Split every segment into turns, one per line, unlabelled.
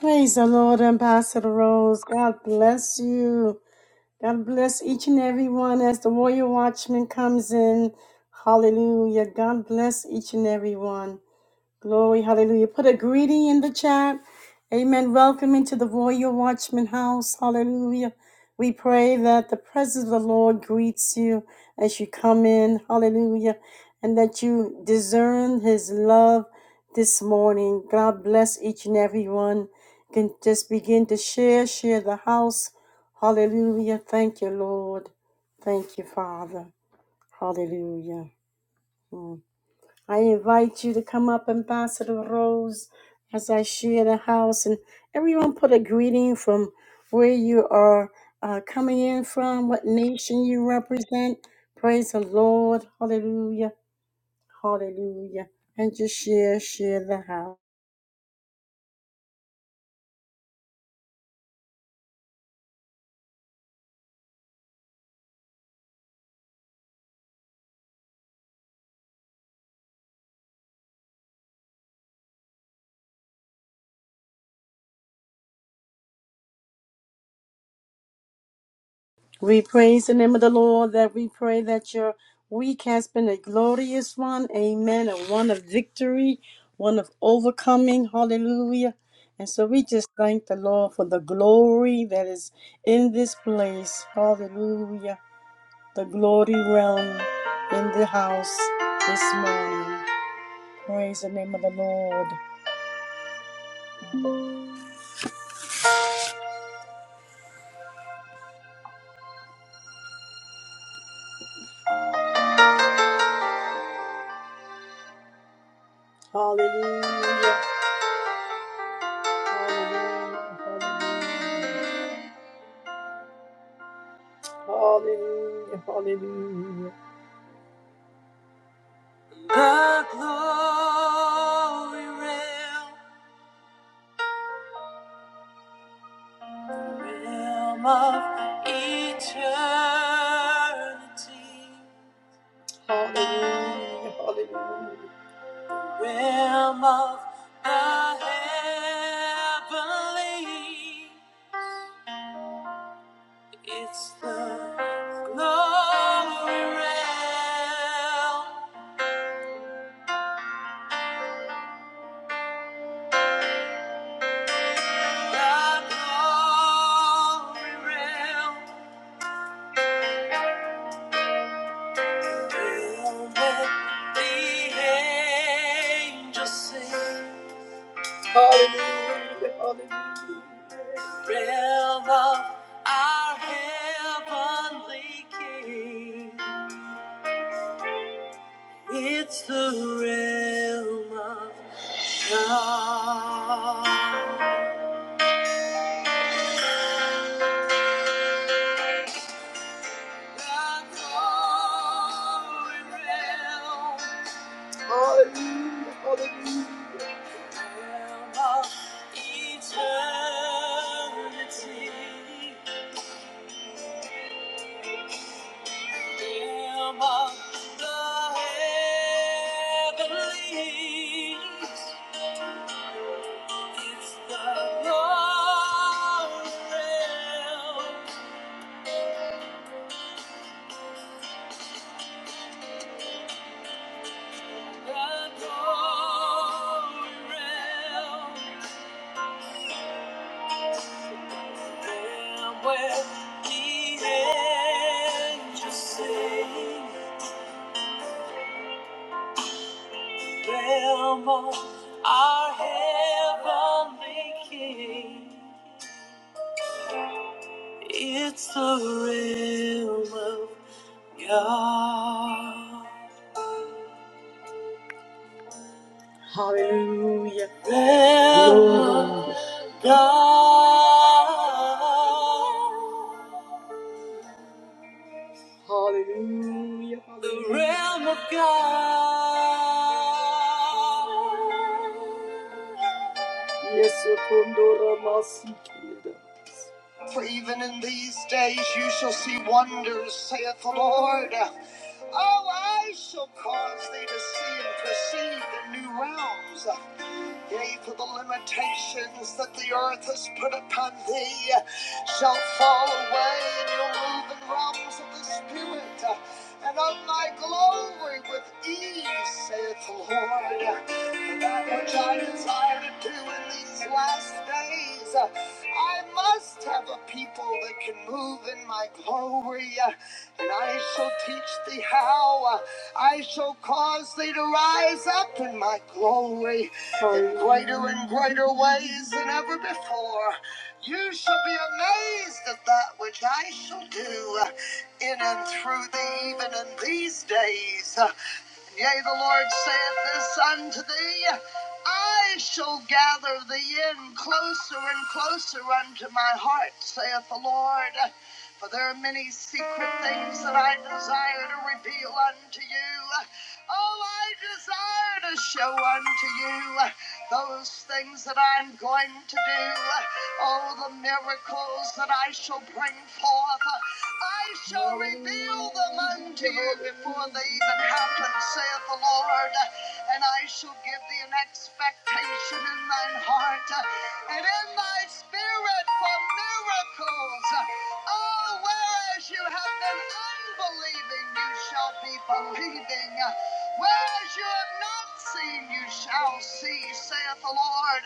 Praise the Lord, Ambassador Rose. God bless you. God bless each and every one as the Warrior Watchman comes in. Hallelujah. God bless each and every one. Glory, hallelujah. Put a greeting in the chat. Amen. Welcome into the Royal Watchman House. Hallelujah. We pray that the presence of the Lord greets you as you come in. Hallelujah. And that you discern his love this morning. God bless each and every one. You Can just begin to share, share the house. Hallelujah. Thank you, Lord. Thank you, Father. Hallelujah. Mm. I invite you to come up, Ambassador Rose, as I share the house. And everyone put a greeting from where you are uh, coming in from, what nation you represent. Praise the Lord. Hallelujah. Hallelujah. And just share, share the house. We praise the name of the Lord that we pray that your week has been a glorious one. Amen. And one of victory, one of overcoming. Hallelujah. And so we just thank the Lord for the glory that is in this place. Hallelujah. The glory realm in the house this morning. Praise the name of the Lord. Hallelujah. Hallelujah. Hallelujah. Hallelujah. Hallelujah. holy, realm, realm of eternity. Hallelujah. Realm of the heavenly. It's the glory realm. The glory realm. Realm that the angels sing. realm of our heavenly King. It's the realm of God. The glory realm, realm of eternity, realm of the heavenly. It's the glory realm, the glory realm, where the angels sing, realm our heavenly King. It's the realm of God. Hallelujah. Lamb of God. Hallelujah. The realm of God. For even in these days you shall see wonders, saith the Lord. Oh, I shall cause thee to see and perceive the new realms. Yea, for the limitations that the earth has put upon thee shall fall away in your moving realms of the Spirit. And of my glory with ease, saith the Lord. For that which I desire to do in these last days, I must have a people that can move in my glory. And I shall teach thee how. I shall cause thee to rise up in my glory in greater and greater ways than ever before. You shall be amazed at that which I shall do in and through thee, even in these days. Yea, the Lord saith this unto thee I shall gather thee in closer and closer unto my heart, saith the Lord. For there are many secret things that I desire to reveal unto you. All I desire to show unto you those things that I'm going to do. Oh, the miracles that I shall bring forth. I shall reveal them unto you before they even happen, saith the Lord. Lord, and I shall give thee an expectation in thine heart and in thy spirit for miracles. Oh, whereas you have been unbelieving, you shall be believing. Whereas you have not seen you shall see, saith the Lord.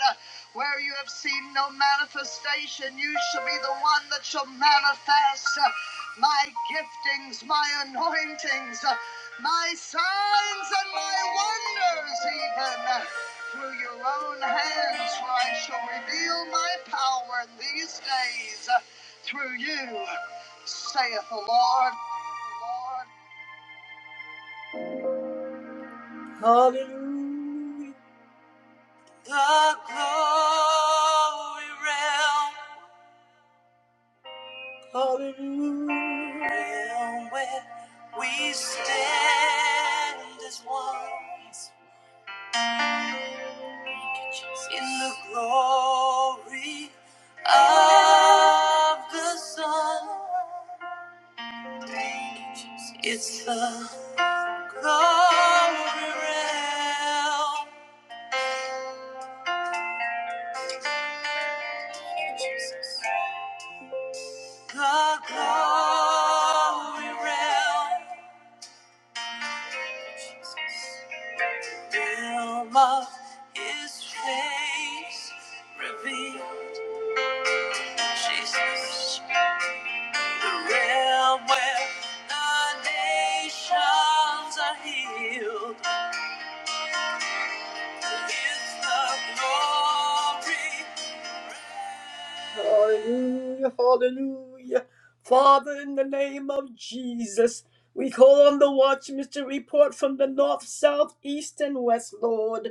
Where you have seen no manifestation, you shall be the one that shall manifest my giftings, my anointings, my signs and my wonders, even through your own hands, for I shall reveal my power in these days through you, saith the Lord. Hallelujah. The glory realm. Hallelujah. Realm where we stand as one. Yes, thank you, Jesus. In the glory of the Son. Thank you, Jesus. It's the glory realm. The glory realm. Film of his face reveal Jesus. The realm where the nations are healed. It's the glory. Yes, Lord.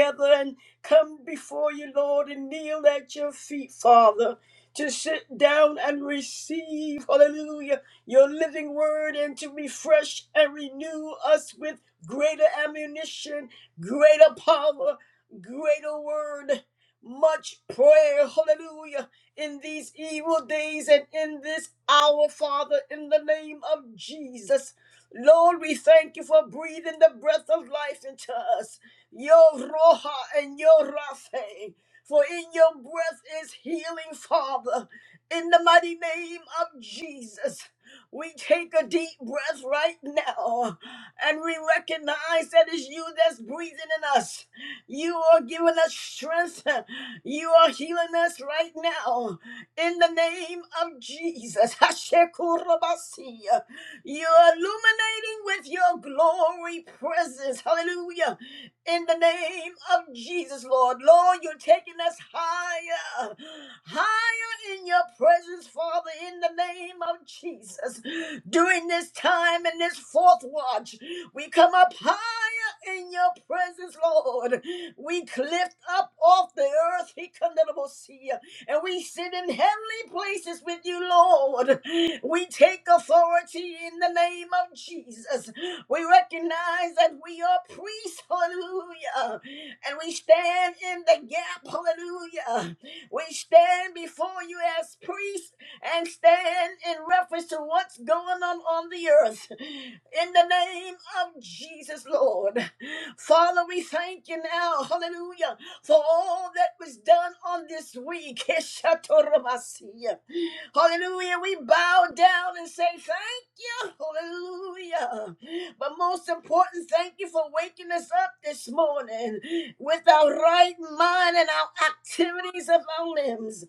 together and come before you, Lord, and kneel at your feet, Father, to sit down and receive, hallelujah, your living word and to refresh and renew us with greater ammunition, greater power, greater word, much prayer, hallelujah, in these evil days and in this hour, Father, in the name of Jesus. Lord, we thank you for breathing the breath of life into us your Roha and your Rapha. For in your breath is healing, Father. In the mighty name of Jesus, we take a deep breath right now and we recognize that it's you that's breathing in us. You are giving us strength. You are healing us right now. In the name of Jesus. Hashekurabasi. You're illuminating with your glory presence. Hallelujah in the name of Jesus, Lord. Lord, you're taking us higher, higher in your presence, Father, in the name of Jesus. During this time in this fourth watch, we come up higher in your presence, Lord. We lift up off the earth, He come to see and we sit in heavenly places with you, Lord. We take authority in the name of Jesus. We recognize that we are priests, hallelujah. And we stand in the gap, hallelujah. We stand before you as priests and stand in reference to what's going on on the earth. In the name of Jesus, Lord. Father, we thank you now, hallelujah for all that was done on this week. Heshatoramasiya. Hallelujah. We bow down and say thank you. Hallelujah. But most important, thank you for waking us up this morning with our right mind and our activities of our limbs.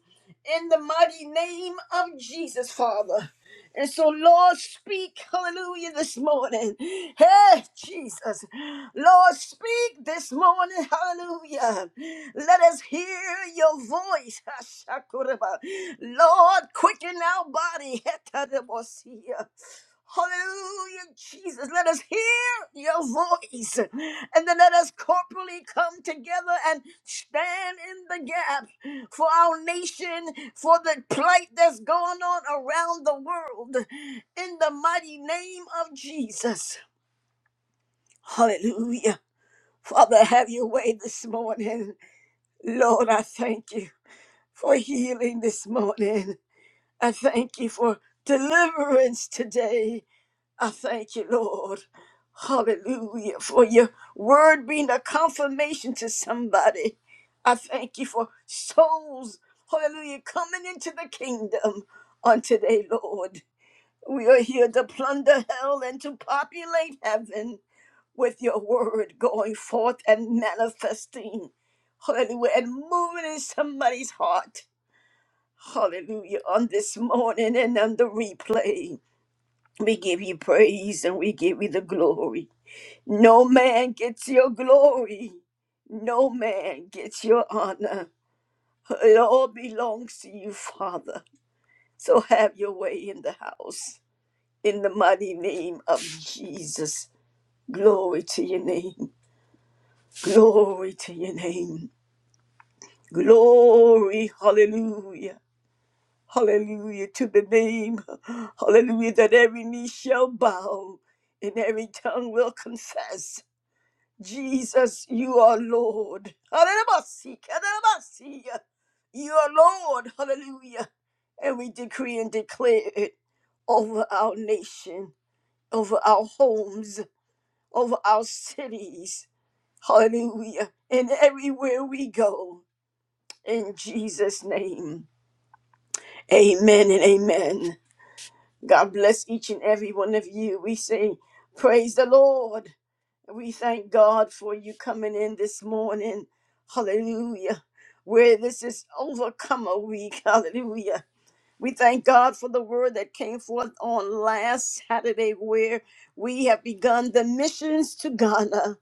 In the mighty name of Jesus, Father. And so, Lord, speak, hallelujah, this morning. Hey, Jesus. Lord, speak this morning, hallelujah. Let us hear your voice. Ashakuraba. Lord, quicken our body. Hetarabosia. Hallelujah, Jesus. Let us hear your voice. And then let us corporally come together and stand in the gap for our nation, for the plight that's going on around the world. In the mighty name of Jesus. Hallelujah. Father, have your way this morning. Lord, I thank you for healing this morning. I thank you for deliverance today. I thank you, Lord. Hallelujah. For your word being a confirmation to somebody. I thank you for souls, hallelujah, coming into the kingdom on today, Lord. We are here to plunder hell and to populate heaven with your word going forth and manifesting. Hallelujah. And moving in somebody's heart. Hallelujah. On this morning and on the replay. We give you praise and we give you the glory. No man gets your glory. No man gets your honor. It all belongs to you, Father. So have your way in the house. In the mighty name of Jesus. Glory to your name. Glory to your name. Glory. Hallelujah. Hallelujah to the name. Hallelujah that every knee shall bow and every tongue will confess. Jesus, you are Lord. Hallelujah. Hallelujah. You are Lord. Hallelujah. And we decree and declare it over our nation, over our homes, over our cities. Hallelujah. And everywhere we go. In Jesus' name. Amen and amen. God bless each and every one of you. We say, Praise the Lord. We thank God for you coming in this morning. Hallelujah. Where this is overcomer week. Hallelujah. We thank God for the word that came forth on last Saturday, where we have begun the missions to Ghana.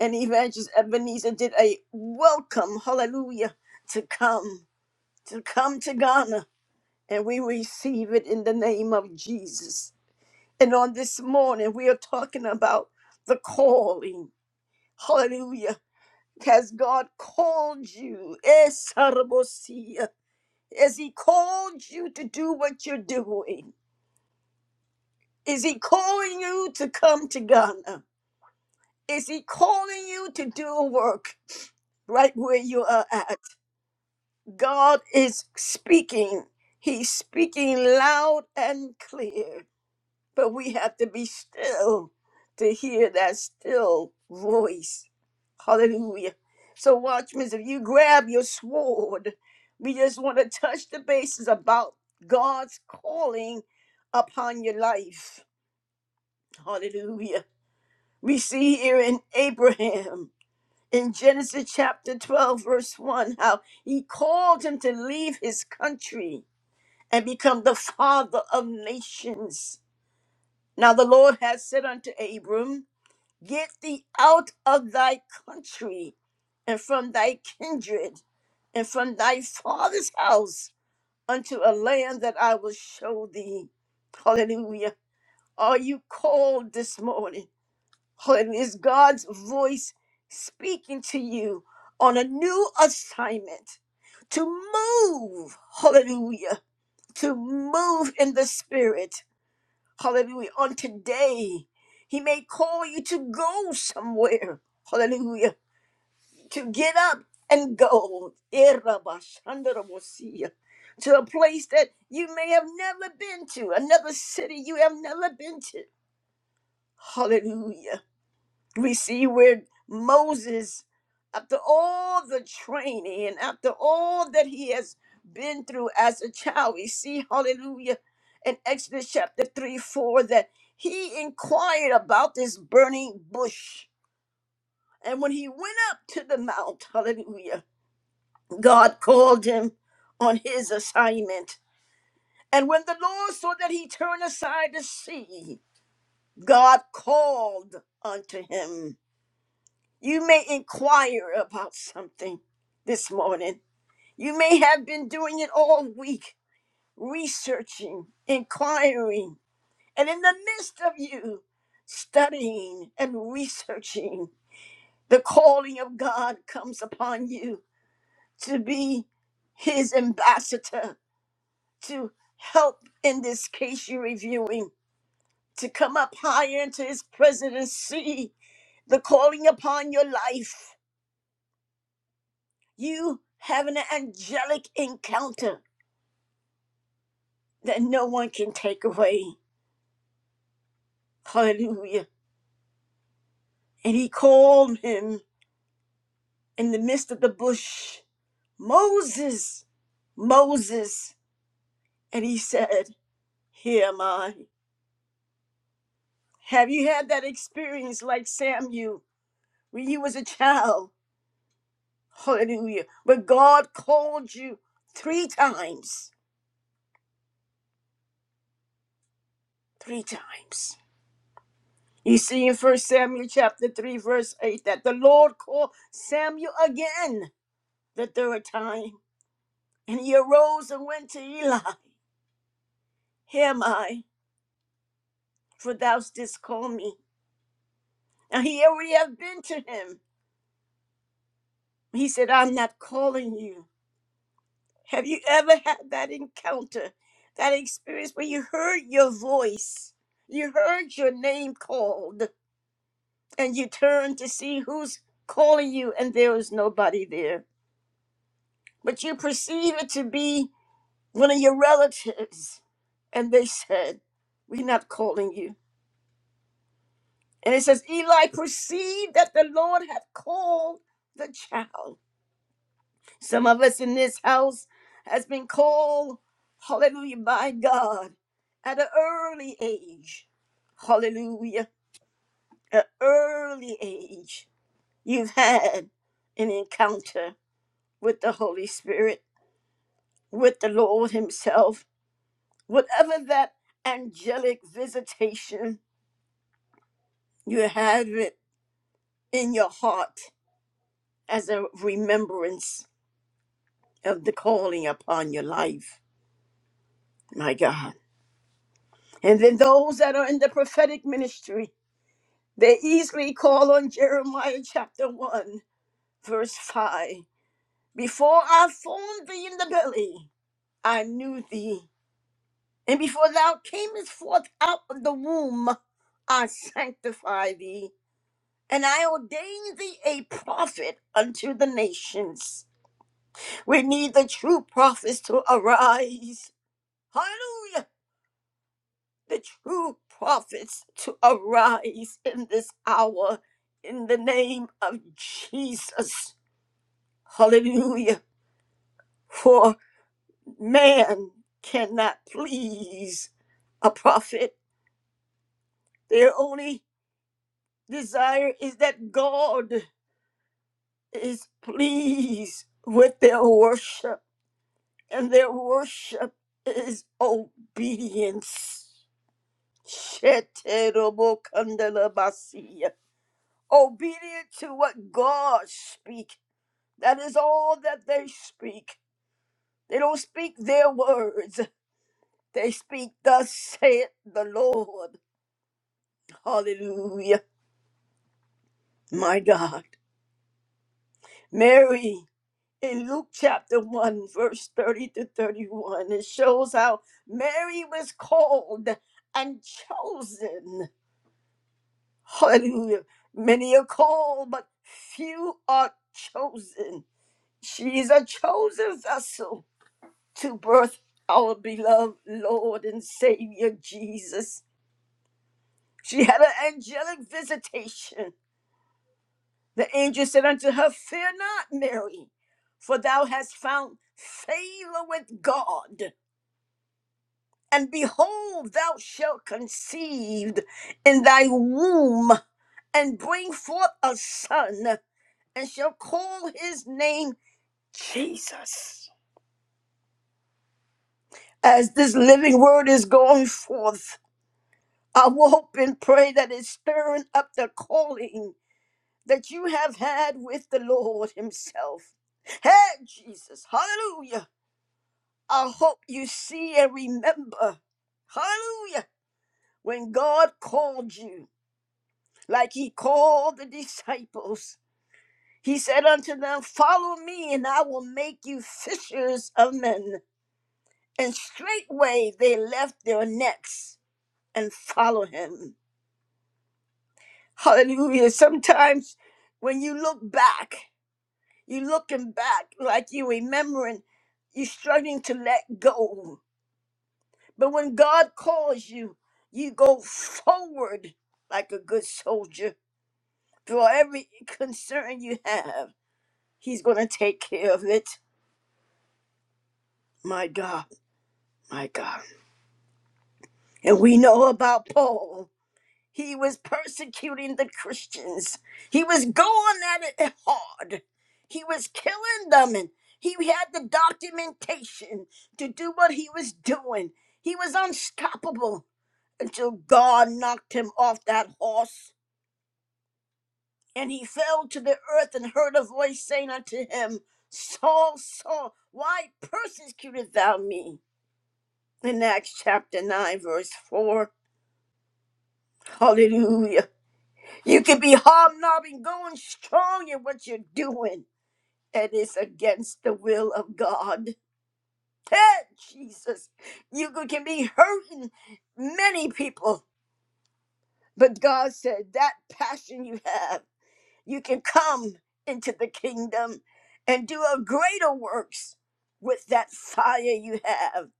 And Evangelist Ebenezer did a welcome, hallelujah, to come, to come to Ghana. And we receive it in the name of Jesus. And on this morning, we are talking about the calling. Hallelujah has God called you? Yes, Sarabosia. Has He called you to do what you're doing? Is He calling you to come to Ghana? Is He calling you to do a work right where you are at? God is speaking. He's speaking loud and clear. But we have to be still to hear that still voice. Hallelujah. So, watchmen, if you grab your sword, we just want to touch the bases about God's calling upon your life. Hallelujah. We see here in Abraham in Genesis chapter 12, verse 1, how he called him to leave his country and become the father of nations. Now, the Lord has said unto Abram, Get thee out of thy country and from thy kindred and from thy father's house unto a land that I will show thee. Hallelujah. Are you called this morning? Hallelujah. Is God's voice speaking to you on a new assignment to move? Hallelujah. To move in the spirit. Hallelujah. On today, He may call you to go somewhere. Hallelujah to get up and go Irabashandarabosia, to a place that you may have never been to, another city you have never been to. Hallelujah. We see where Moses, after all the training and after all that he has been through as a child, we see, hallelujah, in Exodus chapter 3 4, that he inquired about this burning bush. And when he went up to the mount, hallelujah, God called him on his assignment. And when the Lord saw that he turned aside to see, God called unto him. You may inquire about something this morning. You may have been doing it all week, researching, inquiring, and in the midst of you studying and researching, the calling of God comes upon you to be his ambassador to help in this case you're reviewing, to come up higher into his presidency, the calling upon your life, you having an angelic encounter that no one can take away. Hallelujah. And he called him in the midst of the bush, Moses, Moses. And he said, Here am I. Have you had that experience like Samuel when you was a child? Hallelujah. But God called you three times. Three times. You see in First Samuel chapter 3, verse 8, that the Lord called Samuel again the third time. And he arose and went to Eli. Here am I, for thou didst call me. Now he already had been to him. He said, I'm not calling you. Have you ever had that encounter, that experience where you heard your voice? You heard your name called. and you turn to see who's calling you, and there is nobody there. But you perceive it to be one of your relatives, and they said, We're not calling you. And it says, Eli perceived that the Lord had called the child. Some of us in this house has been called, hallelujah, by God at an early age. Hallelujah. An early age. You've had an encounter with the Holy Spirit, with the Lord Himself, whatever that angelic visitation you have it in your heart as a remembrance of the calling upon your life. My God. And then those that are in the prophetic ministry, they easily call on Jeremiah chapter 1, verse 5. Before I formed thee in the belly, I knew thee. And before thou camest forth out of the womb, I sanctify thee, and I ordain thee a prophet unto the nations. We need the true prophets to arise. Hallelujah! The true prophets to arise in this hour in the name of Jesus. Hallelujah! For man cannot please a prophet. They're only desire is that God is pleased with their worship, and their worship is obedience. Sheterobokandalabasia. Obedient to what God speak. That is all that they speak. They don't speak their words. They speak, thus saith the Lord. Hallelujah. My God. Mary in Luke chapter 1, verse 30 to 31. It shows how Mary was called and chosen. Hallelujah. Many are called, but few are chosen. She is a chosen vessel to birth our beloved Lord and Savior Jesus. She had an angelic visitation. The angel said unto her, Fear not, Mary, for thou hast found favor with God. And behold, thou shalt conceive in thy womb and bring forth a son, and shall call his name Jesus. As this living word is going forth, I will hope and pray that it's stirring up the calling that you have had with the Lord Himself. Hey, Jesus, hallelujah. I hope you see and remember, hallelujah, when God called you. like he called the disciples. He said unto them, Follow me, and I will make you fishers of men. And straightway they left their nets and followed him. Hallelujah. Sometimes when you look back, you looking back like you remembering, you struggling to let go. But when God calls you, you go forward like a good soldier for every concern you have. He's going to take care of it. My God, my God. And we know about Paul. He was persecuting the Christians, he was going at it hard. He was killing them, and he had the documentation to do what he was doing. He was unstoppable until God knocked him off that horse. And he fell to the earth and heard a voice saying unto him, Saul, Saul, why persecutest thou me? in Acts chapter 9, verse 4. Hallelujah. You can be hobnobbing, going strong in what you're doing, and it's against the will of God. Hey, Jesus. You could- can be hurting many people, but God said that passion you have, you can come into the kingdom and do a greater works with that fire you have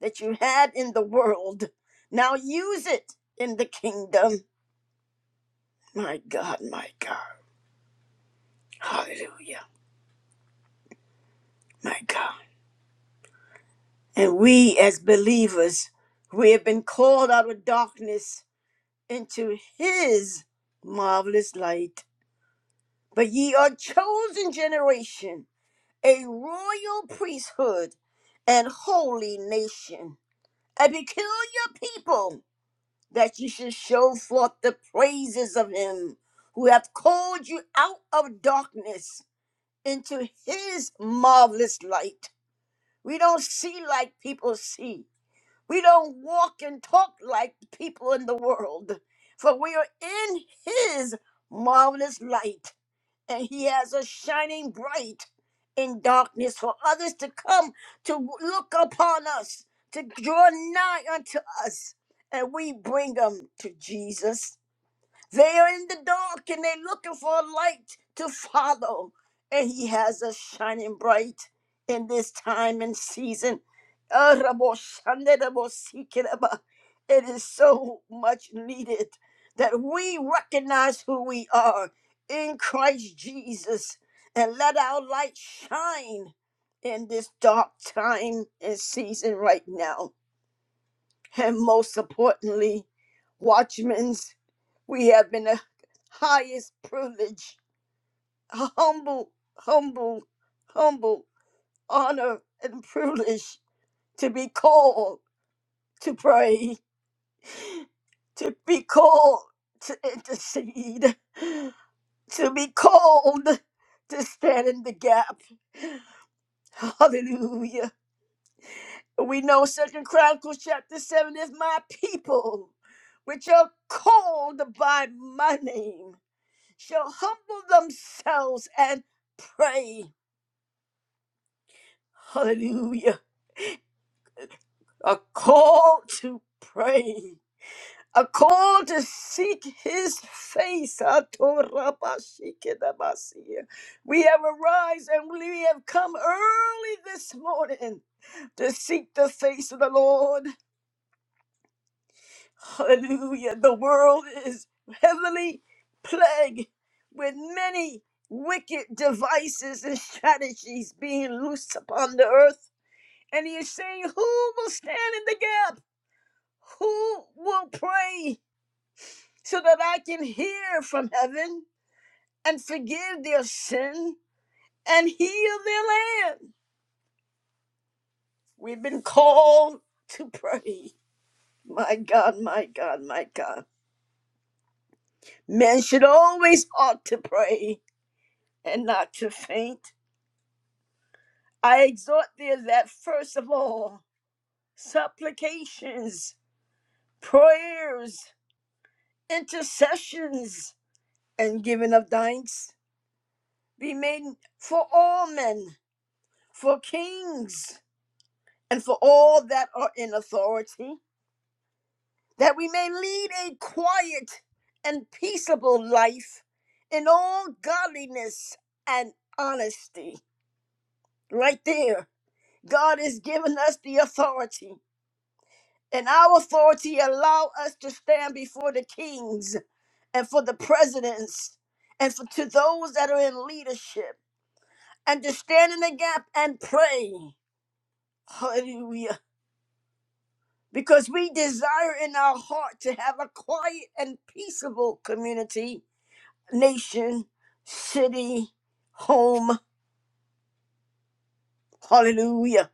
that you had in the world. Now use it in the kingdom My God, my God. Hallelujah. My God. And we as believers, we have been called out of darkness into his marvelous light. But ye are a chosen generation, a royal priesthood and holy nation, a peculiar people, that ye should show forth the praises of him who hath called you out of darkness into his marvelous light. We don't see like people see. We don't walk and talk like people in the world. For we are in His marvelous light, and He has us shining bright in darkness for others to come to look upon us, to draw nigh unto us, and we bring them to Jesus. They are in the dark and they're looking for a light to follow. And he has us shining bright in this time and season. Araboshanderabosikereba. It is so much needed that we recognize who we are in Christ Jesus and let our light shine in this dark time and season right now. And most importantly, watchmen's, we have been the highest privilege, a humble, humble, humble honor and privilege to be called to pray, to be called to intercede, to be called to stand in the gap. Hallelujah. We know Second Chronicles chapter 7 is my people, which are called by my name. shall humble themselves and pray. Hallelujah. A call to pray. A call to seek his face. Atorabashikedabasiya. We have arise and we have come early this morning to seek the face of the Lord. Hallelujah. The world is heavily plagued with many wicked devices and strategies being loosed upon the earth. And he is saying, Who will stand in the gap? Who will pray so that I can hear from heaven and forgive their sin and heal their land? We've been called to pray. My God, my God, my God. Men should always ought to pray and not to faint. I exhort thee that first of all, supplications, prayers, intercessions, and giving of thanks be made for all men, for kings, and for all that are in authority, that we may lead a quiet and peaceable life in all godliness and honesty. Right there, God has given us the authority and our authority allow us to stand before the kings and for the presidents and for to those that are in leadership and to stand in the gap and pray hallelujah because we desire in our heart to have a quiet and peaceable community nation city home hallelujah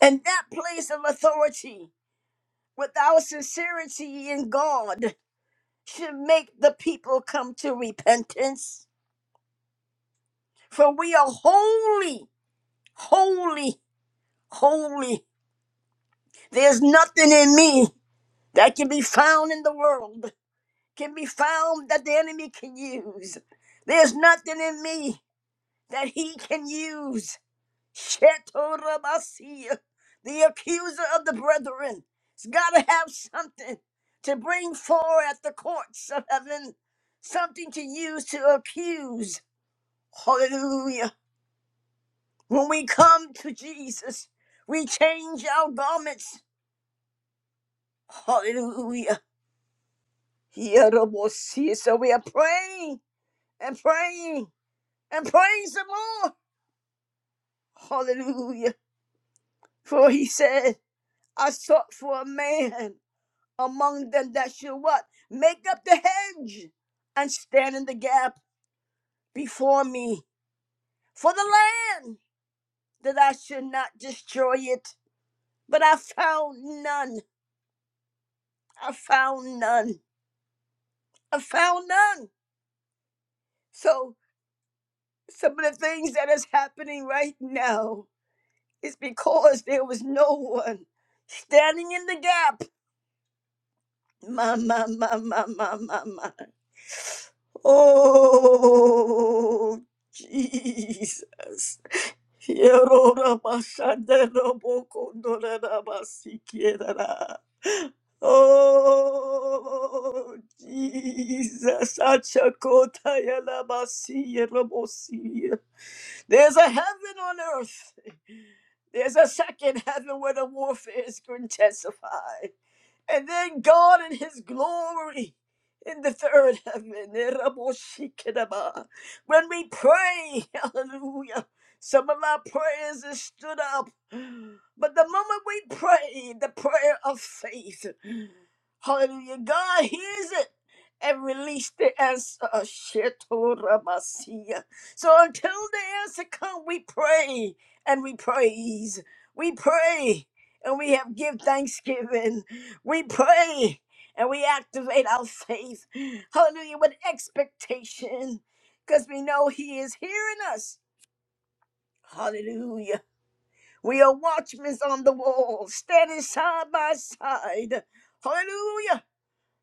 and that place of authority with our sincerity in god should make the people come to repentance. For we are holy, holy, holy. There's nothing in me that can be found in the world, can be found that the enemy can use. There's nothing in me that he can use. Shetorabasiya, the accuser of the brethren, has got to have something to bring forward at the courts of heaven, something to use to accuse Hallelujah. When we come to Jesus, we change our garments. Hallelujah. Yerobosi. So we are praying and praying and praying some more. Hallelujah. For he said, I sought for a man among them that should what? Make up the hedge and stand in the gap before me for the land that I should not destroy it. But I found none. I found none. I found none. So some of the things that is happening right now is because there was no one standing in the gap. My, my, my, my, my, my, my. Oh, Jesus. Hierorabashanderobokondorabasikiera. Oh, Jesus. Achakota yalabasi yelabosi There's a heaven on earth. There's a second heaven where the warfare is intensified. And then God in his glory in the third heaven. Eraboshikedaba. When we pray, hallelujah. Some of our prayers is stood up. But the moment we pray, the prayer of faith. Hallelujah. God hears it and release the answer. Shetoramasia. So until the answer comes, we pray and we praise. We pray and we have give thanksgiving. We pray and we activate our faith. Hallelujah. With expectation. Because we know He is hearing us. Hallelujah. We are watchmen on the wall, standing side by side. Hallelujah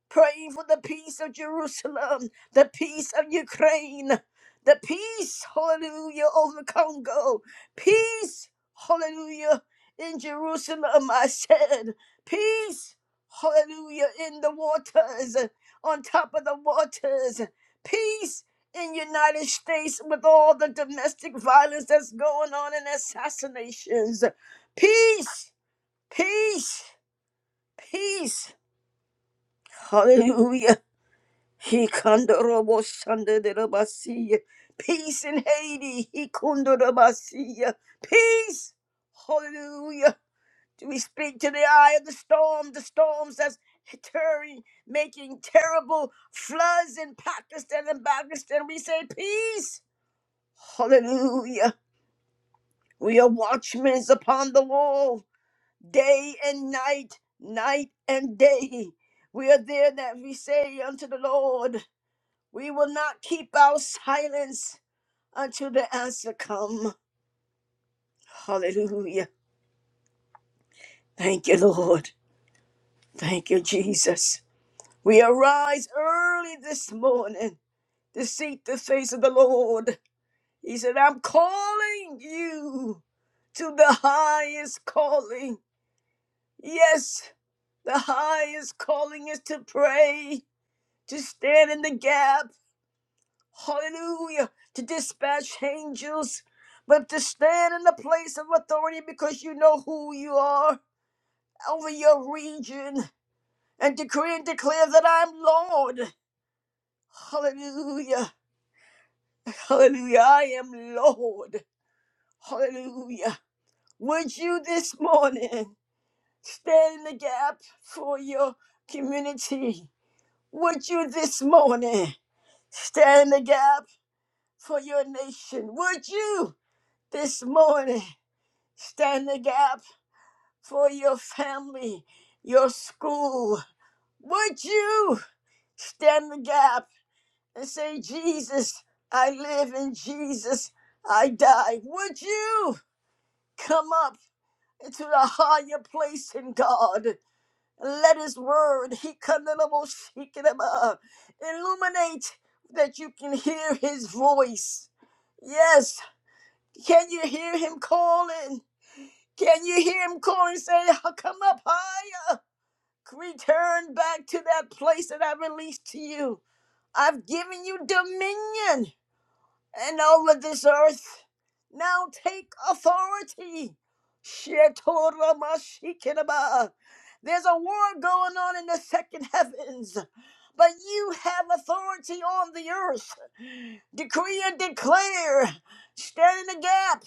praying for the peace of Jerusalem, the peace of Ukraine, the peace, hallelujah, over Congo, peace, hallelujah, in Jerusalem, I said, peace, hallelujah, in the waters, on top of the waters, peace. In United States, with all the domestic violence that's going on and assassinations, peace, peace, peace. Hallelujah. He kandorobo shanderabasiya. Peace in Haiti. He kundorabasiya. Peace. Hallelujah. Do we speak to the eye of the storm? The storms that's tearing, making terrible floods in Pakistan and Pakistan. We say peace. Hallelujah. We are watchmen upon the wall, day and night, night and day. We are there that we say unto the Lord. We will not keep our silence until the answer come. Hallelujah. Thank you, Lord. Thank you, Jesus. We arise early this morning to seek the face of the Lord. He said, I'm calling you to the highest calling. Yes, the highest calling is to pray, to stand in the gap hallelujah, to dispatch angels, but to stand in the place of authority because you know who you are over your region and decree and declare that I'm Lord. Hallelujah, hallelujah, I am Lord. Hallelujah. Would you this morning stand in the gap for your community? Would you this morning stand in the gap for your nation? Would you this morning? Stand the gap for your family, your school. Would you stand the gap and say, Jesus, I live in Jesus, I die? Would you come up into the higher place in God and let His word, He illuminate that you can hear His voice? Yes, can you hear Him calling? Can you hear him calling, saying, "Oh, Come up higher? Return back to that place that I released to you. I've given you dominion and over this earth. Now take authority. Shetoramashikinaba. There's a war going on in the second heavens, but you have authority on the earth. Decree and declare. Stand in the gap.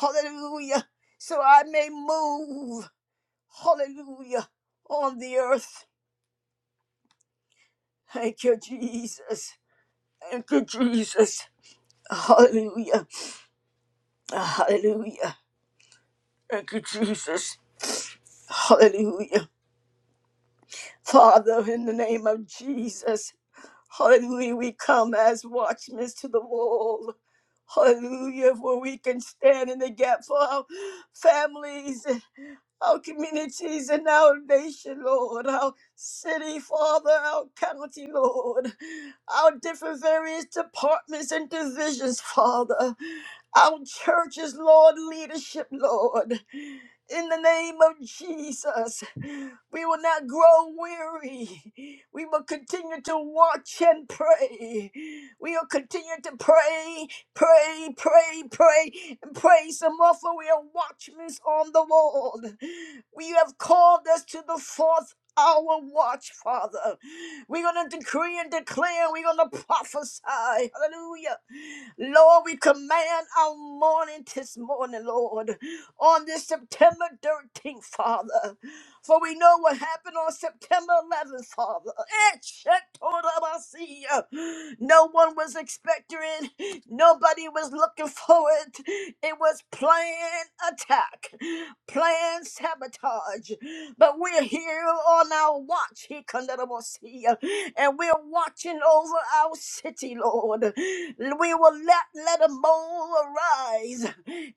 Hallelujah so I may move hallelujah, on the earth. Thank you, Jesus. Thank you, Jesus. Hallelujah. Hallelujah. Thank you, Jesus. Hallelujah. Father, in the name of Jesus, hallelujah, we come as watchmen to the wall. Hallelujah, where we can stand in the gap for our families. our communities and our nation, Lord, our city, Father, our county, Lord, our different various departments and divisions, Father, our churches, Lord, leadership, Lord. In the name of Jesus, we will not grow weary. We will continue to watch and pray. We will continue to pray Pray, pray, pray, and pray some more for we are watchmen on the wall. We have called us to the fourth hour watch, Father. We're going to decree and declare. We're going to prophesy. Hallelujah. Lord, we command our morning this morning, Lord, on this September 13th, Father. For we know what happened on September 11th, Father. Eh, Shetorabasiya. No one was expecting it. Nobody was looking for it. It was planned attack, planned sabotage. But we're here on our watch, Hikandarabasiya, and we're watching over our city, Lord. We will not let a mole arise.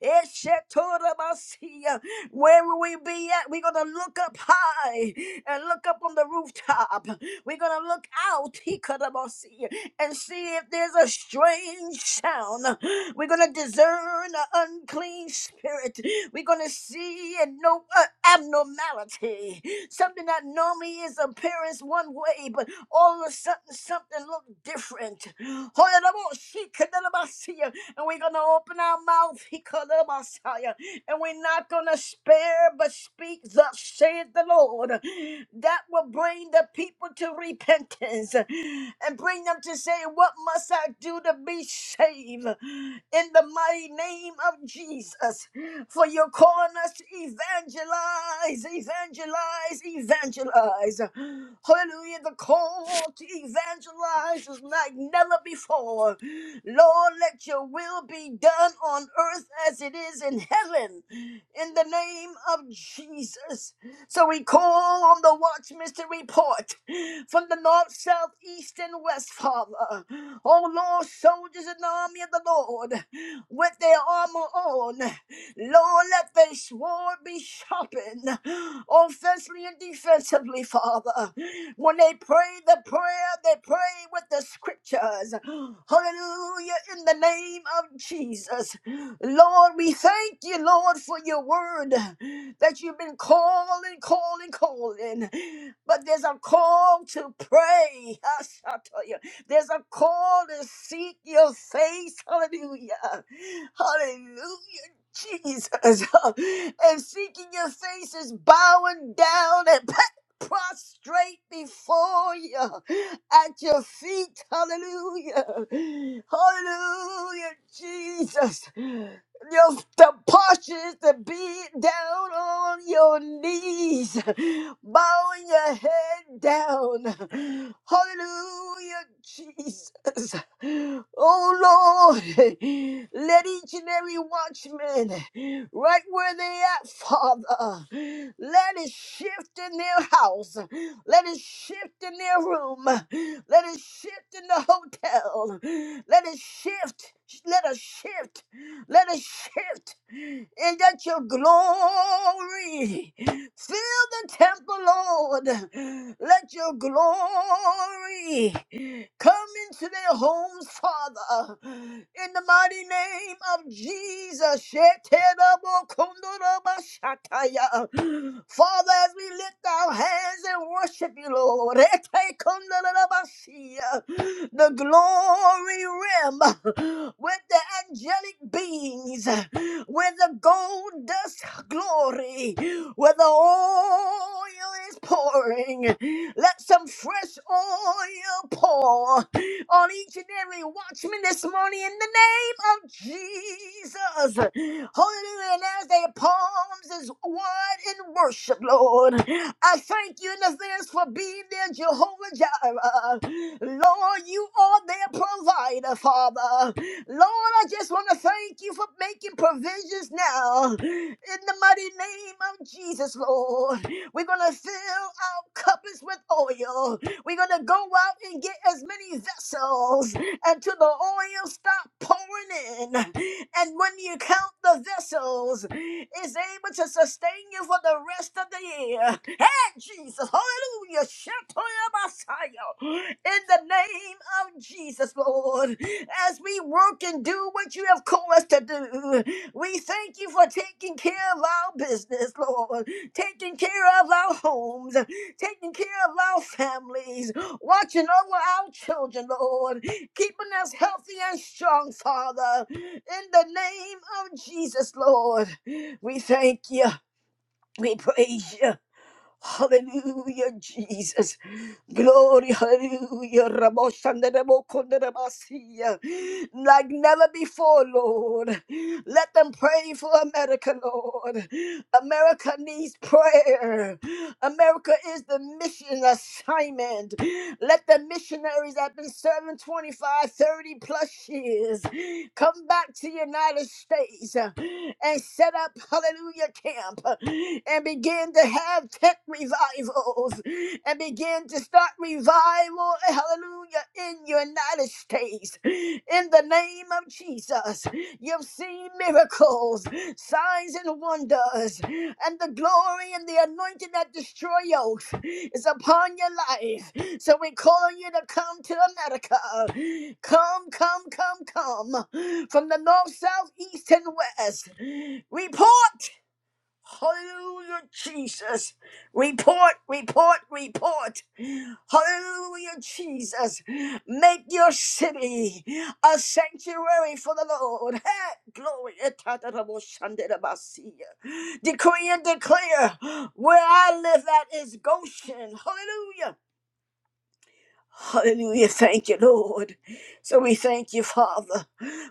Eh, Shetorabasiya. Where will we be at? We're going to look up up high and look up on the rooftop. We're going to look out, he could have see, and see if there's a strange sound. We're going to discern an unclean spirit. We're going to see and know an abnormality. Something that normally is appearance one way, but all of a sudden something look different. And we're gonna open our mouth, he could have and we're not gonna spare but speak thus saith saith the Lord, that will bring the people to repentance and bring them to say, What must I do to be saved? In the mighty name of Jesus. For you're calling us to evangelize, evangelize, evangelize. Hallelujah. The call to evangelize is like never before. Lord, let your will be done on earth as it is in heaven. In the name of Jesus. So we call on the Watch Mystery Report from the north, south, east, and west, Father. Oh Lord, soldiers in the army of the Lord, with their armor on, Lord, let their sword be sharpened, offensively and defensively, Father. When they pray the prayer, they pray with the scriptures. Hallelujah, in the name of Jesus. Lord, we thank you, Lord, for your word that you've been calling, calling, calling. But there's a call to pray. Yes, I tell you, there's a call to seek your face. Hallelujah. Hallelujah. Jesus and seeking your face is bowing down and. prostrate before you at your feet. Hallelujah. Hallelujah, Jesus. Just the postures to be down on your knees, bowing your head down. Hallelujah, Jesus. Oh Lord, let each and every watchman, right where they at, Father, let it shift in their house, let it shift in their room, let it shift in the hotel, let it shift. Let us shift. Let us shift. And let your glory fill the temple, Lord. Let your glory. Come into their homes, Father, in the mighty name of Jesus. Sheterabokondorobashataya. Father, as we lift our hands and worship you, Lord, etekondorobasiya. the glory realm with the angelic beings, with the gold dust glory me where the oil is pouring. Let some fresh oil pour on each and every watchman this morning in the name of Jesus. Hallelujah. And as they palms is wide in worship, Lord, I thank you in advance for being there, Jehovah Jireh. Lord, you are their provider. Father. Lord, I just want to thank you for making provisions now. In the mighty name of Jesus, Lord, we're going to fill our cups with oil. We're going to go out and get as many vessels until the oil stop pouring in. And when you count the vessels, it's able to sustain you for the rest of the year. Jesus. Hallelujah. Shatoya Messiah. In the name of Jesus, Lord, as we work and do what you have called us to do, we thank you for taking care of our business, Lord, taking care of our homes, taking care of our families, watching over our children, Lord, keeping us healthy and strong, Father. In the name of Jesus, Lord, we thank you. We praise you. Hallelujah, Jesus. Glory, hallelujah. Raboshandarabokondarabasia. Like never before, Lord. Let them pray for America, Lord. America needs prayer. America is the mission assignment. Let the missionaries that have been serving 25, 30 plus years come back to the United States and set up, hallelujah, camp and begin to have tent revivals and begin to start revival, hallelujah, in United States. In the name of Jesus, you've seen miracles, signs and wonders, and the glory and the anointing that destroy yokes is upon your life. So we call you to come to America. Come, come, come, come. From the north, south, east, and west. Report! Hallelujah, Jesus. Report, report, report. Hallelujah, Jesus. Make your city a sanctuary for the Lord. Hey, glory. Etatataboshanderabasiya. Decree and declare where I live at is Goshen. Hallelujah. Hallelujah. Thank you, Lord. So we thank you, Father,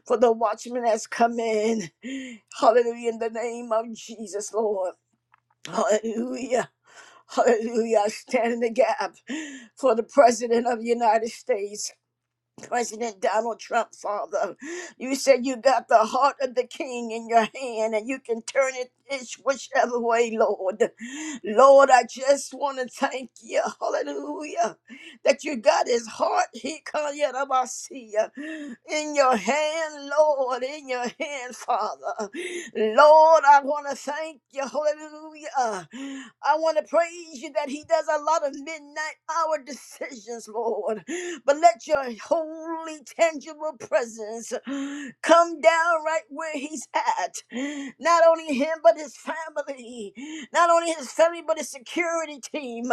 for the watchman has come in. Hallelujah. In the name of Jesus, Lord. Hallelujah. Hallelujah. I stand in the gap for the President of the United States, President Donald Trump, Father. You said you got the heart of the King in your hand and you can turn it it's whichever way, Lord. Lord, I just want to thank you. Hallelujah that you got his heart he can't yet up, I see ya, in your hand, Lord, in your hand, Father. Lord, I want to thank you. Hallelujah. I want to praise you that he does a lot of midnight hour decisions, Lord. But let your holy, tangible presence come down right where he's at. Not only him, but his family. Not only his family, but his security team.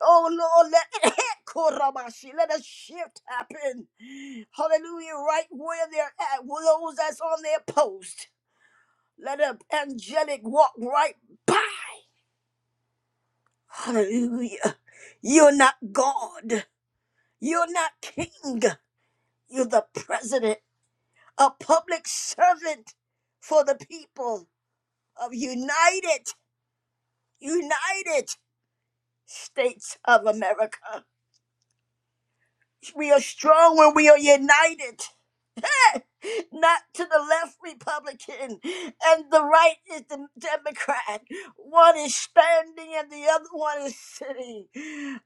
Oh, Lord, let Korabashi. Let a shift happen. Hallelujah. Right where they're at, with those that's on their post. Let an angelic walk right by. Hallelujah. You're not God. You're not king. You're the president, a public servant for the people of United, United States of America. We are strong when we are united. not to the left Republican and the right is the Democrat. One is standing and the other one is sitting.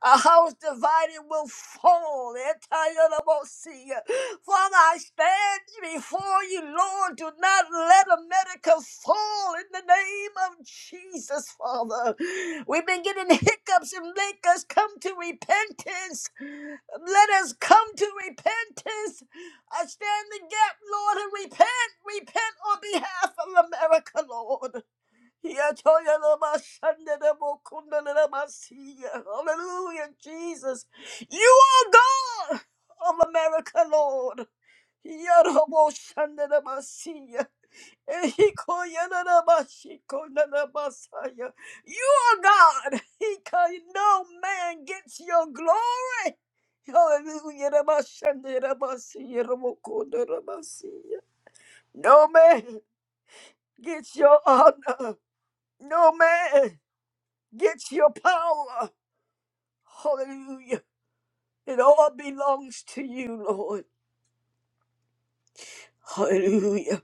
A house divided will fall. Anti-Otomosia. Father, I stand before you, Lord. Do not let America fall in the name of Jesus, Father. We've been getting hiccups and make us come to repentance. Let us come to repentance I stand in the gap, Lord, and repent, repent on behalf of America, Lord. Hallelujah, Jesus. You are God of America, Lord. Ehikoyanarabashikoyanarabasaya. You are God. Hika- No man gets your glory. Hallelujah. Rabashandarabasiyarabokodarabasiya. No man gets your honor. No man gets your power. Hallelujah. It all belongs to you, Lord. Hallelujah.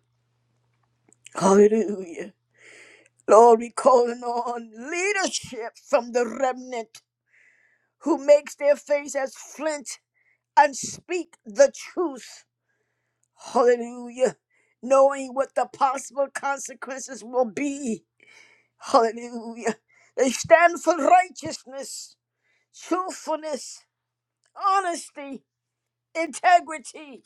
Hallelujah. Lord, we calling on leadership from the remnant. who makes their face as flint and speak the truth. Hallelujah. Knowing what the possible consequences will be. Hallelujah. They stand for righteousness, truthfulness, honesty, integrity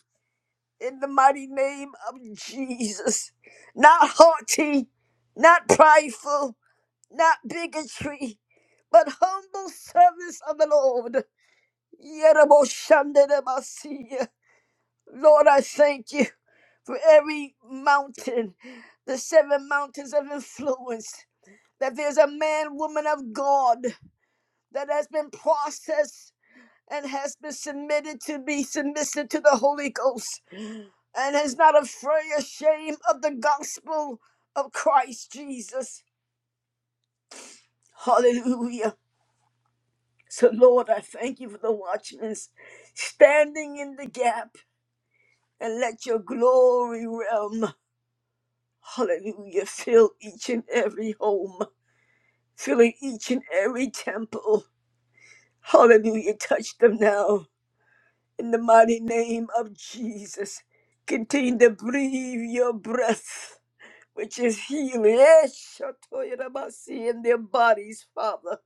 in the mighty name of Jesus. Not haughty, not prideful, not bigotry, but humble service of the Lord. Yeraboshanderabasiya. Lord, I thank you for every mountain, the seven mountains of influence, that there's a man, woman of God that has been processed and has been submitted to be submissive to the Holy Ghost and is not afraid or shame of the gospel of Christ Jesus. Hallelujah. So, Lord, I thank you for the watchmen standing in the gap and let your glory realm. Hallelujah. Fill each and every home, filling each and every temple. Hallelujah. Touch them now in the mighty name of Jesus. Continue to breathe your breath, which is healing. Yes, Shatoyarabasi, In their bodies, Father.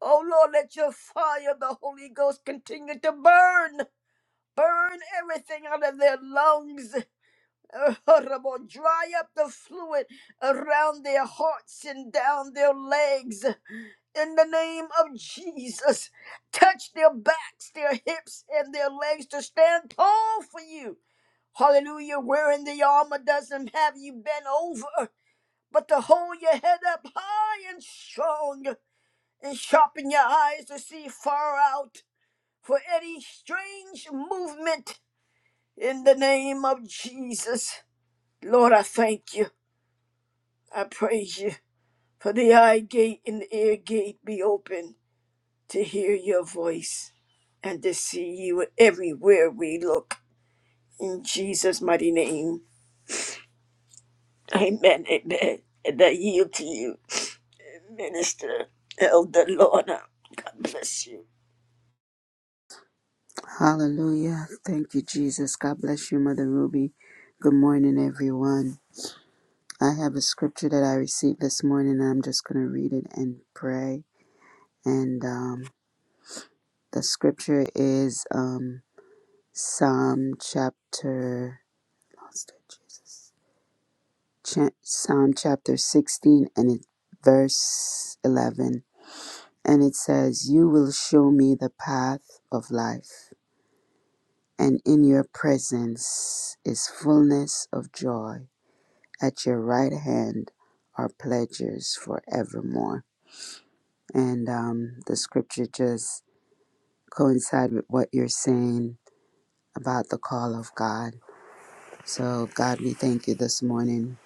Oh Lord, let your fire, the Holy Ghost, continue to burn. Burn everything out of their lungs. Horrible. Dry up the fluid around their hearts and down their legs. In the name of Jesus, touch their backs, their hips, and their legs to stand tall for you. Hallelujah. Wearing the armor doesn't have you bent over, but to hold your head up high and strong and sharpen your eyes to see far out for any strange movement in the name of Jesus. Lord, I thank you. I praise you, for the eye gate and the ear gate be open to hear your voice and to see you everywhere we look. In Jesus' mighty name, amen, amen. And I yield to you, Minister Elder Lorna. God bless you.
Hallelujah. Thank you, Jesus. God bless you, Mother Ruby. Good morning, everyone. I have a scripture that I received this morning, and I'm just going to read it and pray. And um, the scripture is um, Psalm chapter, lost it, Jesus. Cha- Psalm chapter 16, and it, verse 11. And it says, You will show me the path of life, and in your presence is fullness of joy At your right hand are pledges forevermore. And um, the scripture just coincide with what you're saying about the call of God. So, God, we thank you this morning.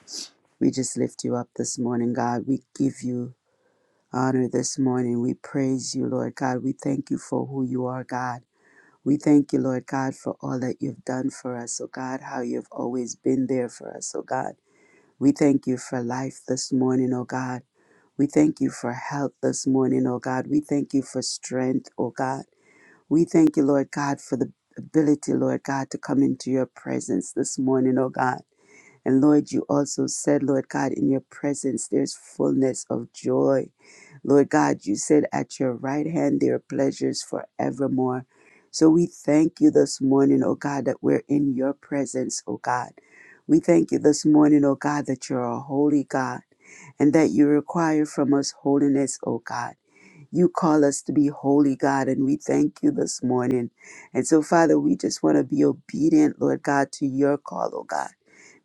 We just lift you up this morning, God. We give you honor this morning. We praise you, Lord God. We thank you for who you are, God. We thank you, Lord God, for all that you've done for us, oh God, how you've always been there for us, oh God. We thank you for life this morning, oh God. We thank you for health this morning, oh God. We thank you for strength, oh God. We thank you, Lord God, for the ability, Lord God, to come into your presence this morning, oh God. And Lord, you also said, Lord God, in your presence there's fullness of joy. Lord God, you said at your right hand there are pleasures forevermore. So we thank you this morning, oh God, that we're in your presence, oh God. We thank you this morning, oh God, that you're a holy God and that you require from us holiness, O God. You call us to be holy, God, and we thank you this morning. And so, Father, we just want to be obedient, Lord God, to your call, O God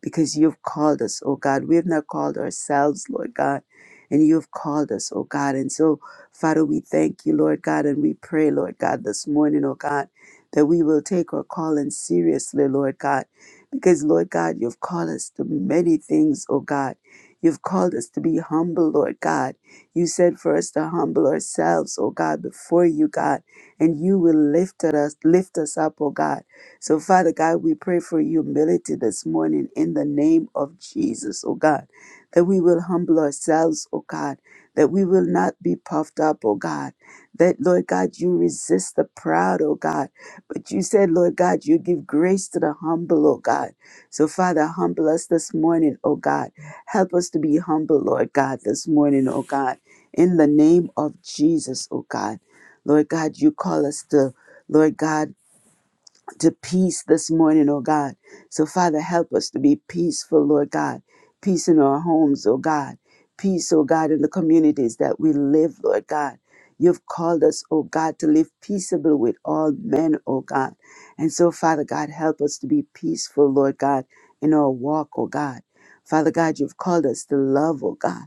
because you've called us, oh God. We've not called ourselves, Lord God, and you've called us, oh God. And so, Father, we thank you, Lord God, and we pray, Lord God, this morning, oh God, that we will take our calling seriously, Lord God, because, Lord God, you've called us to many things, oh God. You've called us to be humble, Lord God. You said for us to humble ourselves, oh God, before you, God, and you will lift us, lift us up, oh God. So, Father God, we pray for humility this morning in the name of Jesus, oh God, that we will humble ourselves, oh God, that we will not be puffed up, oh God, that, Lord God, you resist the proud, oh God, but you said, Lord God, you give grace to the humble, oh God. So, Father, humble us this morning, oh God. Help us to be humble, Lord God, this morning, oh God, in the name of Jesus, oh God. Lord God, you call us to, Lord God, to peace this morning, oh God. So, Father, help us to be peaceful, Lord God. Peace in our homes, oh God. Peace, oh God, in the communities that we live, Lord God. You've called us, oh God, to live peaceable with all men, oh God. And so, Father God, help us to be peaceful, Lord God, in our walk, oh God. Father God, you've called us to love, oh God.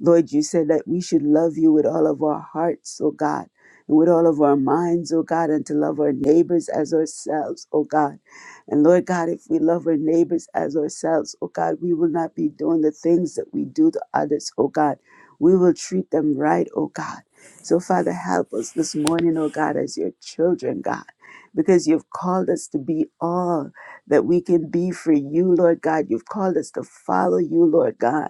Lord, you said that we should love you with all of our hearts, oh God and with all of our minds, oh God, and to love our neighbors as ourselves, oh God. And Lord God, if we love our neighbors as ourselves, oh God, we will not be doing the things that we do to others, oh God. We will treat them right, oh God. So, Father, help us this morning, oh God, as your children, God, because you've called us to be all that we can be for you, Lord God. You've called us to follow you, Lord God.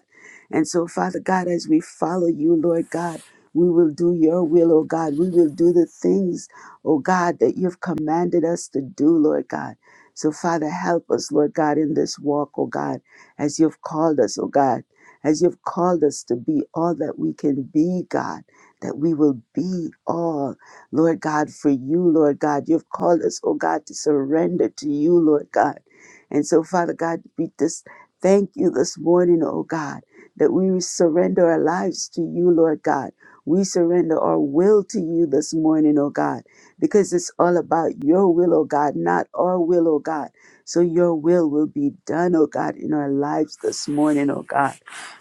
And so, Father God, as we follow you, Lord God, we will do your will, oh God. We will do the things, oh God, that you've commanded us to do, Lord God. So, Father, help us, Lord God, in this walk, oh God, as you've called us, oh God, as you've called us to be all that we can be, God, that we will be all, Lord God, for you, Lord God. You've called us, oh God, to surrender to you, Lord God. And so, Father God, we just thank you this morning, oh God, that we surrender our lives to you, Lord God we surrender our will to you this morning, oh God, because it's all about your will, oh God, not our will, oh God. So your will will be done, oh God, in our lives this morning, oh God.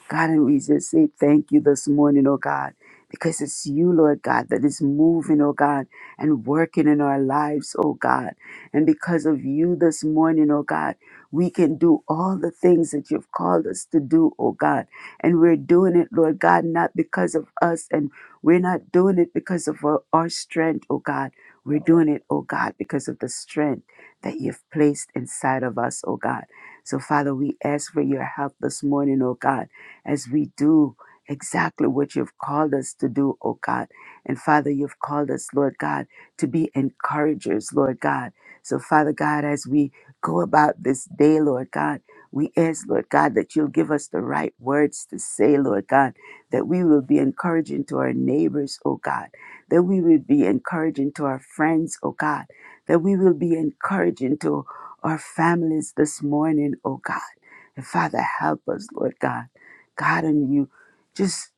God, and we just say thank you this morning, oh God, because it's you, Lord God, that is moving, oh God, and working in our lives, oh God. And because of you this morning, oh God, we can do all the things that you've called us to do, oh God. And we're doing it, Lord God, not because of us and we're not doing it because of our, our strength, oh God. We're doing it, oh God, because of the strength that you've placed inside of us, oh God. So, Father, we ask for your help this morning, oh God, as we do exactly what you've called us to do, oh God. And Father, you've called us, Lord God, to be encouragers, Lord God. So, Father God, as we go about this day, Lord God, we ask, Lord God, that you'll give us the right words to say, Lord God that we will be encouraging to our neighbors, oh God, that we will be encouraging to our friends, oh God, that we will be encouraging to our families this morning, oh God. And Father, help us, Lord God. God, and you just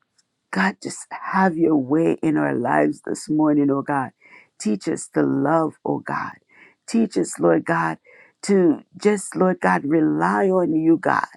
God, just have your way in our lives this morning, oh God. Teach us to love, oh God. Teach us, Lord God, to just, Lord God, rely on you, God.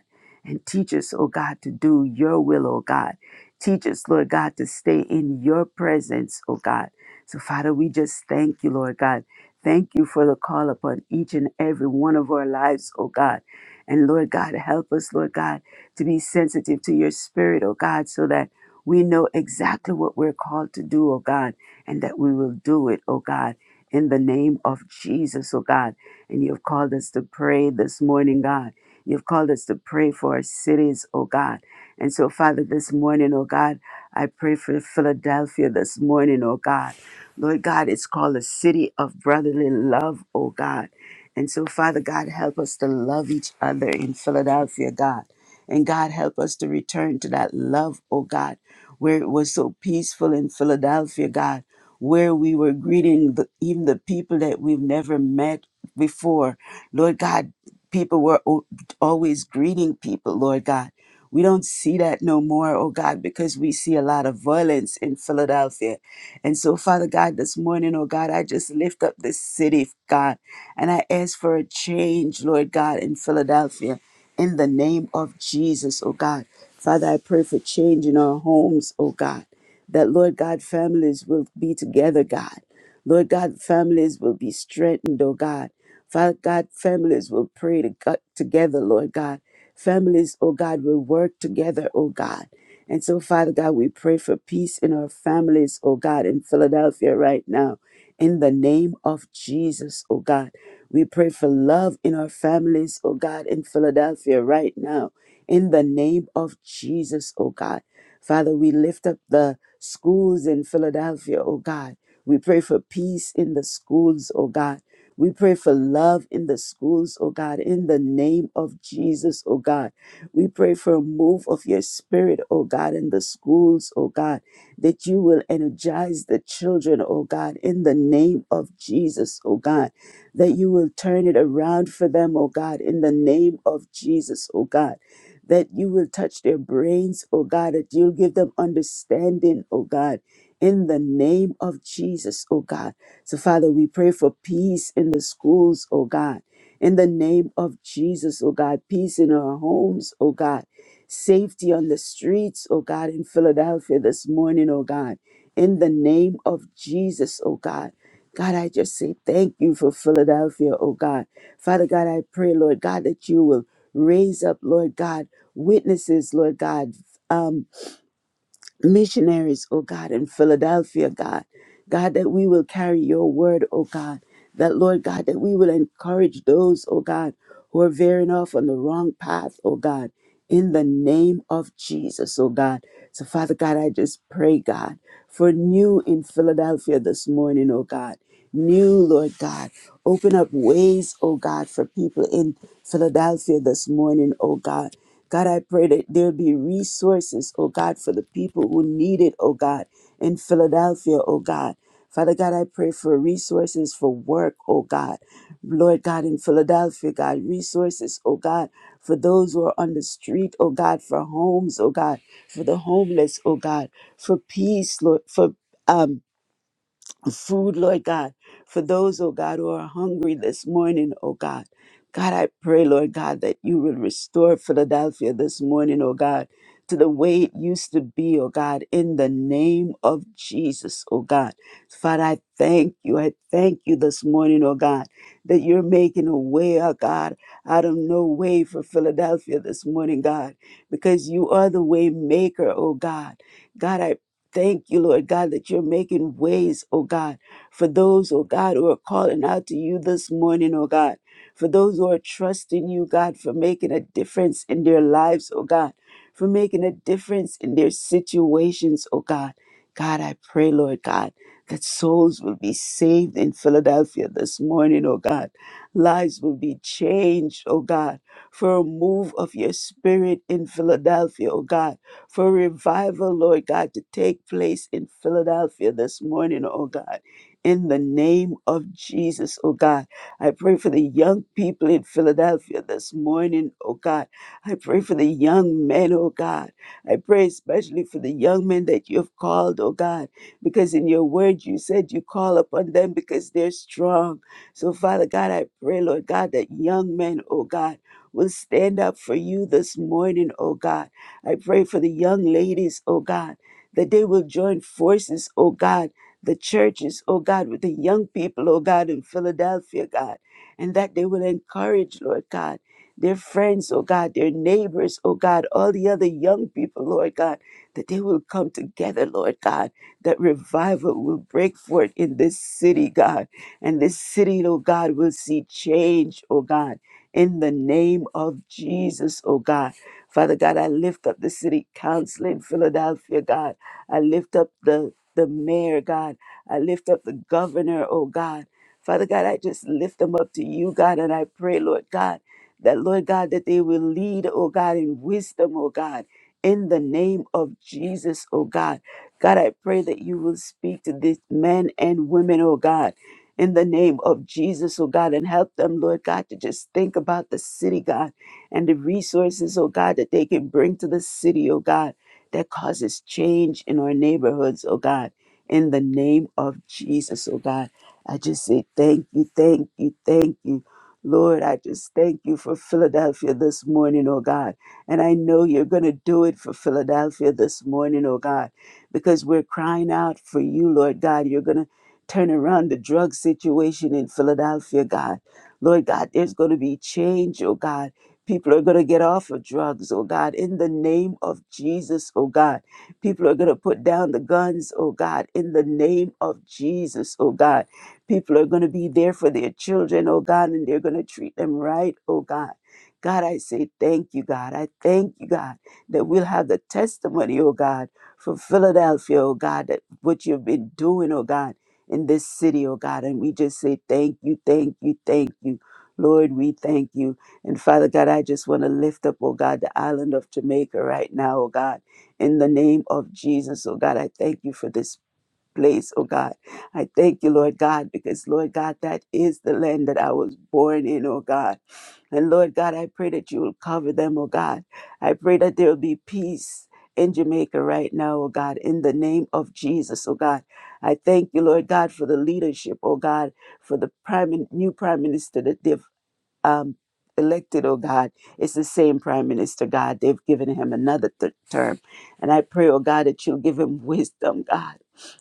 And teach us, oh God, to do your will, oh God. Teach us, Lord God, to stay in your presence, oh God. So, Father, we just thank you, Lord God. Thank you for the call upon each and every one of our lives, oh God. And Lord God, help us, Lord God, to be sensitive to your spirit, oh God, so that we know exactly what we're called to do, oh God, and that we will do it, oh God, in the name of Jesus, oh God. And you've called us to pray this morning, God. You've called us to pray for our cities, oh God. And so, Father, this morning, oh God, I pray for Philadelphia this morning, oh God. Lord God, it's called a city of brotherly love, oh God. And so, Father God, help us to love each other in Philadelphia, God. And God, help us to return to that love, oh God, where it was so peaceful in Philadelphia, God, where we were greeting the, even the people that we've never met before. Lord God, people were o- always greeting people, Lord God. We don't see that no more, oh God, because we see a lot of violence in Philadelphia. And so, Father God, this morning, oh God, I just lift up this city, God, and I ask for a change, Lord God, in Philadelphia in the name of Jesus, oh God. Father, I pray for change in our homes, oh God, that Lord God, families will be together, God. Lord God, families will be strengthened, oh God. Father God, families will pray to God, together, Lord God. Families, oh God, will work together, oh God. And so, Father God, we pray for peace in our families, oh God, in Philadelphia right now. In the name of Jesus, oh God. We pray for love in our families, oh God, in Philadelphia right now. In the name of Jesus, oh God. Father, we lift up the schools in Philadelphia, oh God. We pray for peace in the schools, oh God. We pray for love in the schools, oh God, in the name of Jesus, oh God. We pray for a move of your spirit, oh God, in the schools, oh God, that you will energize the children, oh God, in the name of Jesus, oh God, that you will turn it around for them, oh God, in the name of Jesus, oh God that you will touch their brains, oh God, that you'll give them understanding, oh God, in the name of Jesus, oh God. So, Father, we pray for peace in the schools, oh God, in the name of Jesus, oh God, peace in our homes, oh God, safety on the streets, oh God, in Philadelphia this morning, oh God in the name of Jesus, oh God. God, I just say thank you for Philadelphia, oh God. Father God, I pray, Lord God, that you will raise up, Lord God, witnesses, Lord God, um, missionaries, oh God, in Philadelphia, God. God, that we will carry your word, oh God. That, Lord God, that we will encourage those, oh God, who are veering off on the wrong path, oh God in the name of Jesus, oh God. So, Father God, I just pray, God, for new in Philadelphia this morning, oh God. New, Lord God. Open up ways, oh God, for people in Philadelphia this morning, oh God. God, I pray that there be resources, oh God, for the people who need it, oh God, in Philadelphia, oh God. Father God, I pray for resources for work, oh God. Lord God, in Philadelphia, God, resources, oh God, for those who are on the street, oh God, for homes, oh God, for the homeless, oh God, for peace, Lord, for um food, Lord God, for those, oh God, who are hungry this morning, oh God. God, I pray, Lord God, that you will restore Philadelphia this morning, oh God, to the way it used to be, oh God, in the name of Jesus, oh God. Father, I thank you. I thank you this morning, oh God, that you're making a way, oh God, out of no way for Philadelphia this morning, God, because you are the way maker, oh God. God, I Thank you, Lord God, that you're making ways, oh God, for those, oh God, who are calling out to you this morning, oh God, for those who are trusting you, God, for making a difference in their lives, oh God, for making a difference in their situations, oh God. God, I pray, Lord God, that souls will be saved in Philadelphia this morning, oh God. Lives will be changed, oh God, for a move of your spirit in Philadelphia, oh God for revival, Lord God, to take place in Philadelphia this morning, oh God. In the name of Jesus, oh God, I pray for the young people in Philadelphia this morning, oh God. I pray for the young men, oh God. I pray especially for the young men that you have called, oh God, because in your word you said you call upon them because they're strong. So, Father God, I pray, Lord God, that young men, oh God, will stand up for you this morning, oh God I pray for the young ladies, oh God, that they will join forces, oh God, the churches, oh God, with the young people, oh God, in Philadelphia, God, and that they will encourage, Lord God, their friends, oh God, their neighbors, oh God, all the other young people, Lord God, that they will come together, Lord God, that revival will break forth in this city, God, and this city, oh God, will see change, oh God, in the name of Jesus, oh God. Father God, I lift up the city council in Philadelphia, God. I lift up the, the mayor, God. I lift up the governor, oh God. Father God, I just lift them up to you, God, and I pray, Lord God, that, Lord God, that they will lead, oh God, in wisdom, oh God, in the name of Jesus, oh God. God, I pray that you will speak to these men and women, oh God, in the name of Jesus, oh God, and help them, Lord God, to just think about the city, God and the resources, oh God, that they can bring to the city, oh God, that causes change in our neighborhoods, oh God. In the name of Jesus, oh God, I just say thank you, thank you, thank you. Lord, I just thank you for Philadelphia this morning, oh God. And I know you're going to do it for Philadelphia this morning, oh God, because we're crying out for you, Lord God. You're going to turn around the drug situation in Philadelphia, God. Lord God, there's going to be change, oh God People are going to get off of drugs, oh God, in the name of Jesus, oh God. People are going to put down the guns, oh God, in the name of Jesus, oh God. People are going to be there for their children, oh God, and they're going to treat them right, oh God. God, I say thank you, God. I thank you, God, that we'll have the testimony, oh God, from Philadelphia, oh God, that what you've been doing, oh God, in this city, oh God. And we just say thank you, thank you, thank you. Lord, we thank you. And Father God, I just want to lift up, oh God, the island of Jamaica right now, oh God, in the name of Jesus, oh God. I thank you for this place, oh God. I thank you, Lord God, because, Lord God, that is the land that I was born in, oh God. And Lord God, I pray that you will cover them, oh God. I pray that there will be peace. In Jamaica right now, oh God, in the name of Jesus, oh God. I thank you, Lord God, for the leadership, oh God, for the prime, new prime minister that they've um, elected, oh God, it's the same prime minister, God. They've given him another th- term. And I pray, oh God, that you'll give him wisdom, God.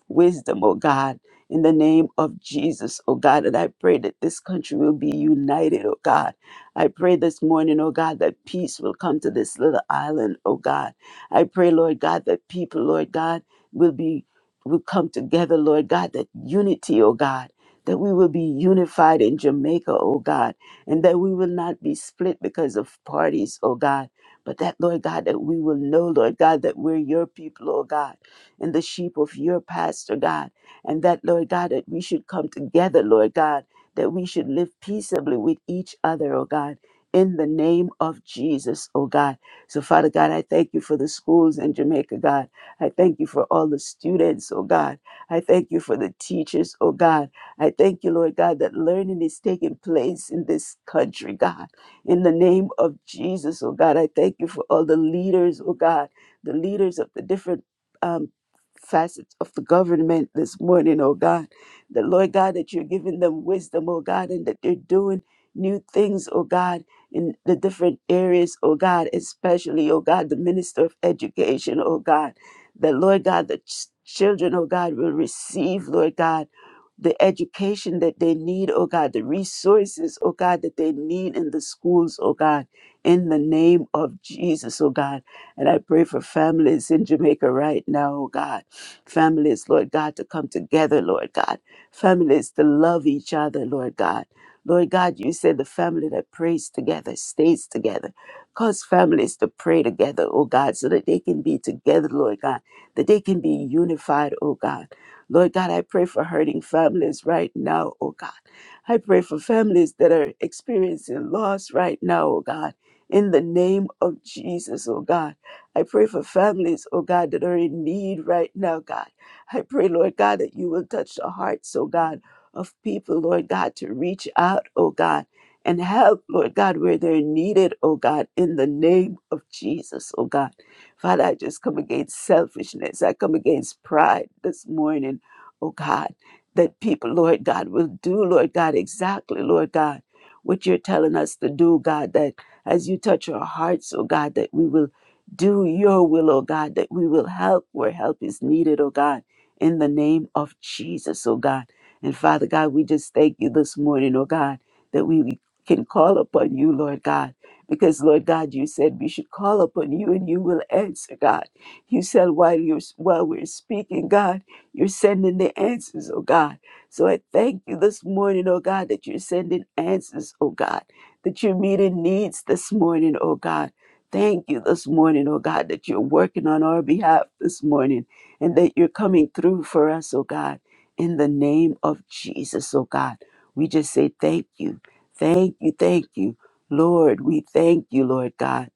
Wisdom, oh God, in the name of Jesus, oh God. And I pray that this country will be united, oh God. I pray this morning, oh God, that peace will come to this little island, oh God. I pray, Lord God, that people, Lord God, will be will come together, Lord God, that unity, oh God, that we will be unified in Jamaica, oh God and that we will not be split because of parties, oh God. But that, Lord God, that we will know, Lord God, that we're your people, oh God, and the sheep of your pasture, God. And that, Lord God, that we should come together, Lord God, that we should live peaceably with each other, oh God, in the name of Jesus, oh God. So, Father God, I thank you for the schools in Jamaica, God. I thank you for all the students, oh God. I thank you for the teachers, oh God. I thank you, Lord God, that learning is taking place in this country, God. In the name of Jesus, oh God, I thank you for all the leaders, oh God, the leaders of the different um, facets of the government this morning, oh God. The Lord God, that you're giving them wisdom, oh God, and that they're doing new things, oh God, in the different areas, oh God, especially, oh God, the minister of education, oh God. The Lord God, the ch- children, oh God, will receive, Lord God the education that they need, oh God, the resources, oh God, that they need in the schools, oh God, in the name of Jesus, oh God. And I pray for families in Jamaica right now, oh God. Families, Lord God, to come together, Lord God. Families to love each other, Lord God. Lord God, you said the family that prays together stays together. Cause families to pray together, oh God, so that they can be together, Lord God, that they can be unified, oh God. Lord God, I pray for hurting families right now, oh God. I pray for families that are experiencing loss right now, oh God. In the name of Jesus, oh God. I pray for families, oh God, that are in need right now, God. I pray, Lord God, that you will touch the hearts, oh God, of people, Lord God, to reach out, oh God, and help, Lord God, where they're needed, oh God, in the name of Jesus, oh God. Father, I just come against selfishness. I come against pride this morning, oh God, that people, Lord God, will do, Lord God, exactly, Lord God, what you're telling us to do, God, that as you touch our hearts, oh God, that we will do your will, oh God, that we will help where help is needed, oh God, in the name of Jesus, oh God. And Father God, we just thank you this morning, oh God, that we can call upon you, Lord God. Because, Lord God, you said we should call upon you and you will answer, God. You said while you're while we're speaking, God. You're sending the answers, oh God. So I thank you this morning, oh God, that you're sending answers, oh God, that you're meeting needs this morning, oh God. Thank you this morning, oh God, that you're working on our behalf this morning and that you're coming through for us, oh God. In the name of Jesus, oh God, we just say thank you. Thank you, thank you. Lord, we thank you, Lord God.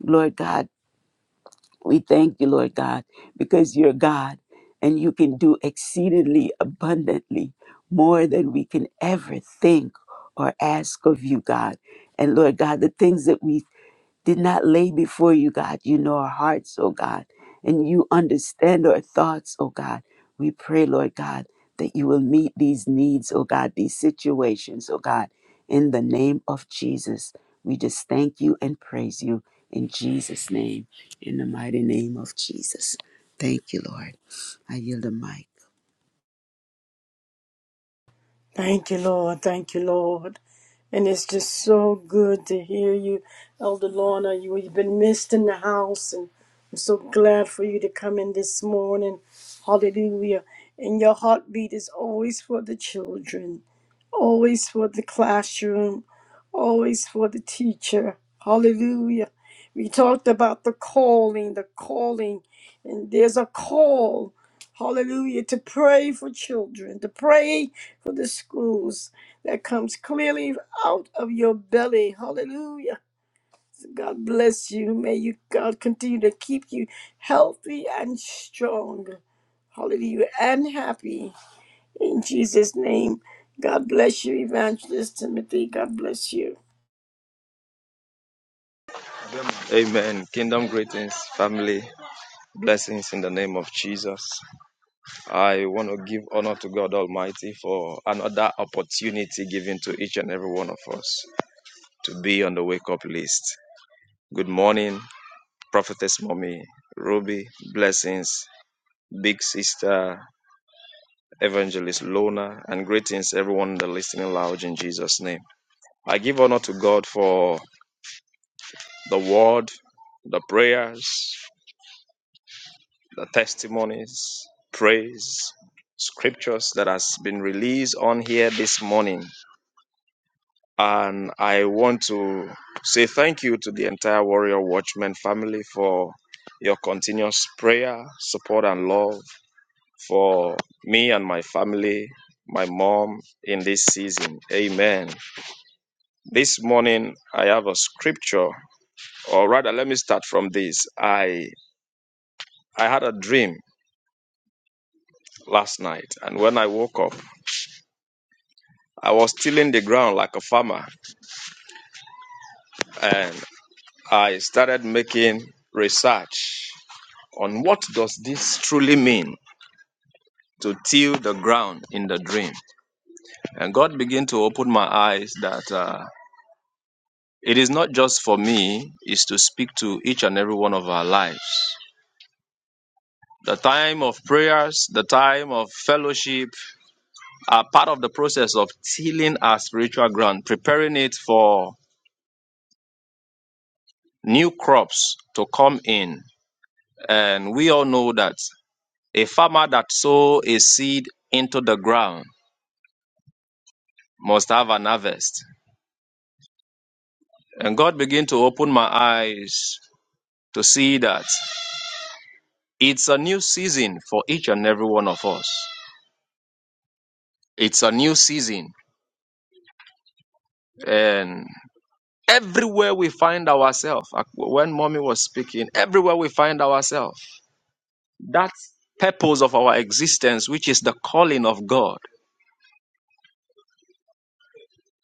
Lord God. We thank you, Lord God, because you're God and you can do exceedingly abundantly more than we can ever think or ask of you, God. And Lord God, the things that we did not lay before you, God. You know our hearts, oh God, and you understand our thoughts, oh God. We pray, Lord God, that you will meet these needs, oh God, these situations, oh God, in the name of Jesus. We just thank you and praise you in Jesus' name, in the mighty name of Jesus. Thank you, Lord. I yield the mic.
Thank you, Lord. Thank you, Lord. And it's just so good to hear you, Elder Lorna. You, you've been missed in the house, and I'm so glad for you to come in this morning. Hallelujah. And your heartbeat is always for the children always for the classroom, always for the teacher. Hallelujah. We talked about the calling, the calling, and there's a call, hallelujah, to pray for children, to pray for the schools that comes clearly out of your belly. Hallelujah. So God bless you. May you, God, continue to keep you healthy and strong. Hallelujah. And happy. In Jesus' name, God bless you, Evangelist Timothy. God bless you.
Amen. Kingdom greetings, family. Blessings in the name of Jesus. I want to give honor to God Almighty for another opportunity given to each and every one of us to be on the wake up list. Good morning, Prophetess Mommy, Ruby, blessings, Big Sister, Evangelist Lona, and greetings everyone in the listening lounge in Jesus' name. I give honor to God for the word, the prayers. the testimonies, praise, scriptures that has been released on here this morning. And I want to say thank you to the entire Warrior Watchman family for your continuous prayer, support, and love for me and my family, my mom in this season. Amen. This morning, I have a scripture, or rather, let me start from this. I I had a dream last night, and when I woke up, I was tilling the ground like a farmer and I started making research on what does this truly mean to till the ground in the dream. And God began to open my eyes that uh, it is not just for me, it's to speak to each and every one of our lives. The time of prayers, the time of fellowship are part of the process of tilling our spiritual ground, preparing it for new crops to come in. And we all know that A farmer that sows a seed into the ground must have an harvest. And God began to open my eyes to see that it's a new season for each and every one of us. It's a new season. And everywhere we find ourselves, like when mommy was speaking, everywhere we find ourselves, that purpose of our existence, which is the calling of God,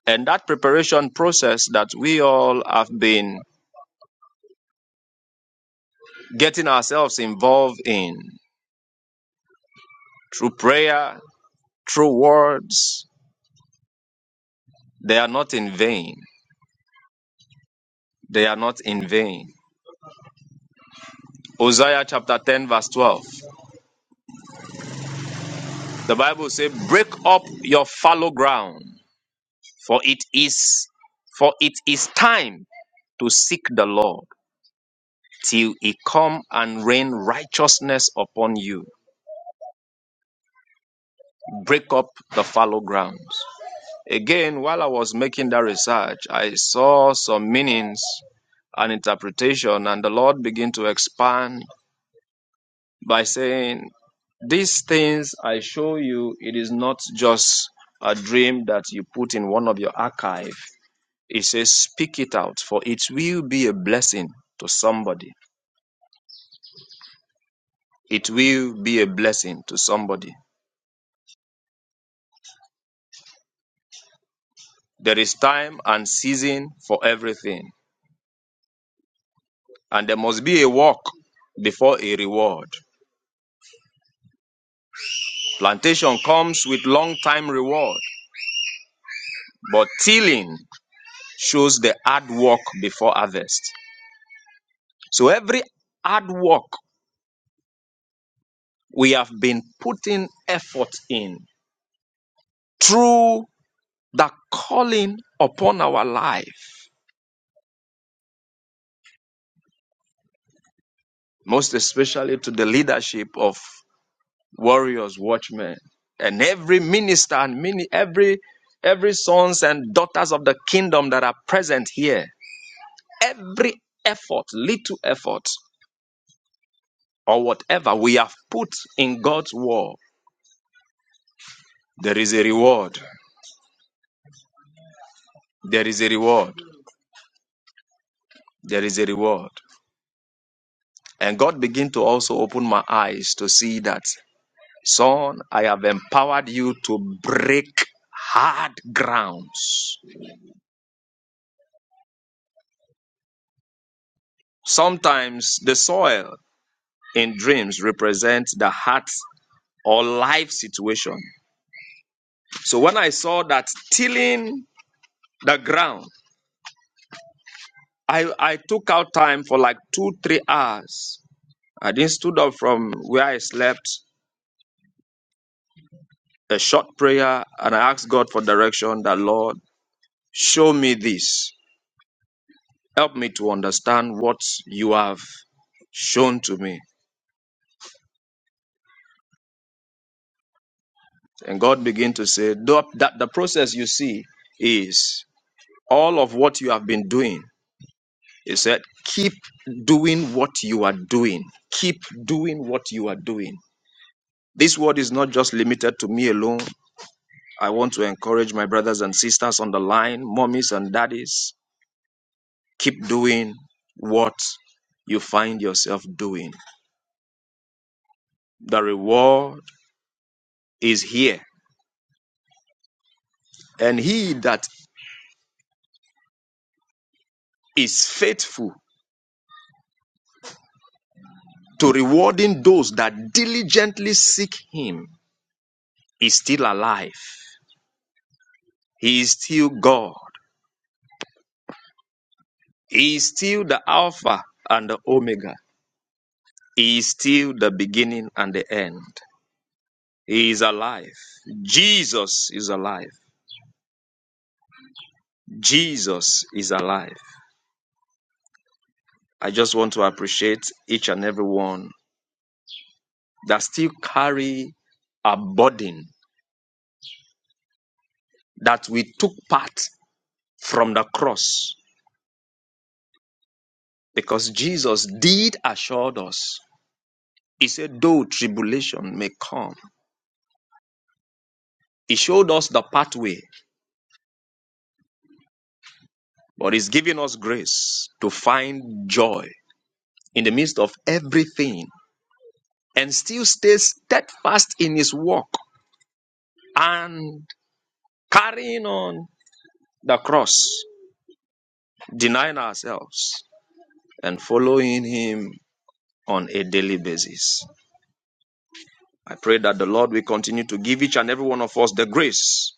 and that preparation process that we all have been getting ourselves involved in Through prayer, through words, they are not in vain. They are not in vain. Hosea chapter 10, verse 12. The Bible says, Break up your fallow ground, for it is for it is time to seek the Lord till he come and rain righteousness upon you. Break up the fallow grounds. Again, while I was making that research, I saw some meanings and interpretation, and the Lord began to expand by saying These things I show you, it is not just a dream that you put in one of your archive. It says, speak it out, for it will be a blessing to somebody. It will be a blessing to somebody. There is time and season for everything, and there must be a work before a reward. Plantation comes with long time reward, but tilling shows the hard work before harvest. So every hard work we have been putting effort in through the calling upon our life, most especially to the leadership of warriors, watchmen, and every minister and many every every sons and daughters of the kingdom that are present here. Every effort, little effort, or whatever we have put in God's war, there is a reward. There is a reward. There is a reward. And God began to also open my eyes to see that, son, I have empowered you to break hard grounds. Sometimes the soil in dreams represents the heart or life situation. So when I saw that tilling the ground, I, I took out time for like two, three hours. I then stood up from where I slept, a short prayer, and I asked God for direction that, Lord, show me this. Help me to understand what you have shown to me. And God began to say, that the process you see is all of what you have been doing. He said, keep doing what you are doing. Keep doing what you are doing. This word is not just limited to me alone. I want to encourage my brothers and sisters on the line, mommies and daddies. Keep doing what you find yourself doing. The reward is here. And he that is faithful to rewarding those that diligently seek him. He's still alive. He is still God. He is still the Alpha and the Omega. He is still the beginning and the end. He is alive. Jesus is alive. Jesus is alive. I just want to appreciate each and every one that still carry a burden that we took part from the cross Because Jesus did assure us. He said, though tribulation may come, He showed us the pathway, but He's giving us grace to find joy in the midst of everything and still stay steadfast in His work and carrying on the cross, denying ourselves and following Him on a daily basis. I pray that the Lord will continue to give each and every one of us the grace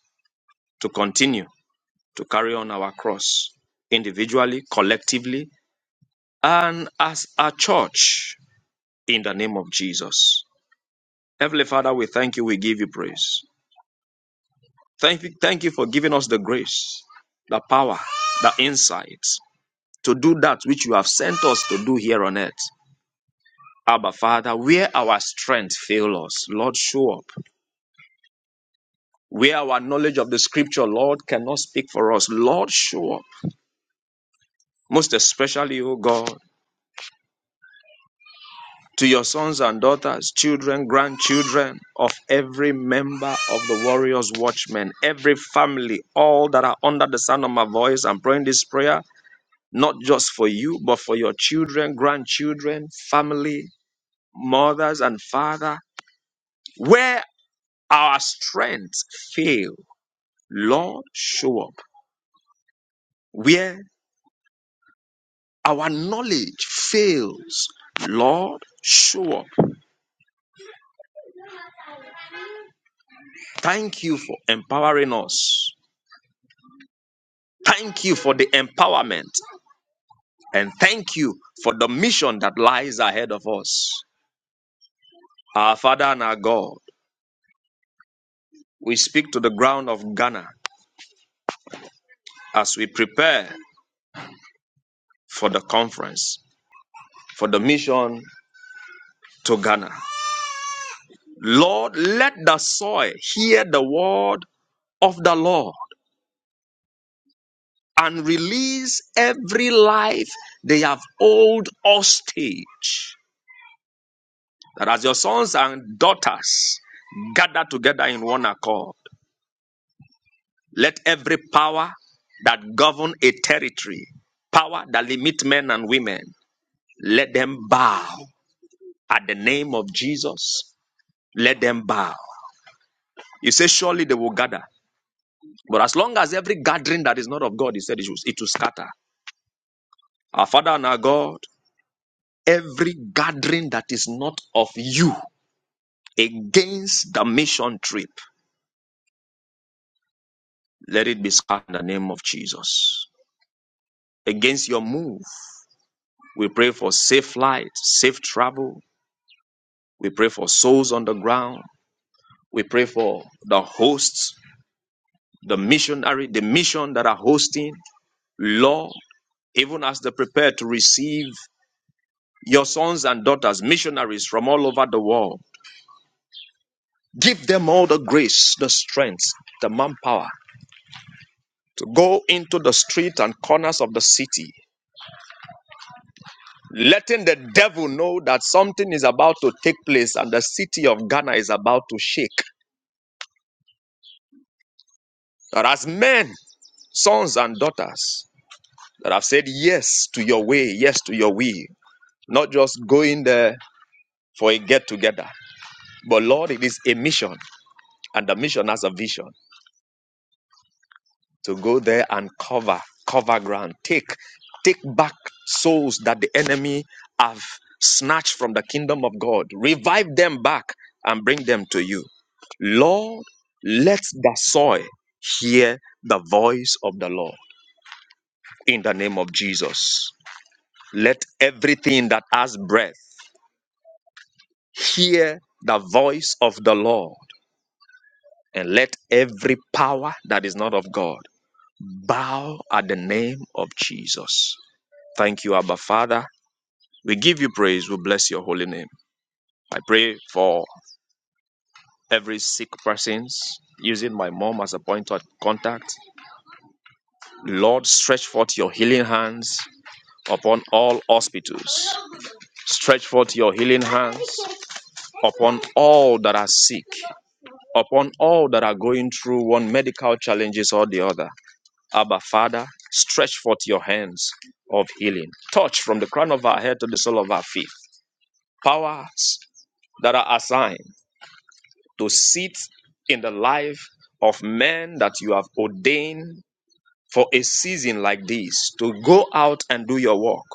to continue to carry on our cross individually, collectively, and as a church in the name of Jesus. Heavenly Father, we thank you. We give you praise. Thank you, thank you for giving us the grace, the power, the insight to do that which you have sent us to do here on earth. Abba, Father, where our strength fail us, Lord, show up. Where our knowledge of the scripture, Lord, cannot speak for us, Lord, show up. Most especially, O God, to your sons and daughters, children, grandchildren of every member of the Warriors Watchmen, every family, all that are under the sound of my voice. I'm praying this prayer not just for you, but for your children, grandchildren, family, mothers, and father. Where our strength fail, Lord, show up. Where our knowledge fails, Lord, show up. Thank you for empowering us. Thank you for the empowerment and thank you for the mission that lies ahead of us. Our Father and our God, we speak to the ground of Ghana as we prepare for the conference, for the mission to Ghana. Lord, let the soil hear the word of the Lord and release every life they have hold hostage. That as your sons and daughters gather together in one accord, Let every power that govern a territory, power that limit men and women, let them bow at the name of Jesus. Let them bow. He says, surely they will gather. But as long as every gathering that is not of God, he said, it will, it will scatter. Our Father and our God, every gathering that is not of you against the mission trip, let it be scattered in the name of Jesus. Against your move, we pray for safe flight, safe travel, We pray for souls on the ground. We pray for the hosts, the missionary, the mission that are hosting. Lord, even as they prepare to receive your sons and daughters, missionaries from all over the world, give them all the grace, the strength, the manpower to go into the street and corners of the city, letting the devil know that something is about to take place and the city of Ghana is about to shake. That as men, sons, and daughters, that I've said yes to your way, yes to your will, not just going there for a get together, but Lord, it is a mission, and the mission has a vision to go there and cover, cover ground, take, take back souls that the enemy have snatched from the kingdom of God, revive them back and bring them to you. Lord, let the soil hear the voice of the Lord in the name of Jesus. Let everything that has breath Hear the voice of the Lord, and let every power that is not of God bow at the name of Jesus. Thank you, Abba Father. We give you praise. We bless your holy name. I pray for every sick persons using my mom as a point of contact. Lord, stretch forth your healing hands upon all hospitals. Stretch forth your healing hands upon all that are sick, upon all that are going through one medical challenges or the other. Abba, Father, stretch forth your hands of healing. Touch from the crown of our head to the sole of our feet. Powers that are assigned to sit in the life of men that you have ordained for a season like this to go out and do your work.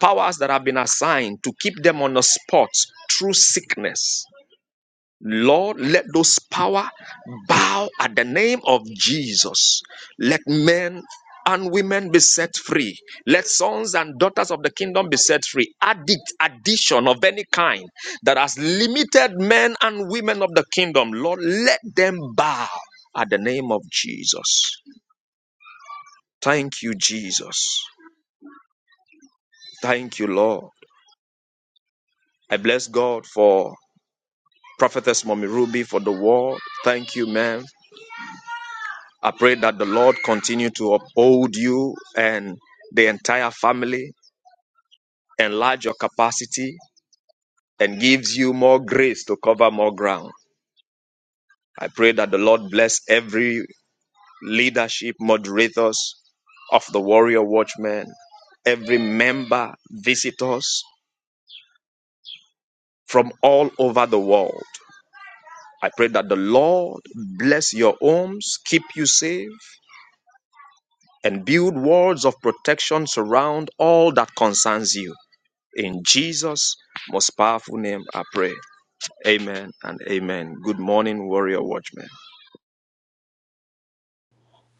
Powers that have been assigned to keep them on the spot through sickness, Lord, let those power bow at the name of Jesus. Let men and women be set free. Let sons and daughters of the kingdom be set free. Addict, addition of any kind that has limited men and women of the kingdom, Lord, let them bow at the name of Jesus. Thank you, Jesus. Thank you, Lord. I bless God for Prophetess Mommy Ruby for the word. Thank you, ma'am. I pray that the Lord continue to uphold you and the entire family, enlarge your capacity, and gives you more grace to cover more ground. I pray that the Lord bless every leadership, moderators of the Warrior Watchmen, every member, visitors from all over the world. I pray that the Lord bless your homes, keep you safe, and build walls of protection surround all that concerns you. In Jesus' most powerful name, I pray. Amen and amen. Good morning, warrior watchmen.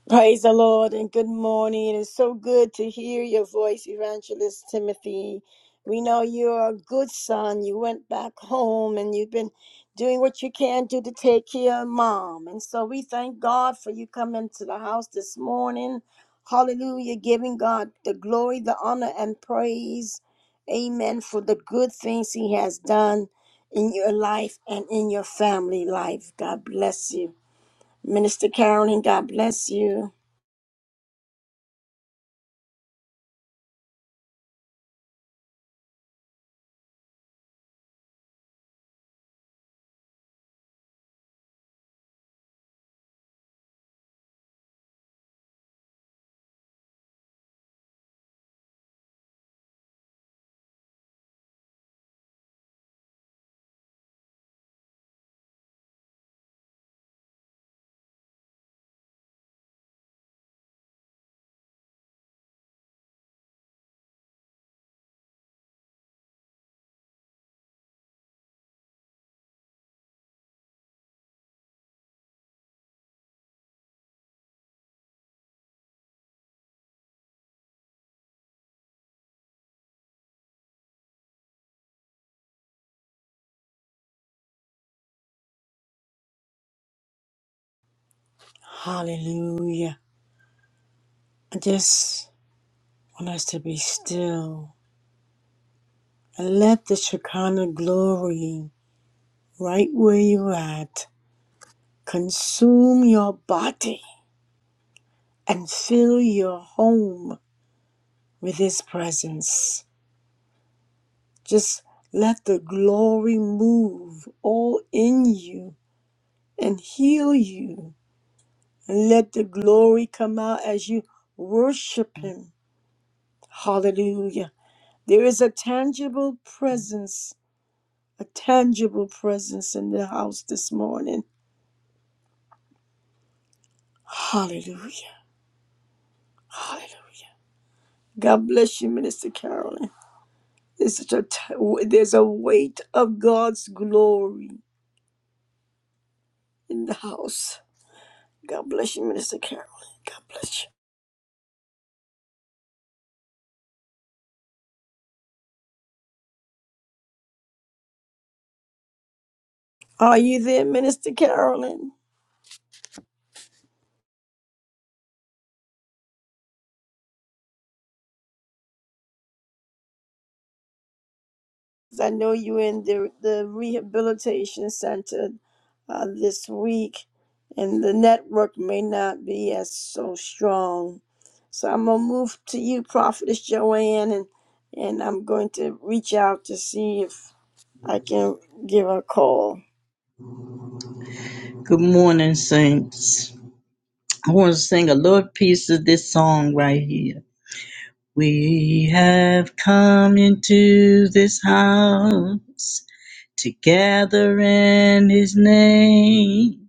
Praise the Lord and good morning. It is so good to hear your voice, Evangelist Timothy. We know you're a good son. You went back home and you've been doing what you can do to take care of mom. And so we thank God for you coming to the house this morning. Hallelujah, giving God the glory, the honor, and praise. Amen. For the good things He has done in your life and in your family life. God bless you. Minister Carolyn, God bless you. Hallelujah. I just want us to be still and let the Shekinah glory, right where you're at, consume your body and fill your home with His presence. Just let the glory move all in you and heal you. And let the glory come out as you worship Him. Hallelujah. There is a tangible presence, a tangible presence in the house this morning. Hallelujah. Hallelujah. God bless you, Minister Carolyn. There's such a t- there's a weight of God's glory in the house. God bless you, Minister Carolyn. God bless you. Are you there, Minister Carolyn? 'Cause I know you in the, the rehabilitation center uh, this week, and the network may not be as so strong. So I'm gonna move to you, Prophetess Joanne, and and I'm going to reach out to see if I can give her a call.
Good morning, saints. I want to sing a little piece of this song right here. We have come into this house to gather in his name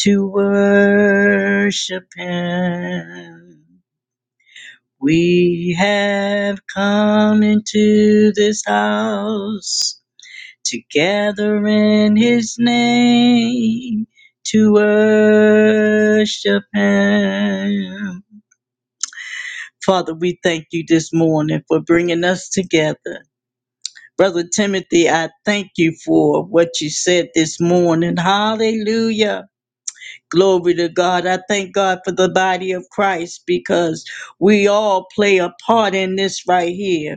to worship him. We have come into this house together in his name to worship him. Father, we thank you this morning for bringing us together. Brother Timothy, I thank you for what you said this morning. Hallelujah. Glory to God. I thank God for the body of Christ because we all play a part in this right here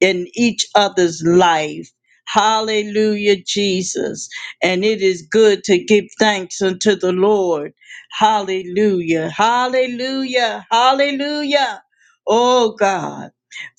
in each other's life. Hallelujah, Jesus. And it is good to give thanks unto the Lord. Hallelujah, hallelujah, hallelujah. Oh God.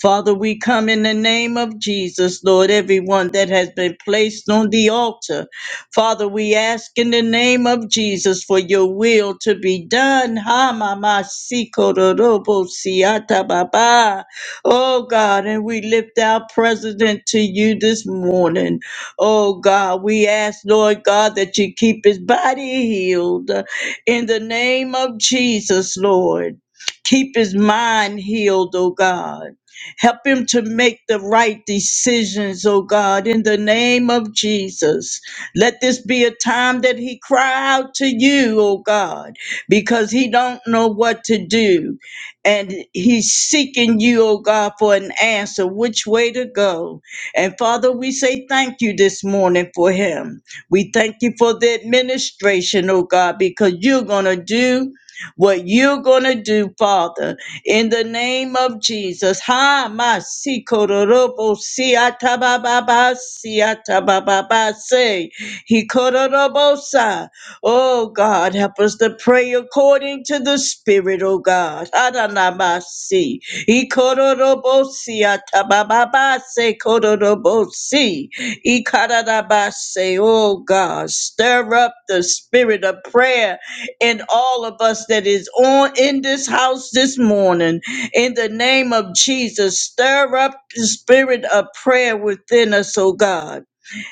Father, we come in the name of Jesus, Lord, everyone that has been placed on the altar. Father, we ask in the name of Jesus for your will to be done. Ha mama si kororobo siata baba. Oh God, and we lift our president to you this morning. Oh God, we ask, Lord God, that you keep his body healed in the name of Jesus, Lord. Keep his mind healed, oh God. Help him to make the right decisions, oh God, in the name of Jesus. Let this be a time that he cry out to you, oh God, because he don't know what to do and he's seeking you, oh God, for an answer, which way to go. And Father, we say thank you this morning for him. We thank you for the administration, oh God, because you're going to do what you're going to do, Father, in the name of Jesus. Ha, ma, si, kororobo, si, atabababa, si, atabababa, say, he kororobo, sa. Oh God, help us to pray according to the Spirit, oh God. Adonamasi. Ikororobosi atabababase kororobosi. Ikaradabase. Oh God, stir up the spirit of prayer in all of us that is on in this house this morning. In the name of Jesus, stir up the spirit of prayer within us, oh God.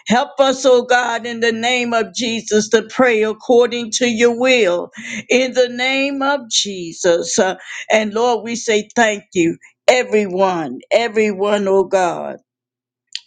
Help us, oh God, in the name of Jesus to pray according to your will. In the name of Jesus. Uh, and Lord, we say thank you. Everyone, everyone, oh God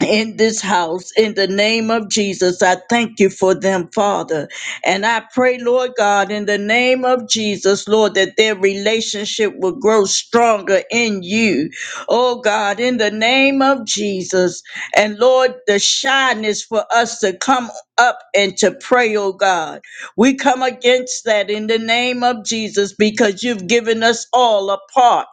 in this house in the name of Jesus. I thank you for them, Father. And I pray, Lord God, in the name of Jesus, Lord, that their relationship will grow stronger in you. Oh God, in the name of Jesus. And Lord, the shyness for us to come up and to pray, oh God. We come against that in the name of Jesus because you've given us all a part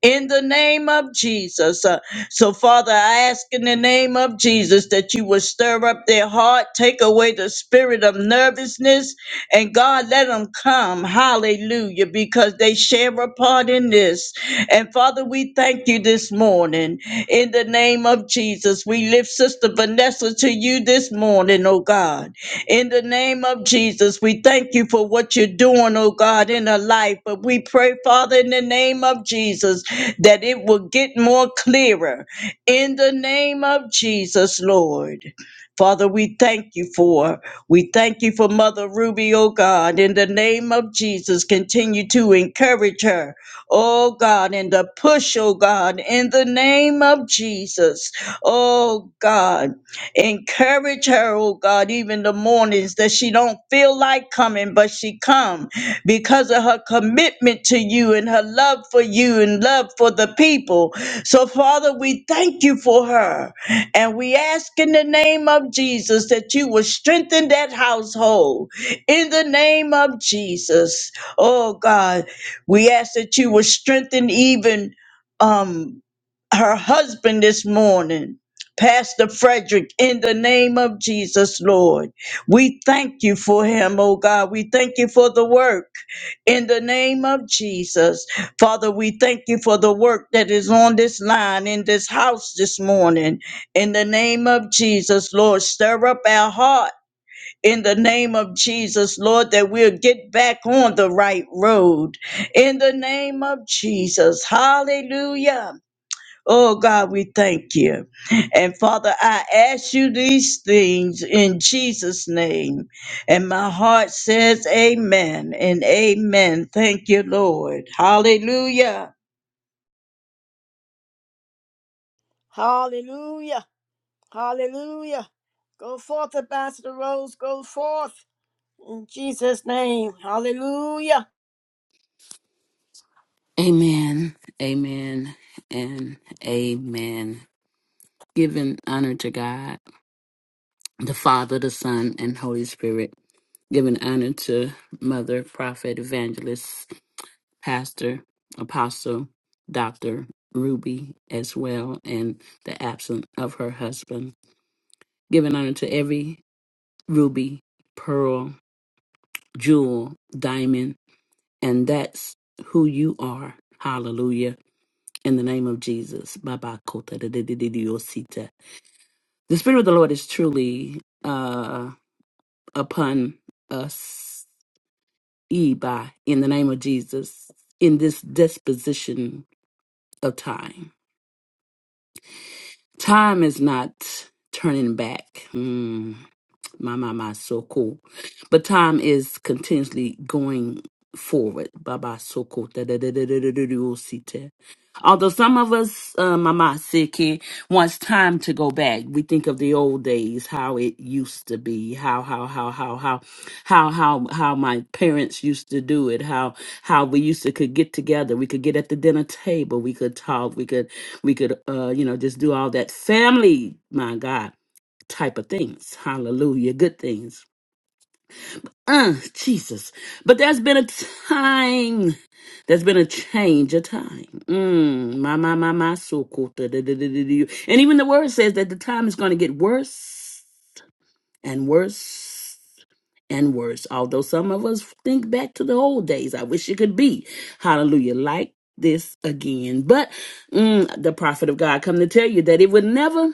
in the name of Jesus. uh, so, Father, I ask in the name of Jesus that you would stir up their heart, take away the spirit of nervousness, and God, let them come. Hallelujah, because they share a part in this. And Father, we thank you this morning. In the name of Jesus, we lift Sister Vanessa to you this morning, oh God. In the name of Jesus, we thank you for what you're doing, oh God, in her life. But we pray, Father, in the name of Jesus, that it will get more clearer. In the name of Jesus, Lord. Father, we thank you for. We thank you for Mother Ruby, oh God. In the name of Jesus, continue to encourage her, oh God, and to push, oh God, in the name of Jesus, oh God. Encourage her, oh God, even the mornings that she don't feel like coming, but she come because of her commitment to you and her love for you and love for the people. So, Father, we thank you for her. And we ask in the name of Jesus that you will strengthen that household. In the name of Jesus. Oh God, we ask that you will strengthen even um her husband this morning Pastor Frederick, in the name of Jesus, Lord. We thank you for him, oh God. We thank you for the work in the name of Jesus. Father, we thank you for the work that is on this line in this house this morning. In the name of Jesus, Lord, stir up our heart. In the name of Jesus, Lord, that we'll get back on the right road. In the name of Jesus, hallelujah. Oh God, we thank you. And Father, I ask you these things in Jesus' name. And my heart says amen and amen. Thank you, Lord. Hallelujah.
Hallelujah! Hallelujah! Go forth, Ambassador Rose. Go forth in Jesus' name. Hallelujah!
Amen, amen, and amen. Giving honor to God, the Father, the Son, and Holy Spirit. Giving honor to Mother, Prophet, Evangelist, Pastor, Apostle, Doctor Ruby as well, and the absence of her husband. Giving honor to every ruby, pearl, jewel, diamond, and that's who you are. Hallelujah in the name of Jesus. Baba Kota da da da da da Osita. The Spirit of the Lord is truly uh, upon us, Eba, in the name of Jesus, in this disposition of time. Time is not turning back. Mm. My, my, my, so cool. But time is continuously going forward. Baba, so cool. Da, da, da, da, da, da, da, da, oh, see, te. Although some of us, uh, Mama Siki, wants time to go back. We think of the old days, how it used to be, how, how, how, how, how, how, how, how my parents used to do it, how, how we used to could get together. We could get at the dinner table. We could talk. We could, we could, uh, you know, just do all that family. My God type of things. Hallelujah. Good things. Uh, Jesus. But there's been a time, there's been a change of time. Mm, my, my, my, my, so cool. Da, da, da, da, da, da. And even the word says that the time is going to get worse and worse and worse. Although some of us think back to the old days, I wish it could be. Hallelujah. Like this again. But mm, the prophet of God come to tell you that it would never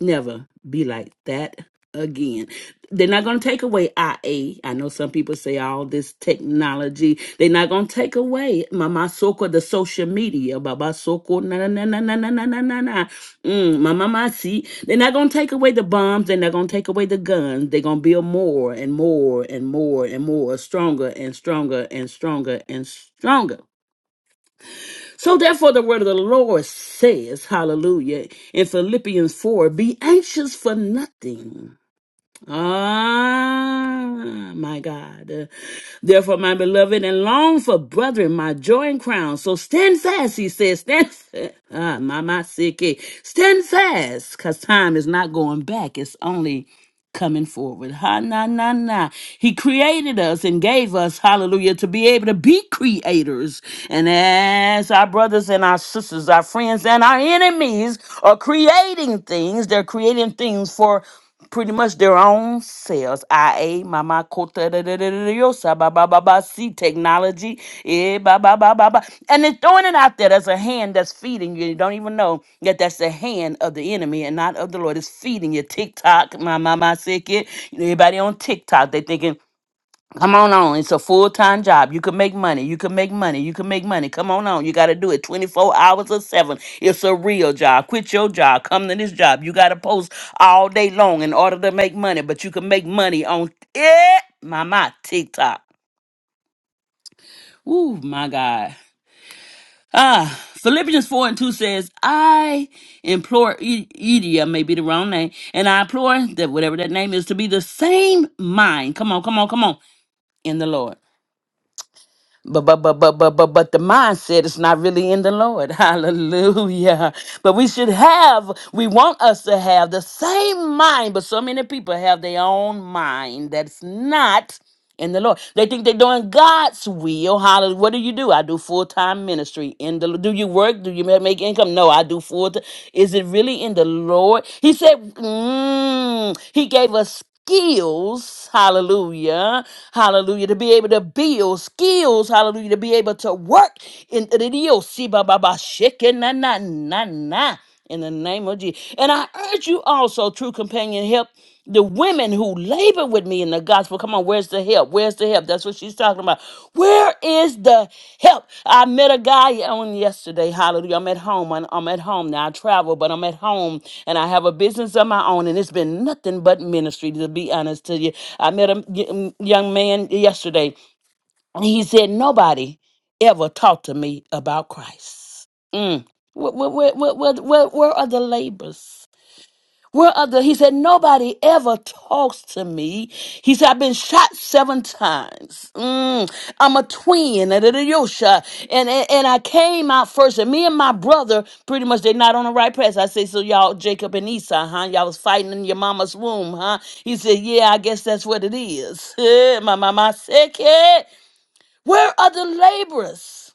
never be like that again. They're not going to take away IA. I know some people say all this technology. They're not going to take away Mama Soko, the social media, Baba Soko, na na na na na na na na na. na. Mm, Mama Masi. They're not going to take away the bombs. They're not going to take away the guns. They're going to build more and more and more and more, stronger and stronger and stronger and stronger so therefore, the word of the Lord says, hallelujah, in Philippians 4 be anxious for nothing. Ah, my God. Therefore, my beloved, and long for brethren, my joy and crown. So stand fast, he says, stand fast. Ah, my, my, sick. Stand fast, because time is not going back. It's only coming forward. Ha na na na. He created us and gave us, hallelujah, to be able to be creators. And as our brothers and our sisters, our friends and our enemies are creating things, they're creating things for pretty much their own selves us. IA, Mama Kota, da, da, da, da, da, yo, ba, ba, ba, ba, see technology. Eh, ba, ba, ba, ba, ba. And it's throwing it out there. That's a hand that's feeding you. You don't even know that that's the hand of the enemy and not of the Lord. It's feeding you. TikTok, my mama sick it. You know, everybody on TikTok, they thinking Come on on. It's a full time job. You can make money. You can make money. You can make money. Come on on. You got to do it 24 hours or seven. It's a real job. Quit your job. Come to this job. You got to post all day long in order to make money, but you can make money on it. My, my TikTok. Ooh, my God. Ah, Philippians 4 and 2 says, I implore, E- Edia may be the wrong name, and I implore that whatever that name is to be the same mind. Come on, come on, come on, in the Lord. but but but but but but but the mindset is not really in the Lord. Hallelujah. But we should have, we want us to have the same mind, but so many people have their own mind that's not in the Lord. They think they're doing God's will. Hallelujah. What do you do? I do full time ministry in the. Lord. Do you work? Do you ma- make income? No, I do full. T- Is it really in the Lord? He said, mm, He gave us skills. Hallelujah. Hallelujah. To be able to build skills. Hallelujah. To be able to work in the deal. See, ba ba ba, shake it, na na na na in the name of Jesus. And I urge you also, true companion, help the women who labor with me in the gospel. Come on, where's the help? Where's the help? That's what she's talking about. Where is the help? I met a guy on yesterday. Hallelujah. I'm at home. I'm I'm at home now. I travel, but I'm at home and I have a business of my own, and it's been nothing but ministry, to be honest to you. I met a y- young man yesterday. And he said, Nobody ever talked to me about Christ. Mm. Where, where, where, where, where, where are the labors? Where are the, he said, Nobody ever talks to me. He said, I've been shot seven times. Mm. I'm a twin. And, and, and and I came out first. And me and my brother, pretty much, they're not on the right path. I say So y'all, Jacob and Esau, huh? Y'all was fighting in your mama's womb, huh? He said, Yeah, I guess that's what it is. my mama said, where are the laborers?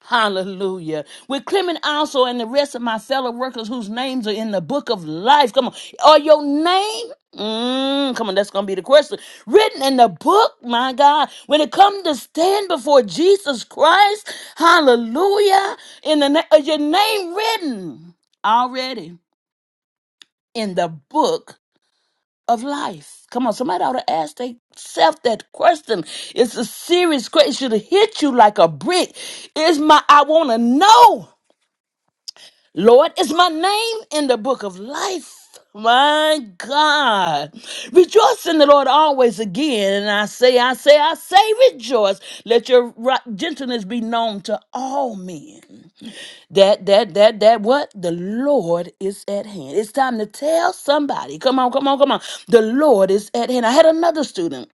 Hallelujah. With Clement also and the rest of my fellow workers whose names are in the book of life. Come on. Are your name? Mm, come on, that's gonna be the question. Written in the book, my God. When it comes to stand before Jesus Christ, hallelujah. In the na- is your name written already in the book of life. Come on, somebody ought to ask themselves that question. It's a serious question. It should have hit you like a brick. Is my I want to know, Lord, is my name in the book of life? My God. Rejoice in the Lord always again. And I say, I say, I say, rejoice. Let your ri- gentleness be known to all men that that that that what the lord is at hand it's time to tell somebody come on come on come on the lord is at hand i had another student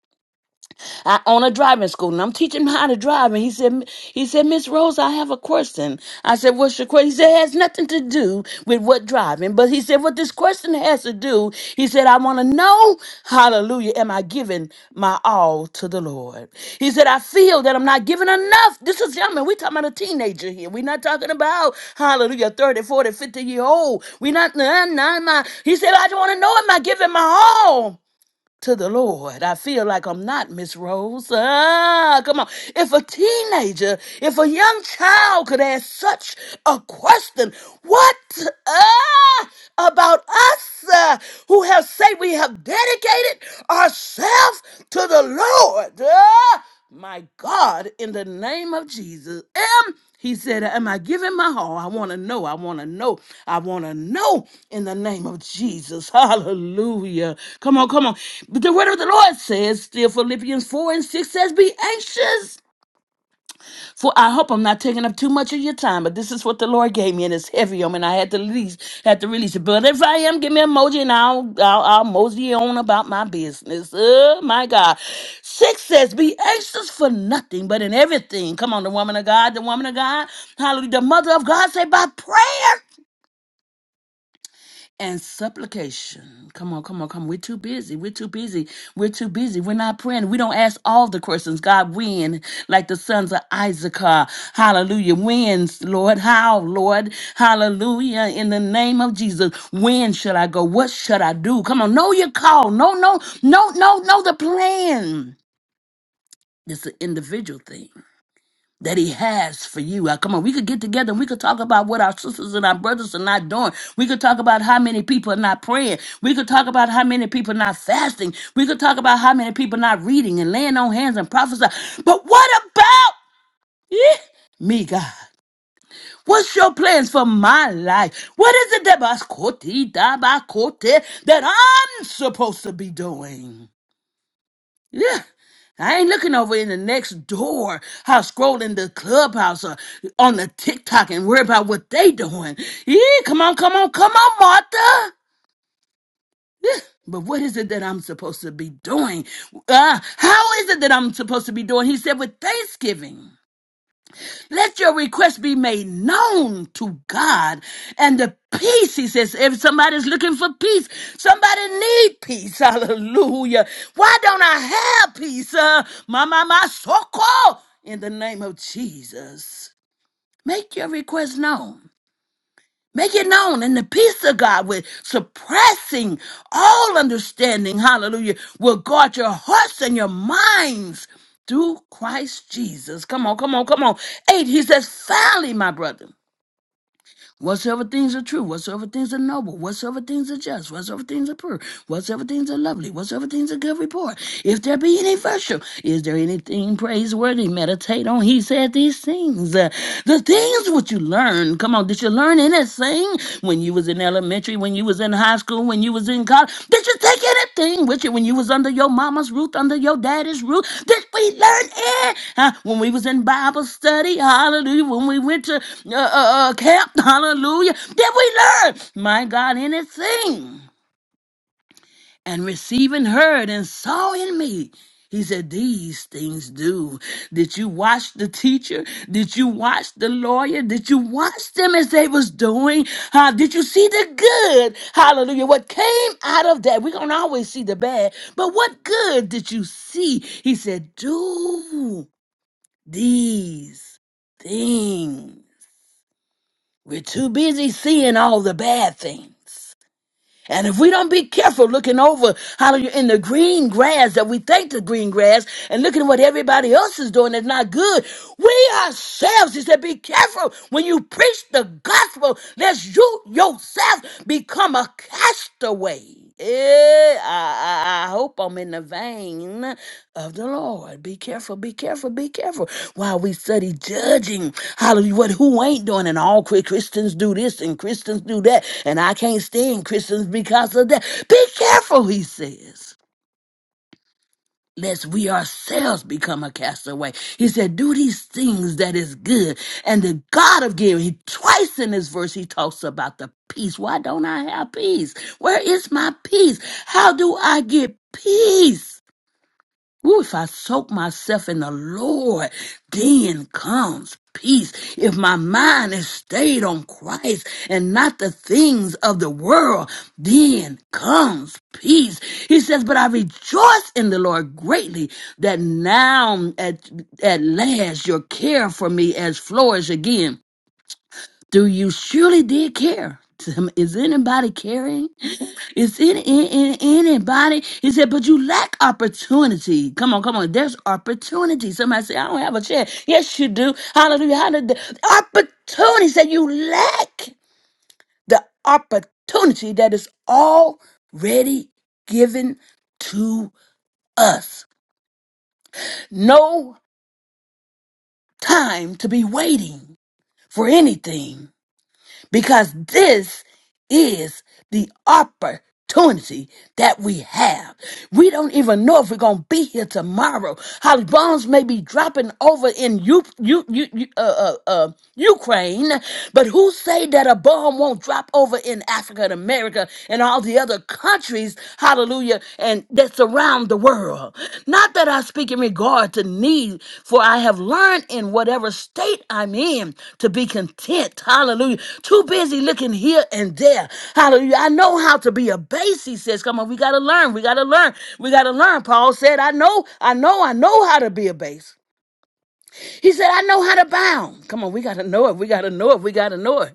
I own a driving school, and I'm teaching him how to drive. And he said, he said, Miss Rose, I have a question. I said, what's your question? He said, it has nothing to do with what driving, but he said, what this question has to do. He said, I want to know, Hallelujah, am I giving my all to the Lord? He said, I feel that I'm not giving enough. This is young man. We're talking about a teenager here. We're not talking about Hallelujah, 30, 40, 50 year old. We're not. Nah, nah, nah. He said, I just want to know, am I giving my all? to the Lord. I feel like I'm not Miss Rose. Ah, come on. If a teenager, if a young child could ask such a question, what ah, about us uh, who have said we have dedicated ourselves to the Lord? Ah, my God, in the name of Jesus. He said, Am I giving my all? I want to know. I want to know. I want to know in the name of Jesus. Hallelujah. Come on, come on. But the word of the Lord says, still Philippians 4 and 6 says, Be anxious for I hope I'm not taking up too much of your time, but this is what the Lord gave me, and it's heavy. I mean, I had to release, had to release it. But if I am, give me an emoji, and I'll, I'll, I'll mosey on about my business. Oh my God! Six says, "Be anxious for nothing, but in everything." Come on, the woman of God, the woman of God, hallelujah, the mother of God, say by prayer and supplication. Come on, come on, come on. We're too busy. We're too busy. We're too busy. We're not praying. We don't ask all the questions. God, when? Like the sons of Issachar. Hallelujah. When's, Lord? How, Lord? Hallelujah. In the name of Jesus. When shall I go? What should I do? Come on. Know your call. No, no, no, no, no, the plan. It's an individual thing that he has for you. Uh, Come on, we could get together and we could talk about what our sisters and our brothers are not doing. We could talk about how many people are not praying. We could talk about how many people are not fasting. We could talk about how many people are not reading and laying on hands and prophesy. But what about eh, me, God? What's your plans for my life? What is it that that I'm supposed to be doing? Yeah. I ain't looking over in the next door house, scrolling the clubhouse or on the TikTok and worry about what they doing. Yeah, come on, come on, come on, Martha. Yeah. But what is it that I'm supposed to be doing? Uh, how is it that I'm supposed to be doing? He said with thanksgiving. Let your request be made known to God. And the peace, he says, if somebody's looking for peace, somebody need peace. Hallelujah. Why don't I have peace? Uh, my, my, my, so In the name of Jesus, make your request known. Make it known, and the peace of God, with suppressing all understanding, hallelujah, will guard your hearts and your minds through Christ Jesus. Come on, come on, come on. Eight, he says, finally, my brother. Whatsoever things are true, whatsoever things are noble, whatsoever things are just, whatsoever things are pure, whatsoever things are lovely, whatsoever things are good report, if there be any virtue, is there anything praiseworthy, meditate on. He said these things. Uh, The things which you learn, come on, did you learn anything when you was in that? in elementary, when you was in high school, when you was in college? Did you take anything with you when you was under your mama's roof, under your daddy's roof? Did we learn it? Huh? When we was in Bible study, hallelujah. When we went to uh, uh, uh, camp, hallelujah. Did we learn, my God, anything? and receiving heard and saw in me. He said, These things do. Did you watch the teacher? Did you watch the lawyer? Did you watch them as they was doing? Uh, did you see the good? Hallelujah. What came out of that? We're going to always see the bad, but what good did you see? He said, Do these things. We're too busy seeing all the bad things. And if we don't be careful looking over, hallelujah, in the green grass that we think the green grass and looking at what everybody else is doing that's not good, we ourselves, he said, be careful when you preach the gospel, lest you yourself become a castaway. Eh, I, I, I hope I'm in the vein of the Lord. Be careful, be careful, be careful. While we study judging, hallelujah, what who ain't doing, and all Chri- Christians do this and Christians do that, and I can't stand Christians because of that. Be careful, he says lest we ourselves become a castaway. He said, do these things that is good. And the God of giving, he twice in this verse, he talks about the peace. Why don't I have peace? Where is my peace? How do I get peace? Ooh, if I soak myself in the Lord, then comes peace. If my mind is stayed on Christ and not the things of the world, then comes peace. He says, but I rejoice in the Lord greatly that now at, at last your care for me has flourished again. Do you surely did care? Is anybody caring? Is it in, in anybody? He said, but you lack opportunity. Come on, come on. There's opportunity. Somebody say, I don't have a chair. Yes, you do. Hallelujah. Hallelujah. Opportunity. He said, you lack the opportunity that is already given to us. No time to be waiting for anything. because this is the opportunity that we have. We don't even know if we're going to be here tomorrow. How bombs may be dropping over in U- U- U- U- uh, uh, uh, Ukraine, but who say that a bomb won't drop over in Africa and America and all the other countries? Hallelujah that surround the world. Not that I speak in regard to need, for I have learned in whatever state I'm in to be content. Hallelujah. Too busy looking here and there. Hallelujah. I know how to be a base, he says. Come on, we gotta learn. We gotta learn. We gotta learn. Paul said, I know, I know, I know how to be a base. He said, I know how to bound. Come on, we gotta know it. We gotta know it. We gotta know it.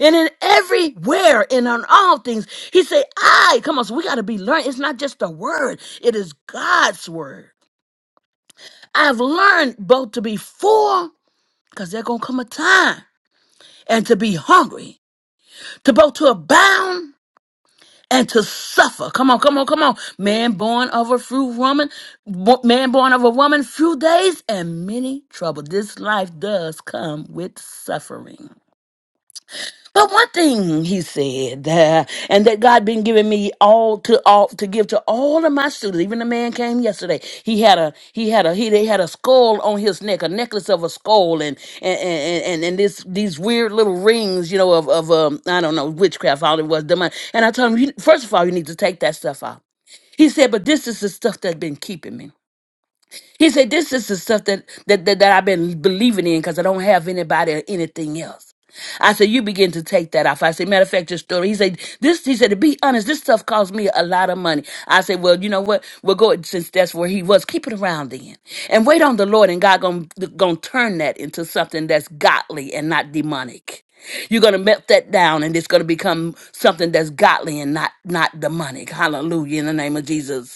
And in everywhere and on all things, he said, I, come on, so we got to be learned. It's not just a word, it is God's word. I've learned both to be full, because there's going to come a time, and to be hungry, to both to abound and to suffer. Come on, come on, come on. Man born of a fruit woman, bo- man born of a woman, few days and many trouble. This life does come with suffering. But one thing he said, uh, and that God been giving me all to all to give to all of my students. Even the man came yesterday. He had a he had a he they had a skull on his neck, a necklace of a skull, and and and and, and this these weird little rings, you know, of of um I don't know witchcraft, all it was demon. And I told him, you, first of all, you need to take that stuff out. He said, but this is the stuff that's been keeping me. He said, This is the stuff that that, that, that I've been believing in because I don't have anybody or anything else. I said, You begin to take that off. I said, matter of fact, your story. He said, This he said, to be honest, this stuff cost me a lot of money. I said, Well, you know what? We'll go since that's where he was. Keep it around then. And wait on the Lord, and God gonna, gonna turn that into something that's godly and not demonic. You're gonna melt that down, and it's gonna become something that's godly and not not demonic. Hallelujah! In the name of Jesus.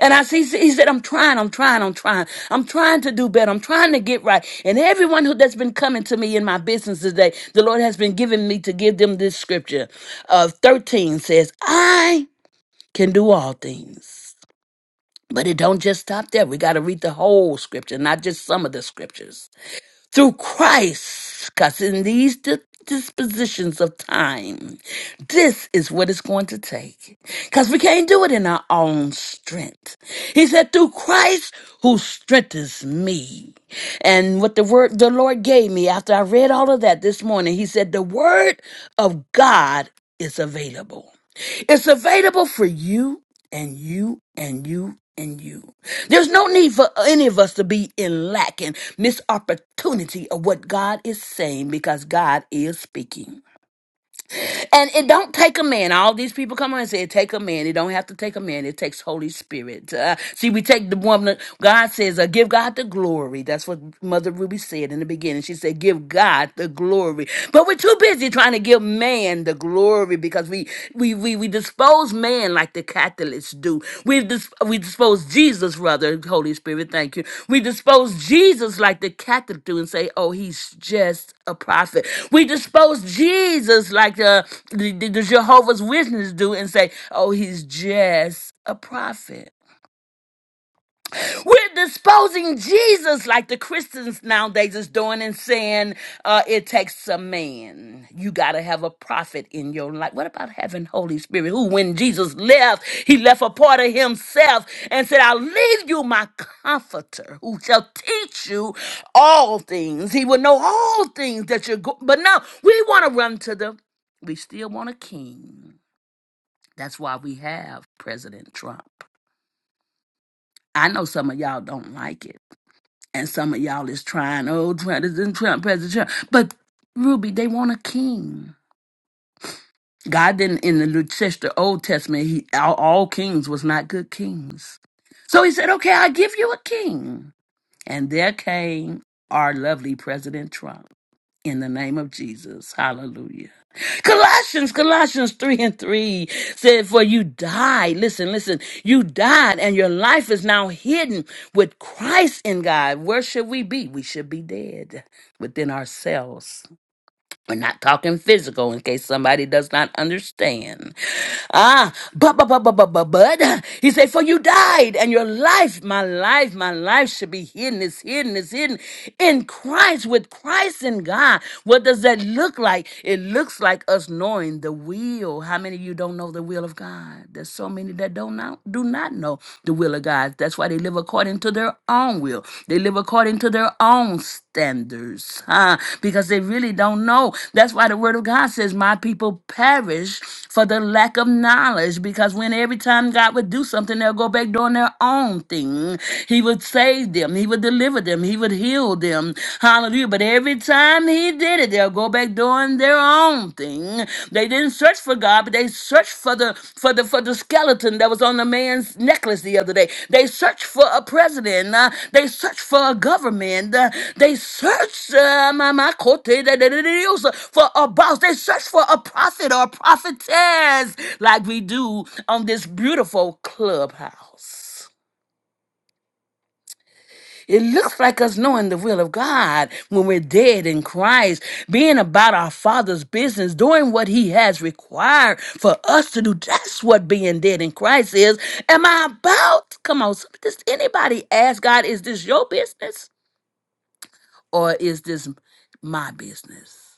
And I see, he said, I'm trying, I'm trying, I'm trying. I'm trying to do better. I'm trying to get right. And everyone who that's been coming to me in my business today, the Lord has been giving me to give them this scripture of 13 says, I can do all things. But it don't just stop there. We got to read the whole scripture, not just some of the scriptures through Christ, because in these di- dispositions of time, this is what it's going to take. Because we can't do it in our own strength. He said, through Christ who strengthens me. And what the word the Lord gave me after I read all of that this morning, he said, the word of God is available. It's available for you and you and you and you. There's no need for any of us to be in lack and miss opportunity of what God is saying because God is speaking. And it don't take a man. All these people come on and say it take a man. It don't have to take a man. It takes Holy Spirit. Uh, see, we take the woman. God says, uh, "Give God the glory." That's what Mother Ruby said in the beginning. She said, "Give God the glory," but we're too busy trying to give man the glory because we we we we dispose dispose man like the Catholics do. We dis- we dispose Jesus, rather, Holy Spirit, thank you. We dispose Jesus like the Catholics do and say, oh, he's just a prophet. We dispose Jesus like uh, the, the the Jehovah's Witness do and say, oh, he's just a prophet. We're disposing Jesus like the Christians nowadays is doing and saying uh, it takes a man. You got to have a prophet in your life. What about having Holy Spirit who, when Jesus left, he left a part of himself and said, I'll leave you my comforter who shall teach you all things. He will know all things that you're going. But no, we want to run to the, we still want a king. That's why we have President Trump. I know some of y'all don't like it. And some of y'all is trying, oh, Trump, Trump, President Trump. But Ruby, they want a king. God didn't in the New Test- Old Testament, he all, all kings was not good kings. So he said, Okay, I give you a king. And there came our lovely President Trump in the name of Jesus. Hallelujah. Colossians, Colossians 3 and 3 said, For you died. Listen, listen. You died, and your life is now hidden with Christ in God. Where should we be? We should be dead within ourselves. We're not talking physical in case somebody does not understand. Ah, but, but, but, but, but, but, but, he said, for you died and your life, my life, my life should be hidden, is hidden, is hidden in Christ, with Christ in God. What does that look like? It looks like us knowing the will. How many of you don't know the will of God? There's so many that don't know, do not know the will of will of God. That's why they live according to their own will. They live according to their own standards huh? because they really don't know. That's why the word of God says, My people perish for the lack of knowledge. Because when every time God would do something, they'll go back doing their own thing. He would save them, He would deliver them, He would heal them. Hallelujah. But every time He did it, they'll go back doing doing their own thing. They didn't search for God, but they searched for the for the for the skeleton that was on the man's necklace the other day. They searched for a president. uh, they searched for a government. uh, they searched uh, my my cote de- de- de- de- de- for a boss. They searched for a prophet or a prophetess, like we do on this beautiful clubhouse. It looks like us knowing the will of God when we're dead in Christ, being about our Father's business, doing what He has required for us to do. That's what being dead in Christ is. Am I about? Come on, some- does anybody ask God, is this your business or is this my business?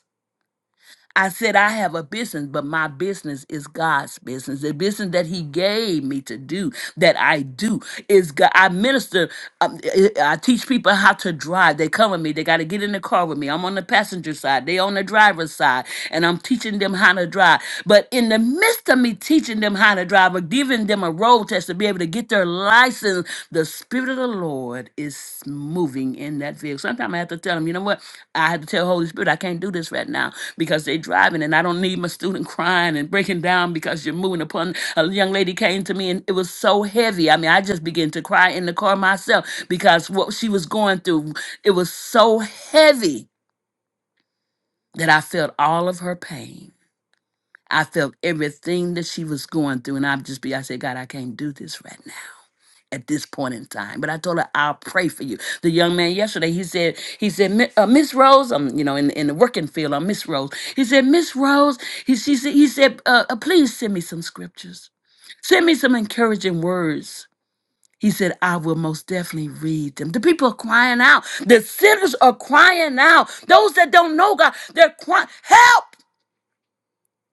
I said, I have a business, but my business is God's business. The business that He gave me to do, that I do, is God. I minister, um, I I teach people how to drive. They come with me, they got to get in the car with me. I'm on the passenger side, they on the driver's side, and I'm teaching them how to drive. But in the midst of me teaching them how to drive or giving them a roadmap road to be able to get their license, the Spirit of the Lord is moving in that vehicle. Sometimes I have to tell them, you know what? I have to tell Holy Spirit, I can't do this right now because they're driving and I don't need my student crying and breaking down because you're moving upon. A young lady came to me and it was so heavy. I mean, I just began to cry in the car myself because what she was going through, it was so heavy that I felt all of her pain. I felt everything that she was going through, and I just be, I said, God, I can't do this right now at this point in time. But I told her I'll pray for you. The young man yesterday, he said, he said, "Mi- uh, Miss Rose, um, you know, in, in the working field, I'm Miss Rose. He said, Miss Rose, he she said, he said, uh, uh, please send me some scriptures, send me some encouraging words. He said, I will most definitely read them. The people are crying out. The sinners are crying out. Those that don't know God, they're crying, help!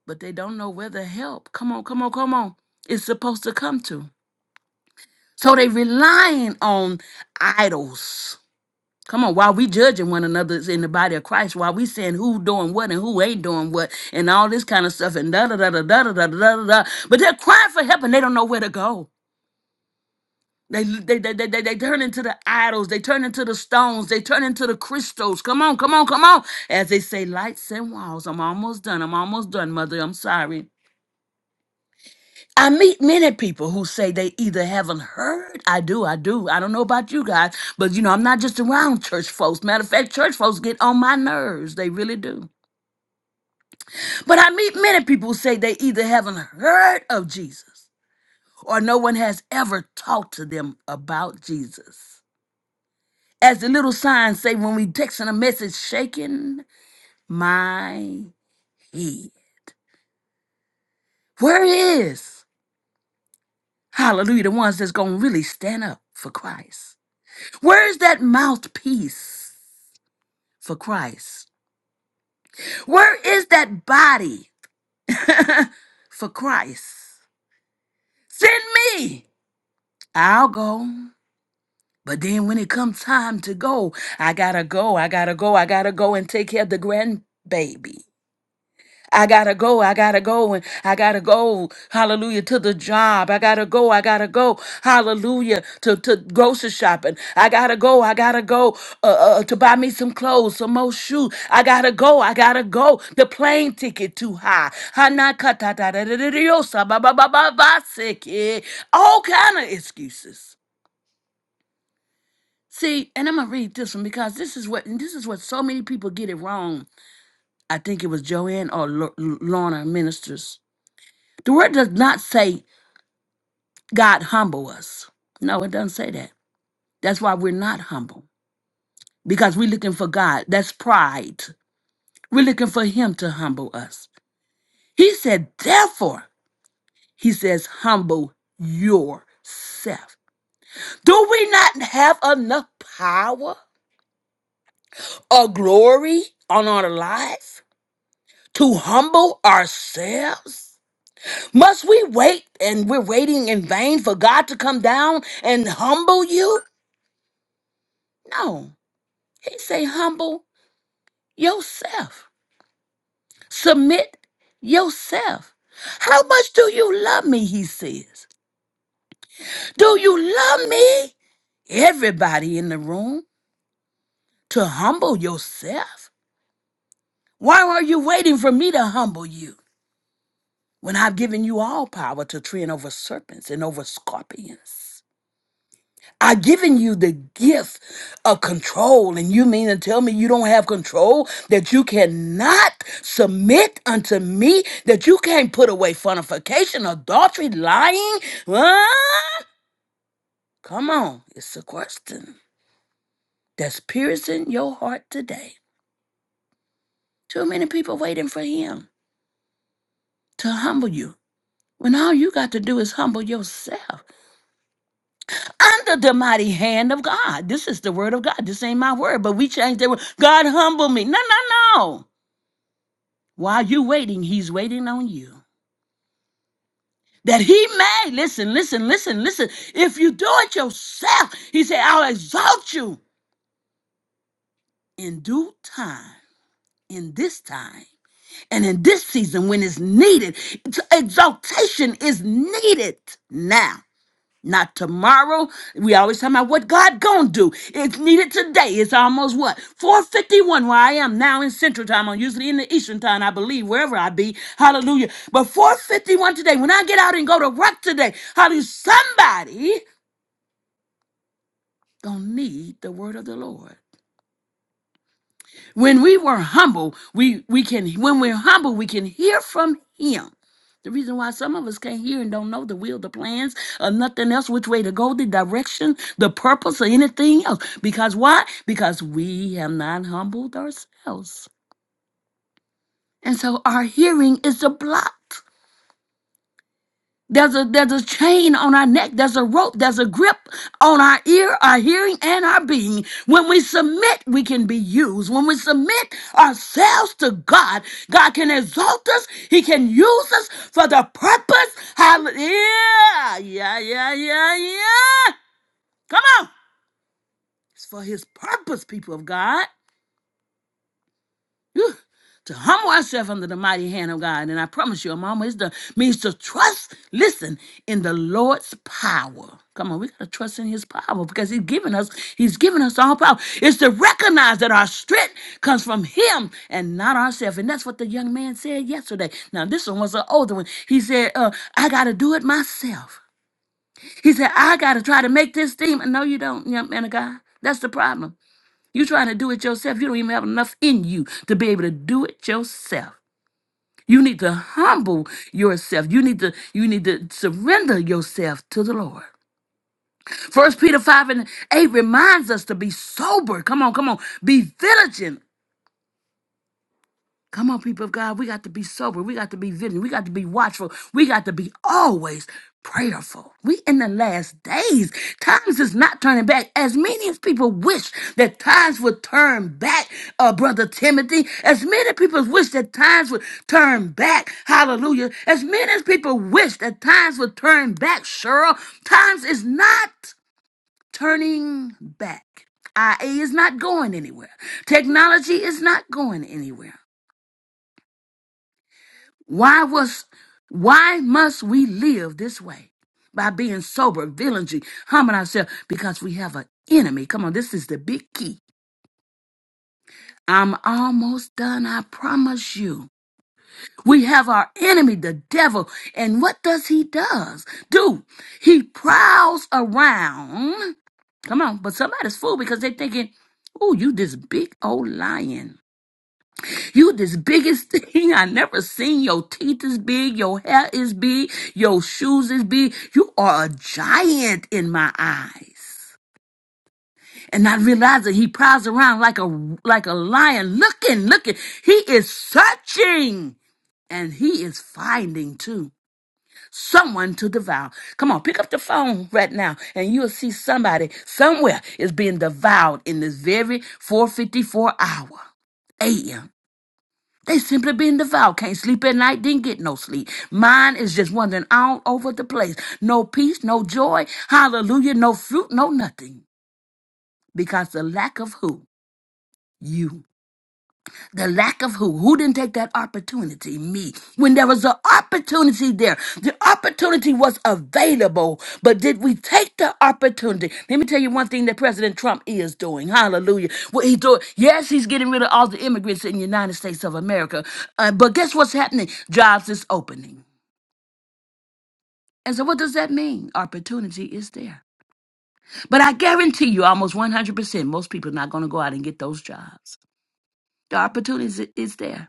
But they don't know where to help. Come on, come on, come on. It's supposed to come to. So they relying on idols. Come on, while we judging one another in the body of Christ, while we saying who doing what and who ain't doing what and all this kind of stuff and da da da da da da da da da. da. But they're crying for help and they don't know where to go. They, they, they, they, they, they turn into the idols. They turn into the stones. They turn into the crystals. Come on, come on, come on. As they say, lights and walls. I'm almost done. I'm almost done, mother. I'm sorry. I meet many people who say they either haven't heard. I do, I do. I don't know about you guys, but you know, I'm not just around church folks. Matter of fact, church folks get on my nerves. They really do. But I meet many people who say they either haven't heard of Jesus or no one has ever talked to them about Jesus. As the little signs say when we texting a message, shaking my head. Where is, hallelujah, the ones that's going to really stand up for Christ? Where is that mouthpiece for Christ? Where is that body for Christ? Send me. I'll go. But then when it comes time to go, I gotta go, I gotta go, I gotta go and take care of the grandbaby. I gotta go, I gotta go, and I gotta go, hallelujah, to the job. I gotta go, I gotta go, hallelujah, to, to grocery shopping. I gotta go, I gotta go uh, uh, to buy me some clothes, some more shoes. I gotta go, I gotta go. The plane ticket too high. Hanakatadadadadadiosa, ba- ba- ba- ba- ba- siki. All kind of excuses. See, and I'm gonna read this one because this is what and this is what so many people get it wrong. I think it was Joanne or L- Lorna Ministers The word does not say God humble us. No, it doesn't say that. That's why we're not humble because we're looking for God. That's pride. We're looking for Him to humble us. He said, therefore, He says, humble yourself. Do we not have enough power or glory on our life to humble ourselves? Must we wait and we're waiting in vain for God to come down and humble you? No. He say, humble yourself. Submit yourself. How much do you love me? He says. Do you love me? Everybody in the room to humble yourself. Why are you waiting for me to humble you when I've given you all power to tread over serpents and over scorpions? I've given you the gift of control, and you mean to tell me you don't have control, that you cannot submit unto me, that you can't put away fornication, adultery, lying? Huh? Come on, it's a question that's piercing your heart today. Too many people waiting for him to humble you when all you got to do is humble yourself under the mighty hand of God. This is the word of God. This ain't my word, but we changed the word. God humble me. No, no, no. While you're waiting, he's waiting on you. That he may, listen, listen, listen, listen. If you do it yourself, he said, I'll exalt you in due time, in this time, and in this season when it's needed. It's- Exaltation is needed now. Not tomorrow. We always talking about what God gonna do. It's needed today. It's almost what? 451 where I am now in Central Time. I'm usually in the Eastern Time, I believe, wherever I be. Hallelujah. But 451 today, when I get out and go to work today, hallelujah, somebody gonna need the word of the Lord. When we were humble, we, we can when we're humble, we can hear from him. The reason why some of us can't hear and don't know the will, the plans, or nothing else, which way to go, the direction, the purpose, or anything else. Because why? Because we have not humbled ourselves. And so our hearing is a block. There's a there's a chain on our neck, there's a rope, there's a grip on our ear, our hearing, and our being. When we submit, we can be used. When we submit ourselves to God, God can exalt us, He can use us for the purpose. Hallelujah. Yeah, yeah, yeah, yeah. Come on. It's for his purpose, people of God. Whew. To humble ourselves under the mighty hand of God. And I promise you, Mama, it means to trust, listen, in the Lord's power. Come on, we gotta trust in his power because he's given us, he's given us all power. It's to recognize that our strength comes from him and not ourselves. And that's what the young man said yesterday. Now, this one was an older one. He said, uh, I gotta do it myself. He said, I gotta try to make this team. And No, you don't, young man of God. That's the problem you trying to do it yourself. You don't even have enough in you to be able to do it yourself. You need to humble yourself. You need to you need to surrender yourself to the Lord. First Peter 5 and 8 reminds us to be sober. Come on, come on. Be vigilant Come on, people of God. We got to be sober. We got to be vigilant. We got to be watchful. We got to be always prayerful. We in the last days. Times is not turning back. As many as people wish that times would turn back, uh, Brother Timothy. As many people wish that times would turn back. Hallelujah. As many as people wish that times would turn back, Cheryl. Times is not turning back. IA is not going anywhere. Technology is not going anywhere. Why was why must we live this way? By being sober, vigilant, humbling ourselves, because we have an enemy. Come on, this is the big key. I'm almost done, I promise you. We have our enemy, the devil, and what does he does? Do he prowls around? Come on, but somebody's fool because they're thinking, "Oh, you this big old lion." You this biggest thing I never seen. Your teeth is big, your hair is big, your shoes is big. You are a giant in my eyes. And I realize that he prowls around like a like a lion, looking, looking. He is searching and he is finding too someone to devour. Come on, pick up the phone right now and you'll see somebody somewhere is being devoured in this very 454 hour. AM they simply been devout. Can't sleep at night, didn't get no sleep. Mine is just wandering all over the place. No peace, no joy, hallelujah, no fruit, no nothing. Because the lack of who? You. The lack of who? Who didn't take that opportunity? Me. When there was an opportunity there, the opportunity was available, but did we take the opportunity? Let me tell you one thing that President Trump is doing. Hallelujah. What he doing? Yes, he's getting rid of all the immigrants in the United States of America, uh, but guess what's happening? Jobs is opening. And so, what does that mean? Opportunity is there. But I guarantee you, almost 100%, most people are not going to go out and get those jobs. The opportunity is is there.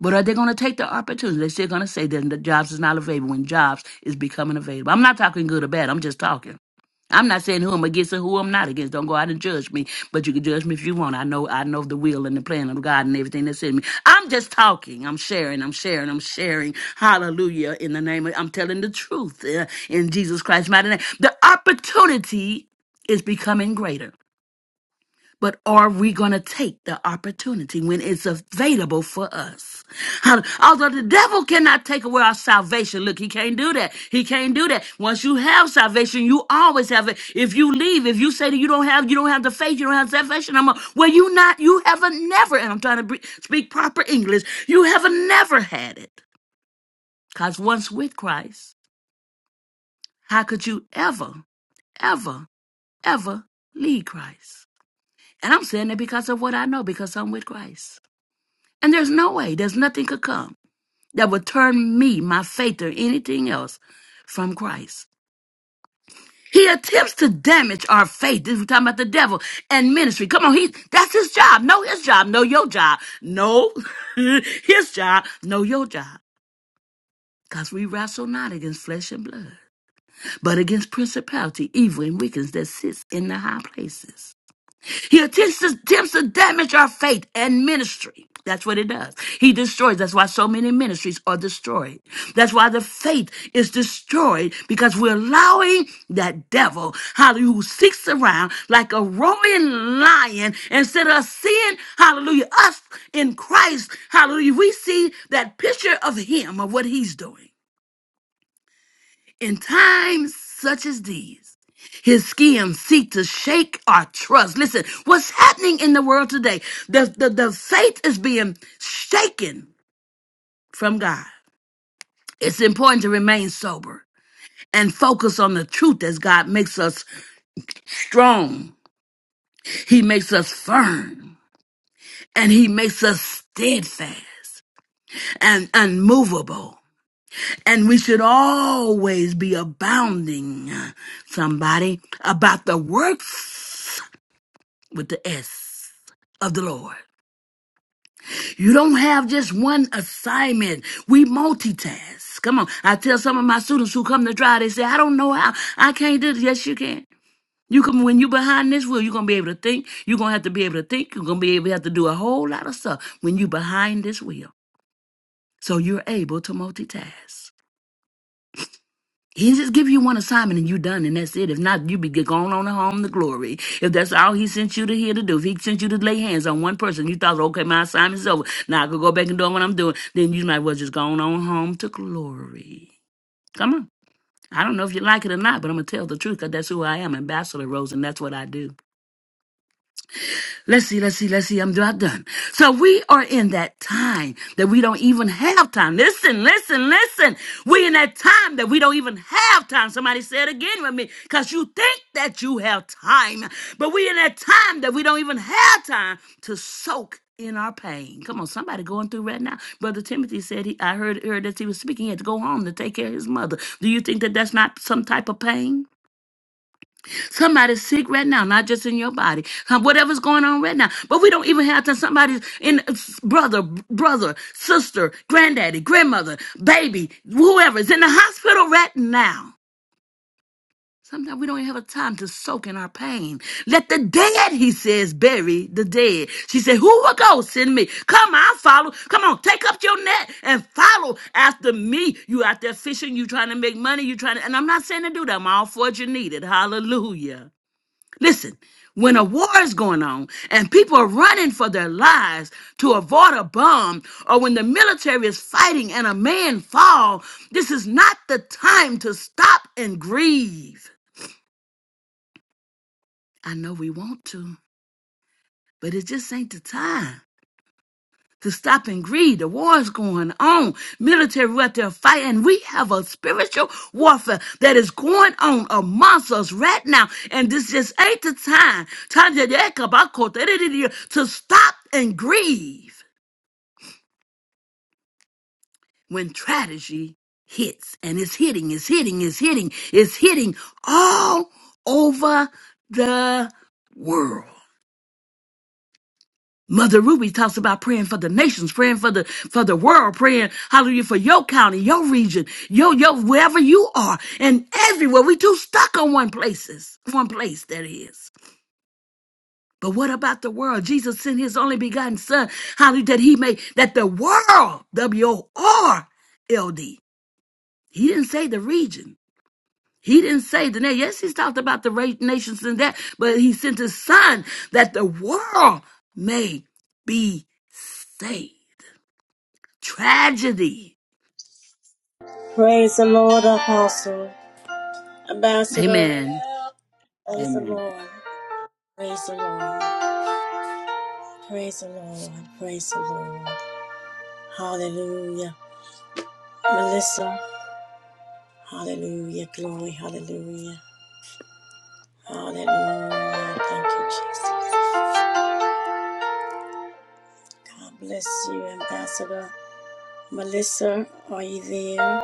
But are they going to take the opportunity? They're still going to say that the jobs is not available when jobs is becoming available. I'm not talking good or bad. I'm just talking. I'm not saying who I'm against and who I'm not against. Don't go out and judge me. But you can judge me if you want. I know I know the will and the plan of God and everything that's in me. I'm just talking. I'm sharing. I'm sharing. I'm sharing. Hallelujah. In the name of I'm telling the truth uh, in Jesus Christ's mighty name. The opportunity is becoming greater. But are we going to take the opportunity when it's available for us? How- Although the devil cannot take away our salvation. Look, he can't do that. He can't do that. Once you have salvation, you always have it. If you leave, if you say that you don't have, you don't have the faith, you don't have salvation, I'm a, well, you not, you haven't never, and I'm trying to bre- speak proper English, you haven't never had it. Because once with Christ, how could you ever, ever, ever leave Christ? And I'm saying that because of what I know, because I'm with Christ. And there's no way, there's nothing could come that would turn me, my faith, or anything else from Christ. He attempts to damage our faith. This is talking about the devil and ministry. Come on, he that's his job. Know his job. Know your job. Know his job. Know your job. Because we wrestle not against flesh and blood, but against principality, evil, and wickedness that sits in the high places. He attempts to, attempts to damage our faith and ministry. That's what it does. He destroys. That's why so many ministries are destroyed. That's why the faith is destroyed because we're allowing that devil, hallelujah, who seeks around like a roaring lion instead of seeing, hallelujah, us in Christ, hallelujah. We see that picture of him, of what he's doing. In times such as these, his schemes seek to shake our trust. Listen, what's happening in the world today? The, the, the faith is being shaken from God. It's important to remain sober and focus on the truth as God makes us strong. He makes us firm and he makes us steadfast and unmovable. And we should always be abounding, somebody, about the works with the S of the Lord. You don't have just one assignment. We multitask. Come on. I tell some of my students who come to try, they say, I don't know how. I can't do this. Yes, you can. You can when you behind this wheel, you're gonna be able to think. You're gonna have to be able to think. You're gonna be able to have to do a whole lot of stuff when you behind this wheel. So you're able to multitask. He just give you one assignment and you done, and that's it. If not, you be going on home to glory. If that's all he sent you to here to do, if he sent you to lay hands on one person, you thought, okay, my assignment's over. Now I could go back and do what I'm doing. Then you might well just go on home to glory. Come on. I don't know if you like it or not, but I'm going to tell the truth because that's who I am, Ambassador Rose, and that's what I do. Let's see, let's see, let's see. I'm not done. So we are in that time that we don't even have time. Listen, listen, listen. we in that time that we don't even have time. Somebody say it again with me. Because you think that you have time, but we in that time that we don't even have time to soak in our pain. Come on, somebody going through right now. Brother Timothy said he I heard, heard that he was speaking. He had to go home to take care of his mother. Do you think that that's not some type of pain? Somebody's sick right now, not just in your body. Uh, Whatever's going on right now. But we don't even have to somebody's in uh, s- brother, b- brother, sister, granddaddy, grandmother, baby, whoever's in the hospital right now. Sometimes we don't even have a time to soak in our pain. Let the dead, he says, bury the dead. She said, Who will go? Send me. Come, I'll follow. Come on, take up your net and follow after me. You out there fishing, you trying to make money, you trying to, and I'm not saying to do that. I'm all for what you needed. Hallelujah. Listen, when a war is going on and people are running for their lives to avoid a bomb, or when the military is fighting and a man fall, this is not the time to stop and grieve. I know we want to, but it just ain't the time. to stop and greed. The war is going on. Military out there fighting. We have a spiritual warfare that is going on amongst us right now. And this just ain't the time to stop and grieve when tragedy hits. And it's hitting, it's hitting, it's hitting, it's hitting all over the world. Mother Ruby talks about praying for the nations, praying for the for the world, praying hallelujah for your county, your region, your your wherever you are, and everywhere. We too stuck on one places, one place that is. But what about the world? Jesus sent His only begotten Son, hallelujah, that He may that the world, W O R L D. He didn't say the region. He didn't say the name. Yes, he's talked about the ra- nations and that, but he sent his son that the world may be saved. tragedy.
Praise the Lord, Apostle, Ambassador.
Amen.
Praise the
Amen.
Lord. Praise the Lord. Praise the Lord. Praise the Lord. Hallelujah. Melissa. Hallelujah. Glory. Hallelujah. Hallelujah. Thank you, Jesus. God bless you, Ambassador. Melissa, are you there?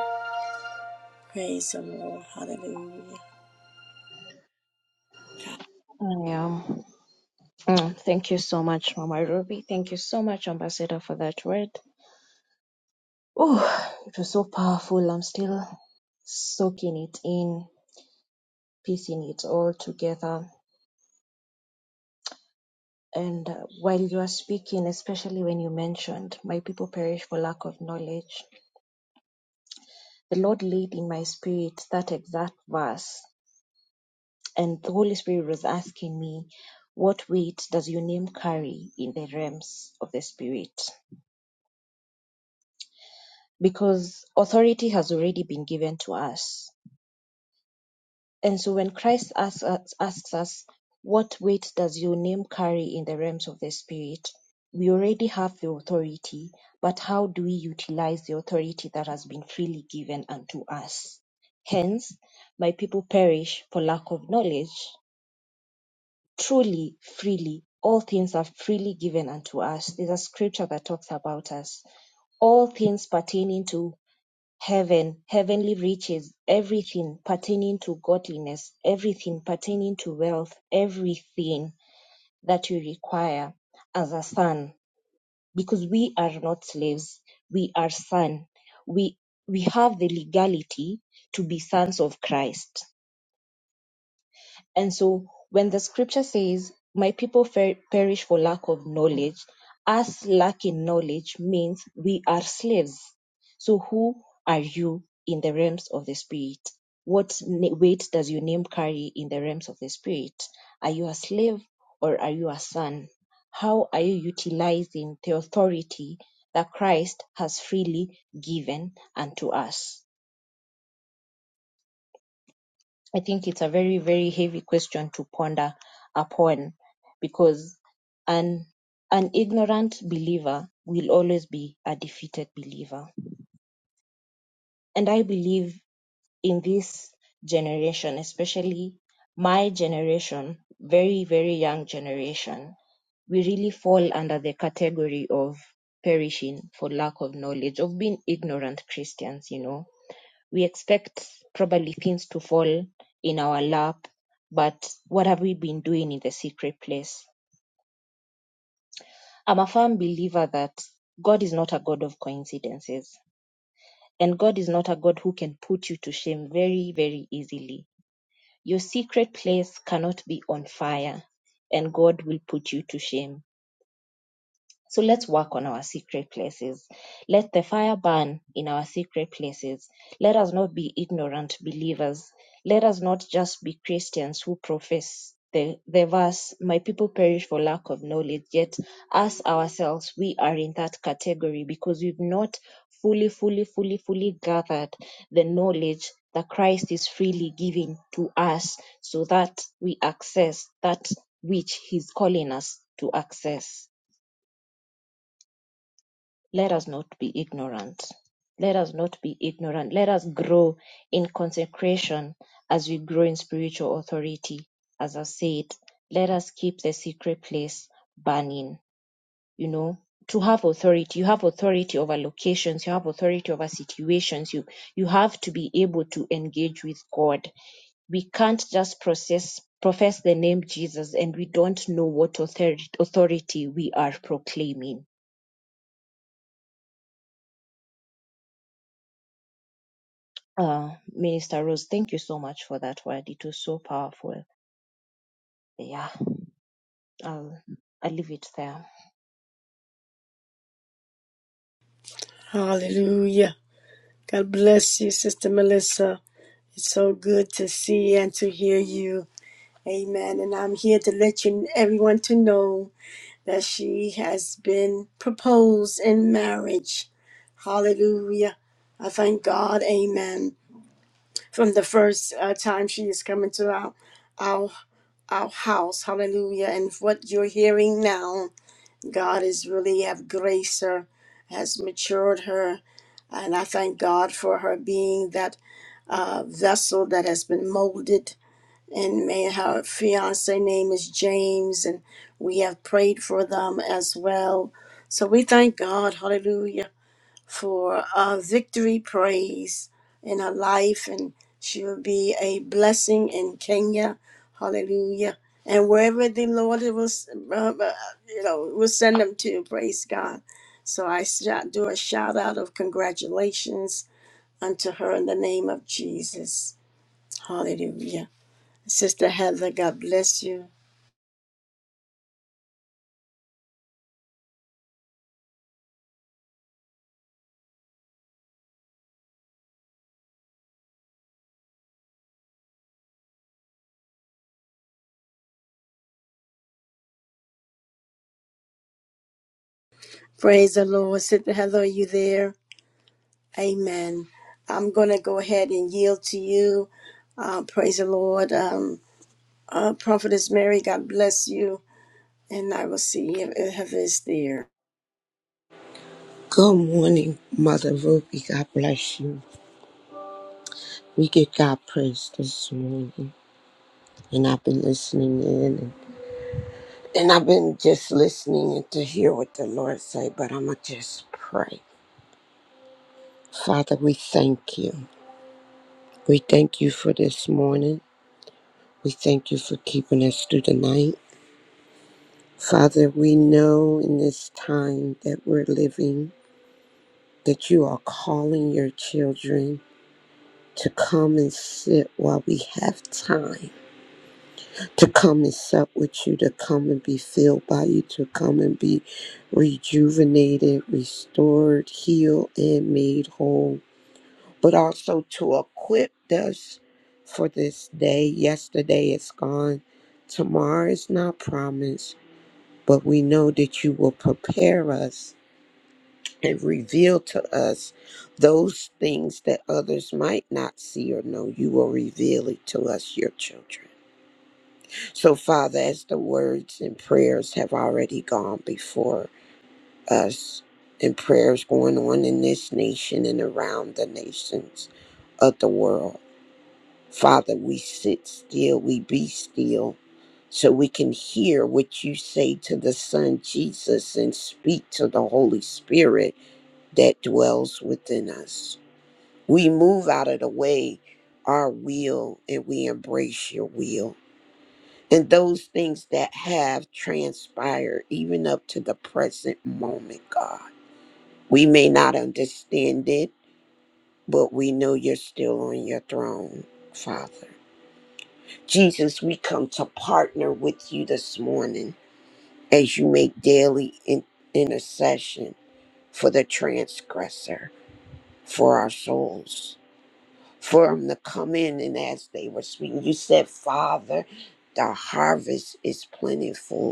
Praise the Lord. Hallelujah.
I am. Mm, thank you so much, Mama Ruby. Thank you so much, Ambassador, for that word. Oh, it was so powerful. I'm still soaking it in, piecing it all together. And uh, while you are speaking, especially when you mentioned, My people perish for lack of knowledge, the Lord laid in my spirit that exact verse. And the Holy Spirit was asking me, What weight does your name carry in the realms of the Spirit? because authority has already been given to us. And so when Christ asks us, asks us, What weight does your name carry in the realms of the Spirit? We already have the authority, but how do we utilize the authority that has been freely given unto us? Hence, my people perish for lack of knowledge. Truly, freely, all things are freely given unto us. There's a scripture that talks about us. All things pertaining to Heaven, heavenly riches, everything pertaining to godliness, everything pertaining to wealth, everything that you require as a son. Because we are not slaves, we are sons. We we have the legality to be sons of Christ. And so when the scripture says, My people fer- perish for lack of knowledge, us lacking knowledge means we are slaves. So who are you in the realms of the spirit? What na- weight does your name carry in the realms of the spirit? Are you a slave or are you a son? How are you utilizing the authority that Christ has freely given unto us? I think it's a very, very heavy question to ponder upon because an an ignorant believer will always be a defeated believer. And I believe in this generation, especially my generation, very, very young generation, we really fall under the category of perishing for lack of knowledge, of being ignorant Christians, you know we expect probably things to fall in our lap, but what have we been doing in the secret place? I'm a firm believer that God is not a God of coincidences, and God is not a God who can put you to shame very, very easily. Your secret place cannot be on fire, and God will put you to shame. So let's work on our secret places. Let the fire burn in our secret places. Let us not be ignorant believers. Let us not just be Christians who profess the, the verse, My people perish for lack of knowledge. Yet, us ourselves, we are in that category because we've not fully, fully, fully, fully gathered the knowledge that Christ is freely giving to us so that we access that which He's calling us to access. Let us not be ignorant. Let us not be ignorant. Let us grow in consecration as we grow in spiritual authority. As I said, let us keep the secret place burning. You know, to have authority, you have authority over locations, you have authority over situations. You you have to be able to engage with God. We can't just process profess the name Jesus and we don't know what authority, authority we are proclaiming Uh, Minister Rose, thank you so much for that word. It was so powerful. Yeah, I'll I'll leave it there.
Hallelujah. God bless you, Sister Melissa. It's so good to see and to hear you. Amen. And I'm here to let you everyone to know. that she has been proposed in marriage. Hallelujah. I thank God. Amen. From the first uh, time she is coming to our, our our house. Hallelujah. And what you're hearing now, God has really have graced her, has matured her. And I thank God for her being that uh, vessel that has been molded and may her fiance name is James, and we have prayed for them as well. So we thank God, hallelujah, for uh, victory praise in her life, and she will be a blessing in Kenya, hallelujah, and wherever the Lord will, uh, uh, you know, will send them to, praise God. So I shout- do a shout out of congratulations unto her in the name of Jesus, hallelujah. Sister Heather, God bless you. Praise the Lord. Sister Heather, are you there? Amen. I'm going to go ahead and yield to you. Uh, praise the Lord. Um, uh, Prophetess Mary, God bless you. And I will see if if Heather is there.
Good morning, Mother Ruby. God bless you. We give God praise this morning. And I've been listening in and, and I've been just listening in to hear what the Lord say, but I'ma just pray. Father, we thank you. We thank you for this morning. We thank you for keeping us through the night. Father, we know in this time that we're living that you are calling your children to come and sit while we have time to come and sup with you, to come and be filled by you, to come and be rejuvenated, restored, healed, and made whole, but also to equip us for this day. Yesterday is gone, tomorrow is not promised, but we know that you will prepare us and reveal to us those things that others might not see or know. You will reveal it to us, your children. So, Father, as the words and prayers have already gone before us, and prayers going on in this nation and around the nations of the world, Father, we sit still, we be still, so we can hear what you say to the Son Jesus and speak to the Holy Spirit that dwells within us. We move out of the way our will and we embrace your will and those things that have transpired even up to the present moment, God. We may not understand it, but we know you're still on your throne, Father. Jesus, we come to partner with you this morning as you make daily in- intercession for the transgressor, for our souls, for them to come in and as they were speaking, you said, Father, the harvest is plentiful,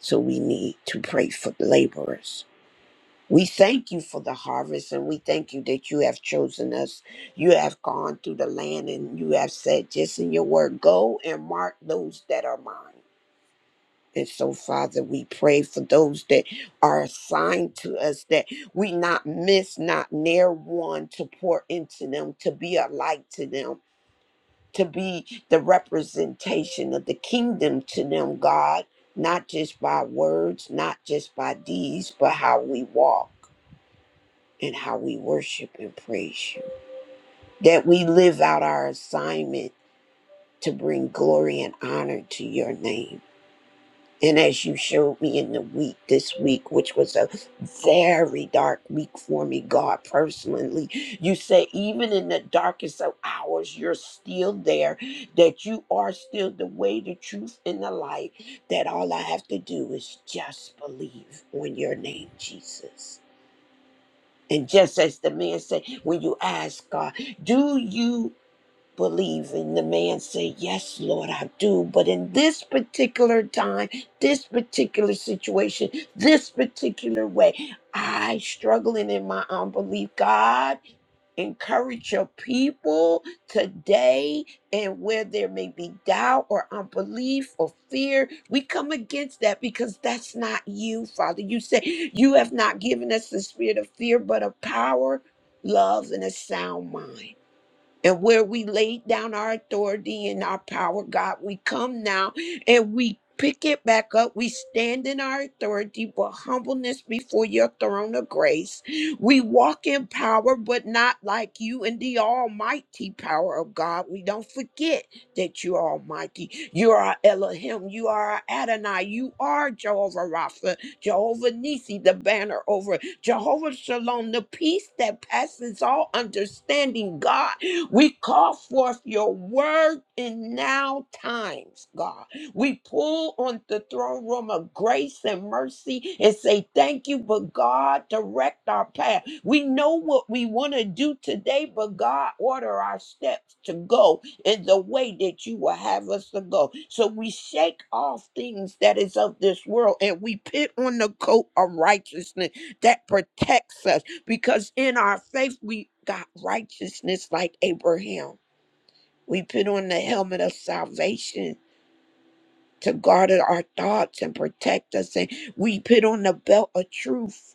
So we need to pray for the laborers. We thank you for the harvest and we thank you that you have chosen us. You have gone through the land and you have said just in your word, go and mark those that are mine. And so, Father, we pray for those that are assigned to us that we not miss, not near one to pour into them, to be a light to them to be the representation of the kingdom to them, God, not just by words, not just by deeds, but how we walk and how we worship and praise you. That we live out our assignment to bring glory and honor to your name. And as you showed me in the week, this week, which was a very dark week for me, God, personally, you say, even in the darkest of hours, you're still there, that you are still the way, the truth, and the light, that all I have to do is just believe on your name, Jesus. And just as the man said, when you ask God, do you believe and the man say yes lord i do but in this particular time this particular situation this particular way i struggling in my unbelief god encourage your people today and where there may be doubt or unbelief or fear we come against that because that's not you father you say you have not given us the spirit of fear but of power love and a sound mind and where we laid down our authority and our power, God, we come now and we pick it back up. We stand in our authority, but humbleness before your throne of grace. We walk in power, but not like you in the almighty power of God. We don't forget that you are almighty. You are Elohim. You are Adonai. You are Jehovah Rapha, Jehovah Nisi, the banner over Jehovah Shalom, the peace that passes all understanding, God. We call forth your word in now times, God. We pull on the throne room of grace and mercy and say, Thank you, but God, direct our path. We know what we want to do today, but God, order our steps to go in the way that you will have us to go. So we shake off things that is of this world and we put on the coat of righteousness that protects us because in our faith we got righteousness like Abraham. We put on the helmet of salvation to guard our thoughts and protect us, and we put on the belt of truth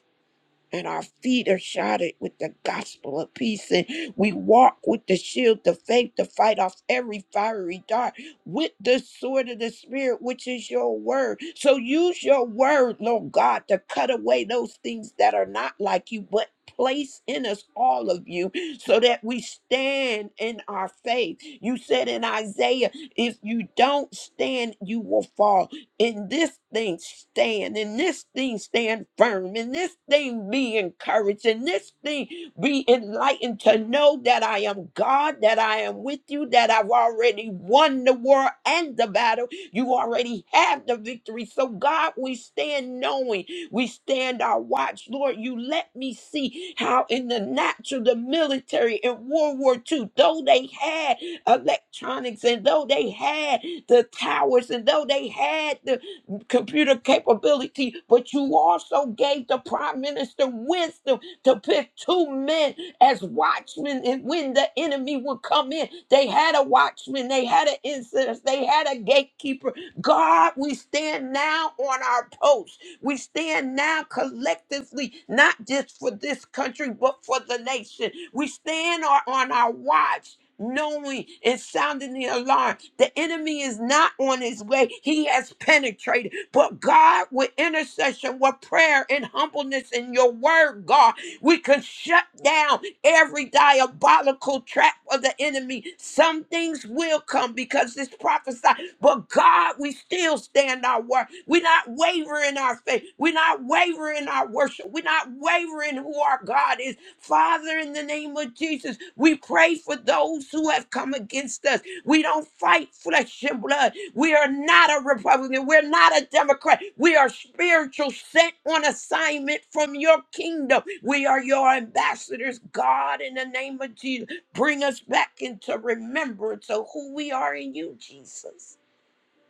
and our feet are shodded with the gospel of peace. And we walk with the shield of faith to fight off every fiery dart with the sword of the Spirit, which is your word. So use your word, Lord God, to cut away those things that are not like you, but place in us all of you so that we stand in our faith. You said in Isaiah, if you don't stand, you will fall in this thing stand, in this thing stand firm, in this thing be encouraged, in this thing be enlightened to know that I am God, that I am with you, that I've already won the war and the battle. You already have the victory. So, God, we stand knowing. We stand our watch. Lord, you let me see how in the natural, the military in World War II, though they had electronics and though they had the towers and though they had the computer capability, but you also gave the prime minister wisdom to pick two men as watchmen. And when the enemy would come in, they had a watchman, they had an incident, they had a gatekeeper. God, we stand now on our post. We stand now collectively, not just for this country, but for the nation. We stand on on our watch. Knowing and sounding the alarm. The enemy is not on his way. He has penetrated. But God, with intercession, with prayer and humbleness in your word, God, we can shut down every diabolical trap of the enemy. Some things will come because it's prophesied. But God, we still stand our word. We're not wavering in our faith. We're not wavering in our worship. We're not wavering who our God is. Father, in the name of Jesus, we pray for those who have come against us. We don't fight flesh and blood. We are not a Republican. We're not a Democrat. We are spiritual, sent on assignment from your kingdom. We are your ambassadors, God, in the name of Jesus. Bring us back into remembrance of who we are in you, Jesus,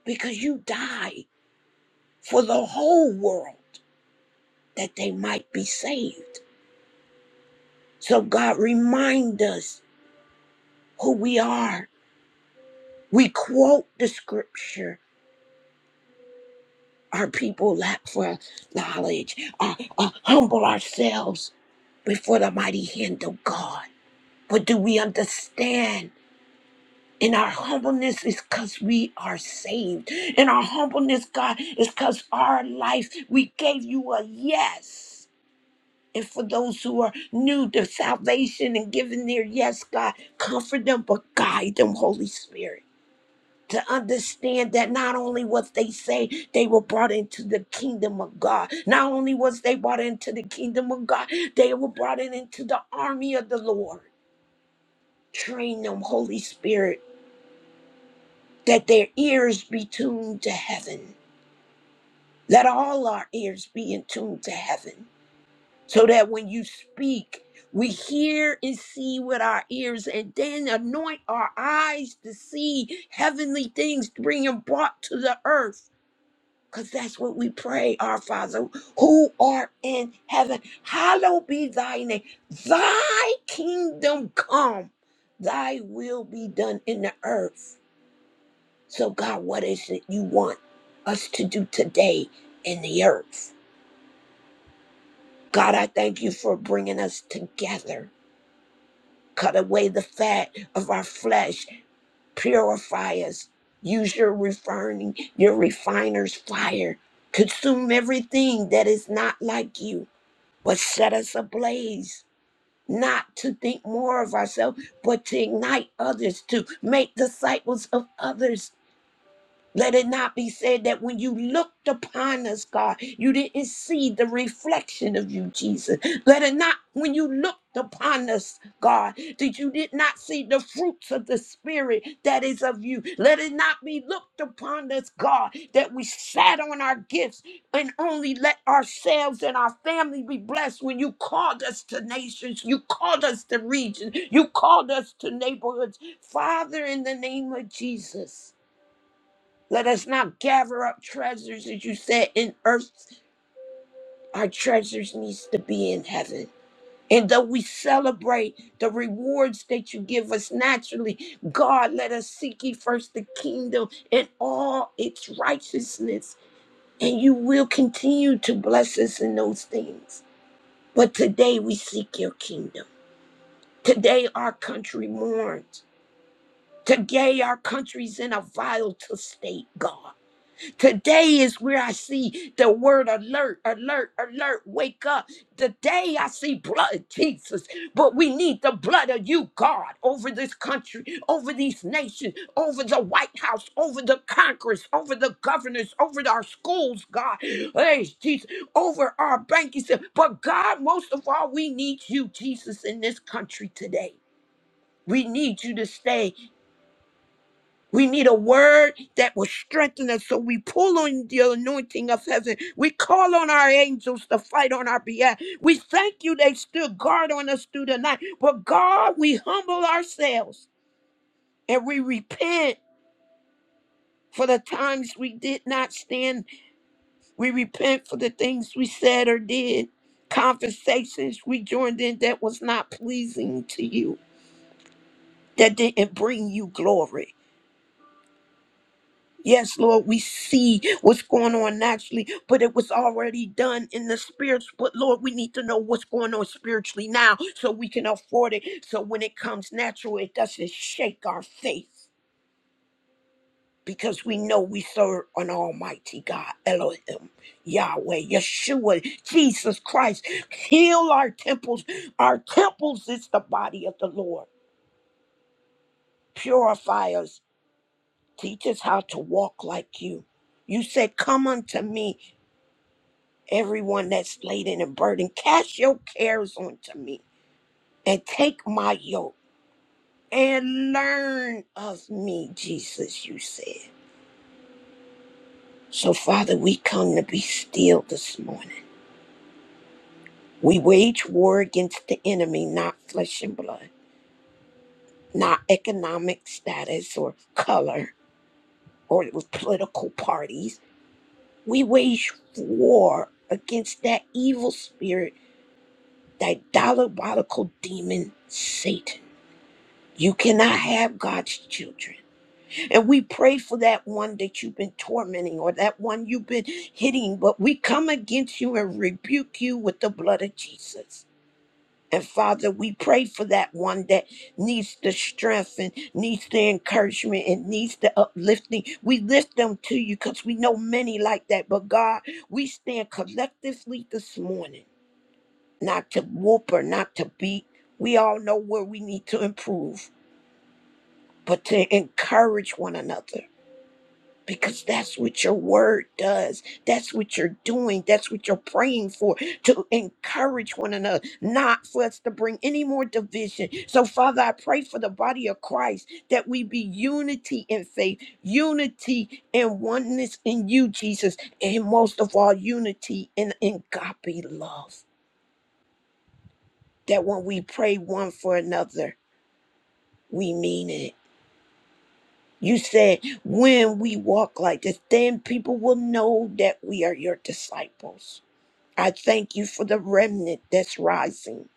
because you died for the whole world that they might be saved. So, God, remind us who we are. We quote the scripture our people lack for knowledge, uh, uh, humble ourselves before the mighty hand of God. But do we understand? In our humbleness is because we are saved. In our humbleness, God, is because our life, we gave you a yes. And for those who are new to salvation and giving their yes, God, comfort them, but guide them, Holy Spirit to understand that not only was they saved, they were brought into the kingdom of God. Not only was they brought into the kingdom of God, they were brought in into the army of the Lord. Train them, Holy Spirit, that their ears be tuned to heaven. Let all our ears be in tune to heaven, so that when you speak, we hear and see with our ears, and then anoint our eyes to see heavenly things being brought to the earth Because that's what we pray, our Father, who art in heaven. Hallowed be thy name. Thy kingdom come. Thy will be done in the earth. So, God, what is it you want us to do today in the earth? God, I thank you for bringing us together. Cut away the fat of our flesh. Purify us. Use your refining, your refiner's fire. Consume everything that is not like you. but set us ablaze not to think more of ourselves but to ignite others to make disciples of others let it not be said that when you looked upon us, God, you didn't see the reflection of you, Jesus. Let it not, when you looked upon us, God, that you did not see the fruits of the Spirit that is of you. Let it not be looked upon us, God, that we sat on our gifts and only let ourselves and our family be blessed when you called us to nations, you called us to regions, you called us to neighborhoods. Father, in the name of Jesus. Let us not gather up treasures, as you said, in earth. Our treasures needs to be in heaven. And though we celebrate the rewards that you give us naturally, God, let us seek ye first the kingdom and all its righteousness, and you will continue to bless us in those things. But today we seek your kingdom. Today our country mourns. Today our country's in a vital state, God. Today is where I see the word alert, alert, alert, wake up. Today I see blood, Jesus. But we need the blood of you, God, over this country, over these nations, over the White House, over the Congress, over the governors, over our schools, God. Hey, Jesus, over our banking system. But God, most of all, we need you, Jesus, in this country today. We need you to stay. We need a word that will strengthen us. So we pull on the anointing of heaven. We call on our angels to fight on our behalf. We thank you they stood guard on us through the night. But God, we humble ourselves and we repent for the times we did not stand. We repent for the things we said or did, conversations we joined in that was not pleasing to you, that didn't bring you glory. Yes, Lord, we see what's going on naturally, but it was already done in the spirits. But Lord, we need to know what's going on spiritually now so we can afford it. So when it comes natural, it doesn't shake our faith because we know we serve an almighty God, Elohim, Yahweh, Yeshua, Jesus Christ. Heal our temples. Our temples is the body of the Lord. Purify us. Teach us how to walk like you. You said, Come unto me. everyone that's laden and burdened. Cast your cares onto me and take my yoke and learn of me, Jesus, you said. So, Father, we come to be still this morning. We wage war against the enemy, not flesh and blood, not economic status or color or with political parties. We wage war against that evil spirit, that diabolical demon, Satan. You cannot have God's children. And we pray for that one that you've been tormenting or that one you've been hitting, but we come against you and rebuke you with the blood of Jesus. And Father, we pray for that one that needs the strength and needs the encouragement and needs the uplifting. We lift them to you because we know many like that. But God, we stand collectively this morning, not to whoop or not to beat. We all know where we need to improve but to encourage one another because that's what your word does. That's what you're doing. That's what you're praying for to encourage one another, not for us to bring any more division. So, Father, I pray for the body of Christ that we be unity in faith, unity and oneness in you, Jesus, and most of all, unity in agape love. That when we pray one for another, we mean it You said, when we walk like this, then people will know that we are your disciples. I thank you for the remnant that's rising.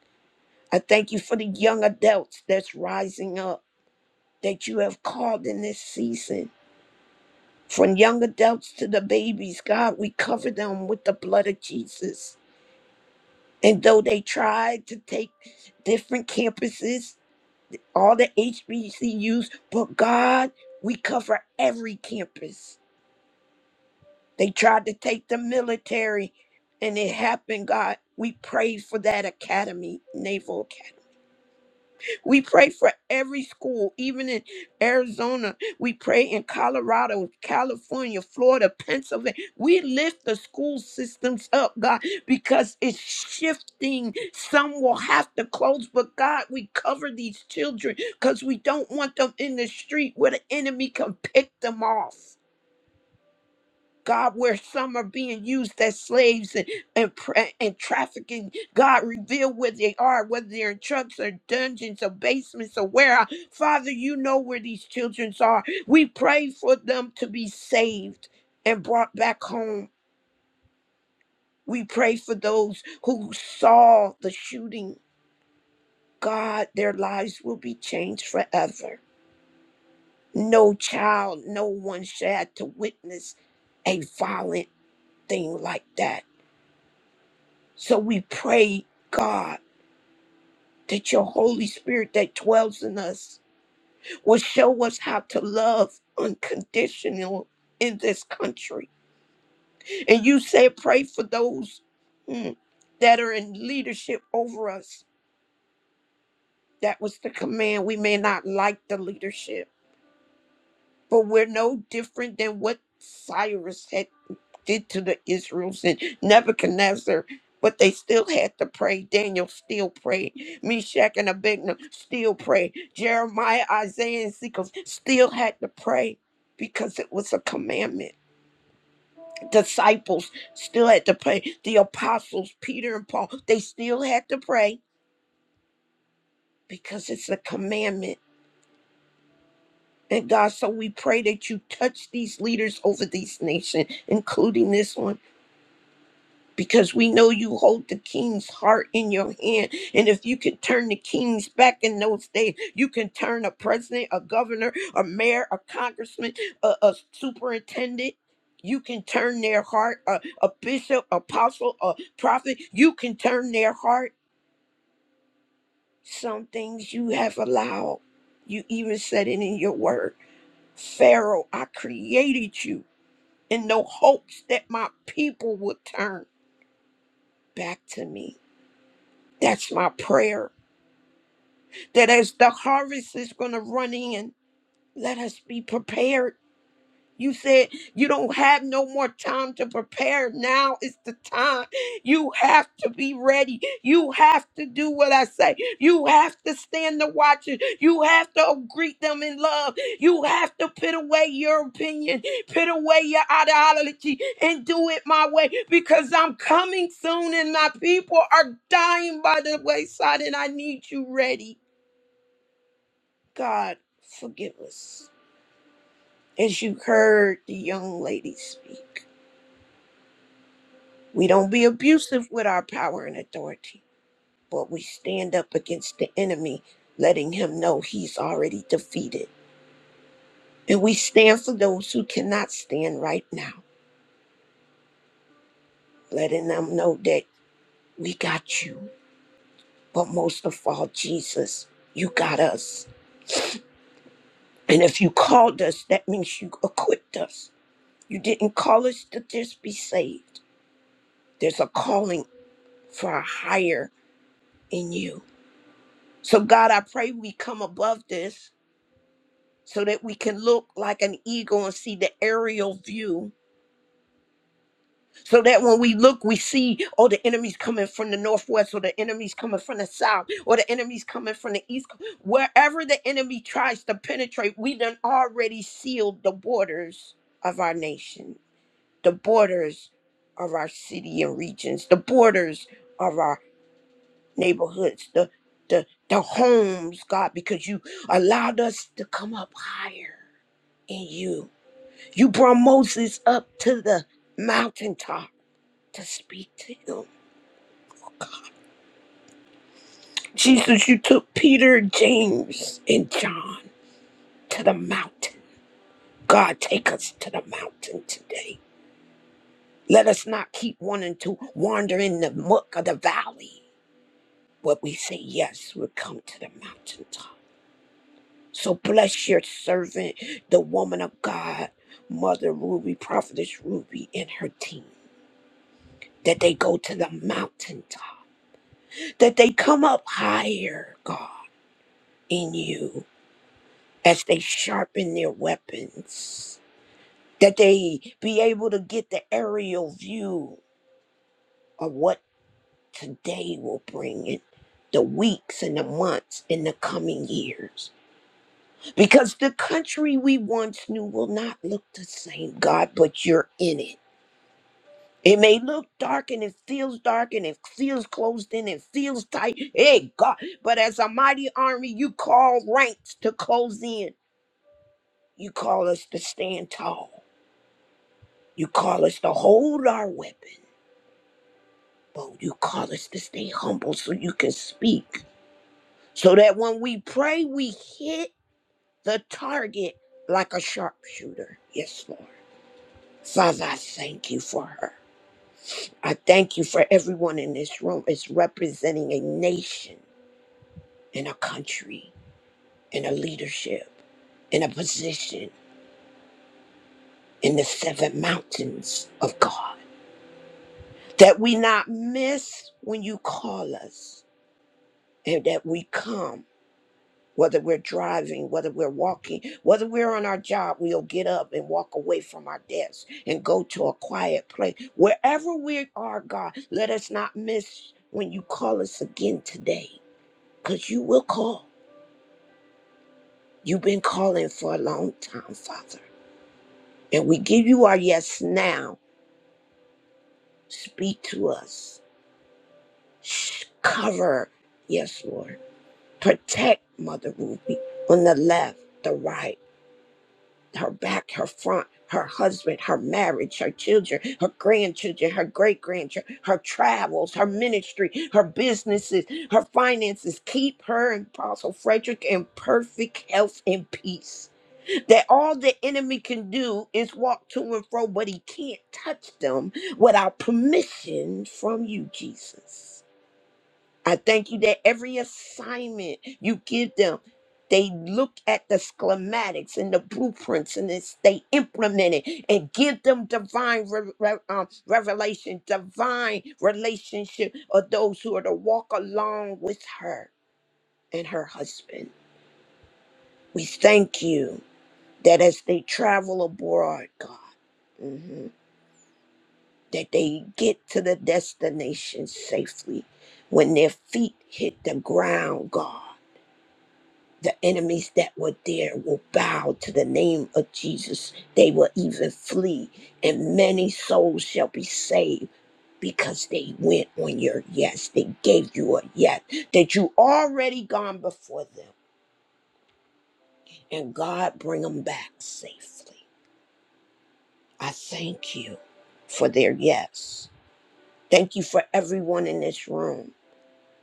I thank you for the young adults that's rising up that you have called in this season. From young adults to the babies, God, we cover them with the blood of Jesus. And though they tried to take different campuses, all the HBCUs, but God, we cover every campus They tried to take the military, and it happened, God. We pray for that academy, Naval Academy. We pray for every school, even in Arizona. We pray in Colorado, California, Florida, Pennsylvania. We lift the school systems up, God, because it's shifting. Some will have to close, but God, we cover these children because we don't want them in the street where the enemy can pick them off. God, where some are being used as slaves and and, pra- and trafficking. God, reveal where they are, whether they're in trucks or dungeons or basements or where. Father, you know where these children are. We pray for them to be saved and brought back home. We pray for those who saw the shooting. God, their lives will be changed forever. No child, no one shall have to witness a violent thing like that. So we pray, God, that your Holy Spirit that dwells in us will show us how to love unconditional in this country. And you said, pray for those mm, that are in leadership over us. That was the command. We may not like the leadership, but we're no different than what Cyrus had. did to the Israels and Nebuchadnezzar, but they still had to pray. Daniel still prayed. Meshach and Abednego still prayed. Jeremiah, Isaiah, and Ezekiel still had to pray because it was a commandment. Disciples still had to pray. The apostles, Peter and Paul, they still had to pray because it's a commandment. And God, so we pray that you touch these leaders over these nations, including this one. because we know you hold the king's heart in your hand. And if you can turn the kings back in those days, you can turn a president, a governor, a mayor, a congressman, a, a superintendent. You can turn their heart, a, a bishop, apostle, a prophet. You can turn their heart. Some things you have allowed. You even said it in your word. Pharaoh, I created you in no hopes that my people would turn back to me. That's my prayer. That as the harvest is going to run in, let us be prepared you said you don't have no more time to prepare. Now is the time. You have to be ready. You have to do what I say. You have to stand the watches. You have to greet them in love. You have to put away your opinion, put away your ideology, and do it my way because I'm coming soon and my people are dying by the wayside and I need you ready. God, forgive us. As you heard the young lady speak. We don't be abusive with our power and authority, but we stand up against the enemy, letting him know he's already defeated. And we stand for those who cannot stand right now, letting them know that we got you. But most of all, Jesus, you got us. And if you called us, that means you equipped us. You didn't call us to just be saved. There's a calling for a higher in you. So, God, I pray we come above this so that we can look like an eagle and see the aerial view. So that when we look, we see, oh, the enemy's coming from the northwest, or the enemy's coming from the south, or the enemy's coming from the east. Wherever the enemy tries to penetrate, we done already sealed the borders of our nation, the borders of our city and regions, the borders of our neighborhoods, the the the homes, God, because you allowed us to come up higher in you You brought Moses up to the mountaintop to speak to him. Jesus, you took Peter, James, and John to the mountain. God, take us to the mountain today. Let us not keep wanting to wander in the muck of the valley. But we say, yes, we'll come to the mountaintop. So bless your servant, the woman of God, Mother Ruby, Prophetess Ruby, and her team, that they go to the mountaintop that they come up higher, God, in you as they sharpen their weapons, that they be able to get the aerial view of what today will bring in the weeks and the months in the coming years. Because the country we once knew will not look the same, God, but you're in it. It may look dark and it feels dark and it feels closed in and feels tight. Hey, God. But as a mighty army, you call ranks to close in. You call us to stand tall. You call us to hold our weapon. But you call us to stay humble so you can speak. So that when we pray, we hit the target like a sharpshooter. Yes, Lord. Father, I thank you for her. I thank you for everyone in this room. It's representing a nation in a country, in a leadership, in a position in the seven mountains of God. That we not miss when you call us and that we come, whether we're driving, whether we're walking, whether we're on our job, we'll get up and walk away from our desk and go to a quiet place. Wherever we are, God, let us not miss when you call us again today because you will call. You've been calling for a long time, Father. And we give you our yes now. Speak to us. Shh, cover, yes, Lord. Protect Mother Ruby on the left, the right, her back, her front, her husband, her marriage, her children, her grandchildren, her great grandchildren, her travels, her ministry, her businesses, her finances. Keep her and Apostle Frederick in perfect health and peace. that all the enemy can do is walk to and fro, but he can't touch them without permission from you, Jesus. I thank you that every assignment you give them, they look at the schematics and the blueprints and it's, they implement it and give them divine re- re- um, revelation, divine relationship of those who are to walk along with her and her husband. We thank you that as they travel abroad, God. Mhm. that they get to the destination safely. When their feet hit the ground, God, the enemies that were there will bow to the name of Jesus. They will even flee, and many souls shall be saved. Because they went on your yes, they gave you a yes, that you already gone before them, and God bring them back safely. I thank you for their yes. Thank you for everyone in this room.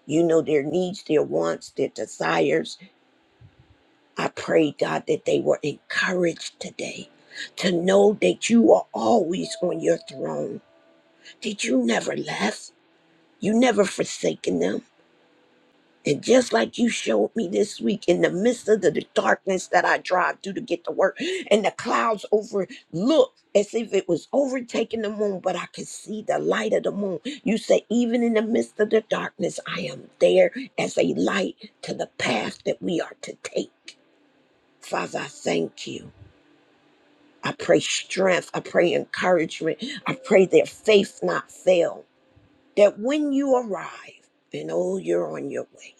You know their needs, their wants, their desires. I pray, God, that they were encouraged today to know that you are always on your throne, that you never left, you never forsaken them. And just like you showed me this week in the midst of the, the darkness that I drive through to get to work, and the clouds overlook as if it was overtaking the moon, but I could see the light of the moon. You say, even in the midst of the darkness, I am there as a light to the path that we are to take. Father, I thank you. I pray strength. I pray encouragement. I pray their faith not fail. That when you arrive, and oh, you're on your way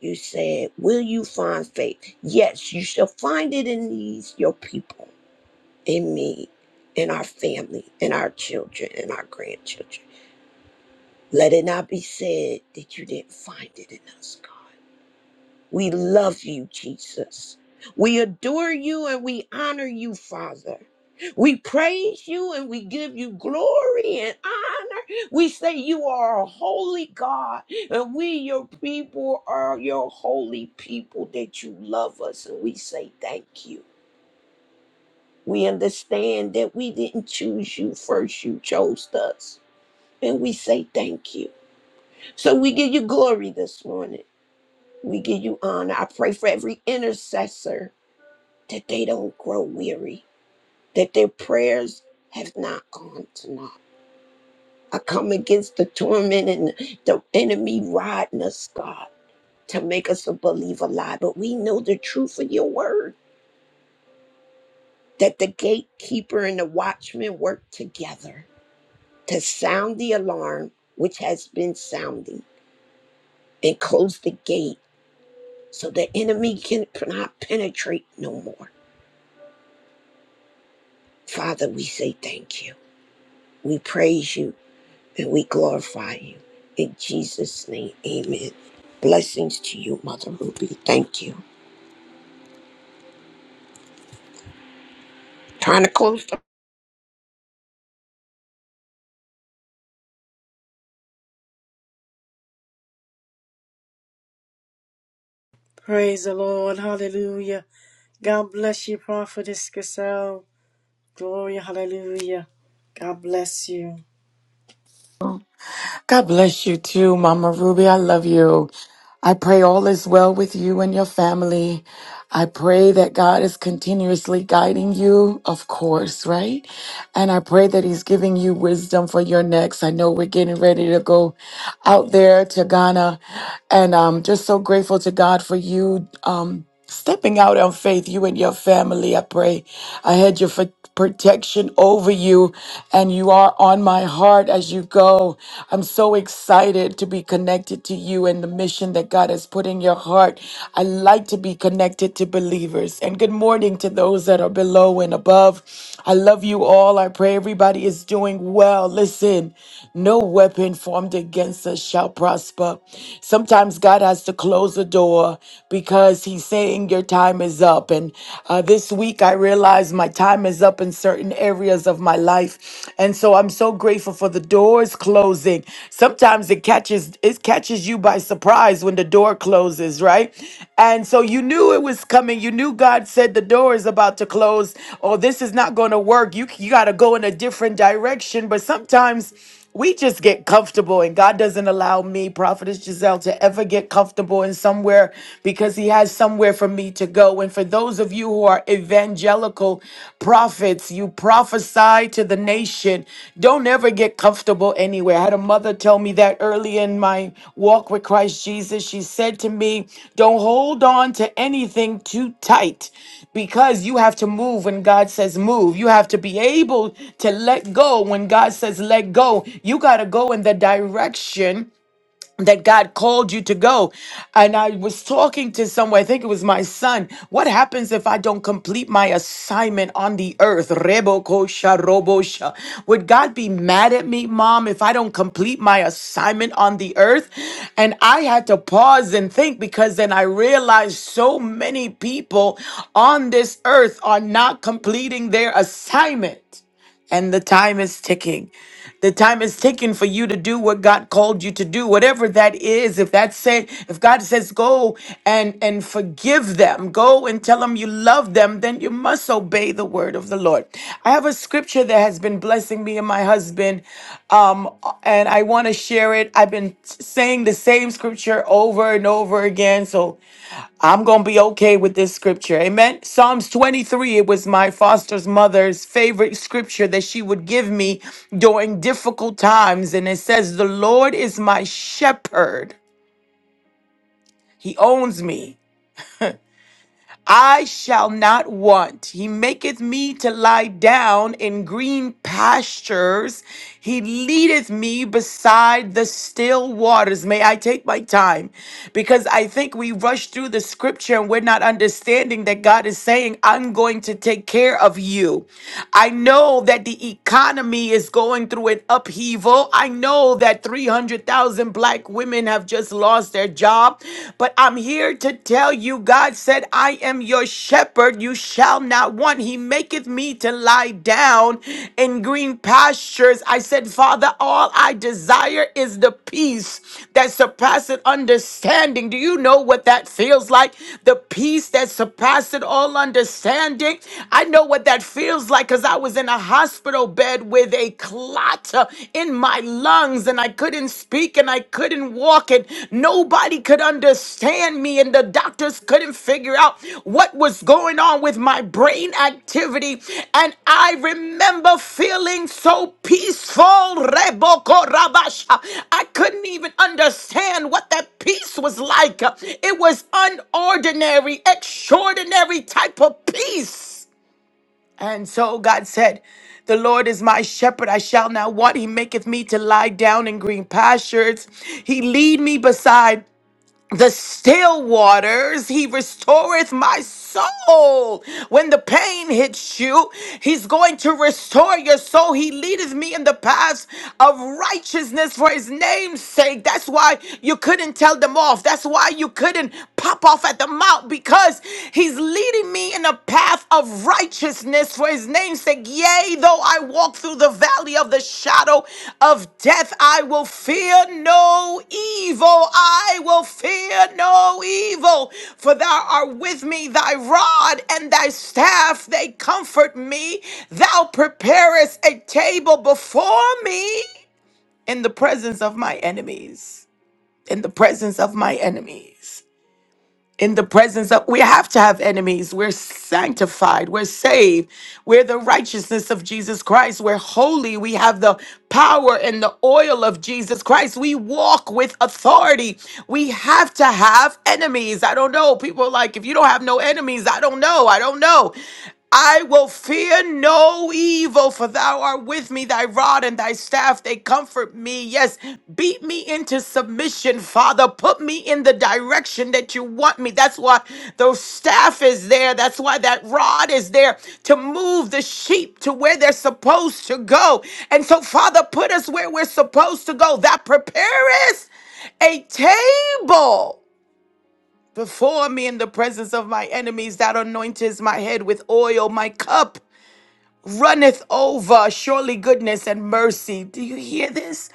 you said, Will you find faith? Yes, you shall find it in these, your people, in me, in our family, in our children, in our grandchildren. Let it not be said that you didn't find it in us, God. We love you, Jesus. We adore you and we honor you, Father. We praise you and we give you glory and honor. We say you are a holy God and we, your people, are your holy people that you love us and we say thank you. We understand that we didn't choose you first, you chose us. And we say thank you. So we give you glory this morning. We give you honor. I pray for every intercessor that they don't grow weary, that their prayers have not gone to naught. I come against the torment and the enemy riding us, God, to make us a believer lie. But we know the truth of your word that the gatekeeper and the watchman work together to sound the alarm, which has been sounding, and close the gate so the enemy cannot penetrate no more. Father, we say thank you. We praise you and we glorify you. In Jesus' name, amen. Blessings to you, Mother Ruby. Thank you. Trying to close. the
Praise the Lord. Hallelujah. God bless you, Prophetess Gazelle. Glory. Hallelujah. God bless you.
God bless you too, Mama Ruby. I love you. I pray all is well with you and your family. I pray that God is continuously guiding you, of course, right? And I pray that He's giving you wisdom for your next. I know we're getting ready to go out there to Ghana. And I'm just so grateful to God for you um, stepping out on faith, you and your family. I pray I had your fa- protection over you, and you are on my heart as you go. I'm so excited to be connected to you and the mission that God has put in your heart. I like to be connected to believers. And good morning to those those that are below and above. I love you all. I pray everybody is doing well. Listen, no weapon formed against us shall prosper. Sometimes God has to close the door because He's saying your time is up. And uh, this week I realized my time is up in certain areas of my life. And so I'm so grateful for the doors closing. Sometimes it catches catches it catches you by surprise when the door closes, right? And so you knew it was coming. You knew God said the door is about to close or this is not going to work. You you got to go in a different direction, but sometimes we just get comfortable and God doesn't allow me, Prophetess Giselle, to ever get comfortable in somewhere because He has somewhere for me to go. And for those of you who are evangelical, evangelical prophets. You prophesy to the nation. Don't ever get comfortable anywhere. I had a mother tell me that early in my walk with Christ Jesus. She said to me, Don't hold on to anything too tight because you have to move when God says move. You have to be able to let go when God says let go. You got to go in the direction that God called you to go. And I was talking to someone, I think it was my son. What happens if I don't complete my assignment on the earth? Rebo kosha robo sha. Would God be mad at me, mom, if I don't complete my assignment on the earth? And I had to pause and think because then I realized so many people on this earth are not completing their assignment. And the time is ticking. The time is ticking for you to do what God called you to do, whatever that is. If that's said, if God says go and and forgive them, go and tell them you love them, then you must obey the word of the Lord. I have a scripture that has been blessing me and my husband, um, and I want to share it. I've been saying the same scripture over and over again, so I'm going to be okay with this scripture. Amen. Psalms 23, it was my foster's mother's favorite scripture that she would give me during difficult times. And it says, The Lord is my shepherd, He owns me. I shall not want. He maketh me to lie down in green pastures. He leadeth me beside the still waters. May I take my time because I think we rush through the scripture and we're not understanding that God is saying, I'm going to take care of you. I know that the economy is going through an upheaval. I know that 300,000 black women have just just lost their job. But I'm here to tell you, God said, I am your shepherd. You shall not want. He maketh me to lie down in green pastures. I said, Father, all I desire is the peace that surpasses understanding. Do you know what that feels like? The peace that surpasses all understanding. I know what that feels like because I was in a hospital bed with a clot clot uh, in my lungs and I couldn't speak and I couldn't walk and nobody could understand me and the doctors couldn't figure out what was going on with my brain activity. And I remember feeling so peaceful. Reboko Rabasha. I couldn't even understand what that peace was like. It was unordinary, extraordinary type of peace. And so God said, The Lord is my shepherd, I shall not want. He maketh me to lie down in green pastures. He lead me beside the still waters. He restoreth my soul. When the pain hits you, he's going to restore your soul. He leadeth me in the paths of righteousness for his name's sake. That's why you couldn't tell them off. That's why you couldn't pop off at the mouth because he's leading me in a path of righteousness righteousness for his name's sake. Yea, though I walk through the valley of the shadow of death, I will fear no evil. I will fear no evil, for thou art with me, thy rod and thy staff, they comfort me. Thou preparest a table before me in the presence of my enemies. In the presence of my enemies in the presence of we have to have enemies we're sanctified we're saved we're the righteousness of jesus christ we're holy we have the power and the oil of jesus christ we walk with authority we have to have enemies i don't know people are like if you don't have no enemies i don't know i don't know I will fear no evil, for thou art with me, thy rod and thy staff, they comfort me. Yes, beat me into submission, Father. Put me in the direction that you want me. That's why the staff is there. That's why that rod is there to move the sheep to where they're supposed to go. And so, Father, put us where we're supposed to go. That prepareth a table before me in the presence of my enemies. That anointeth my head with oil, my cup runneth over. Surely goodness and mercy. Do you hear this?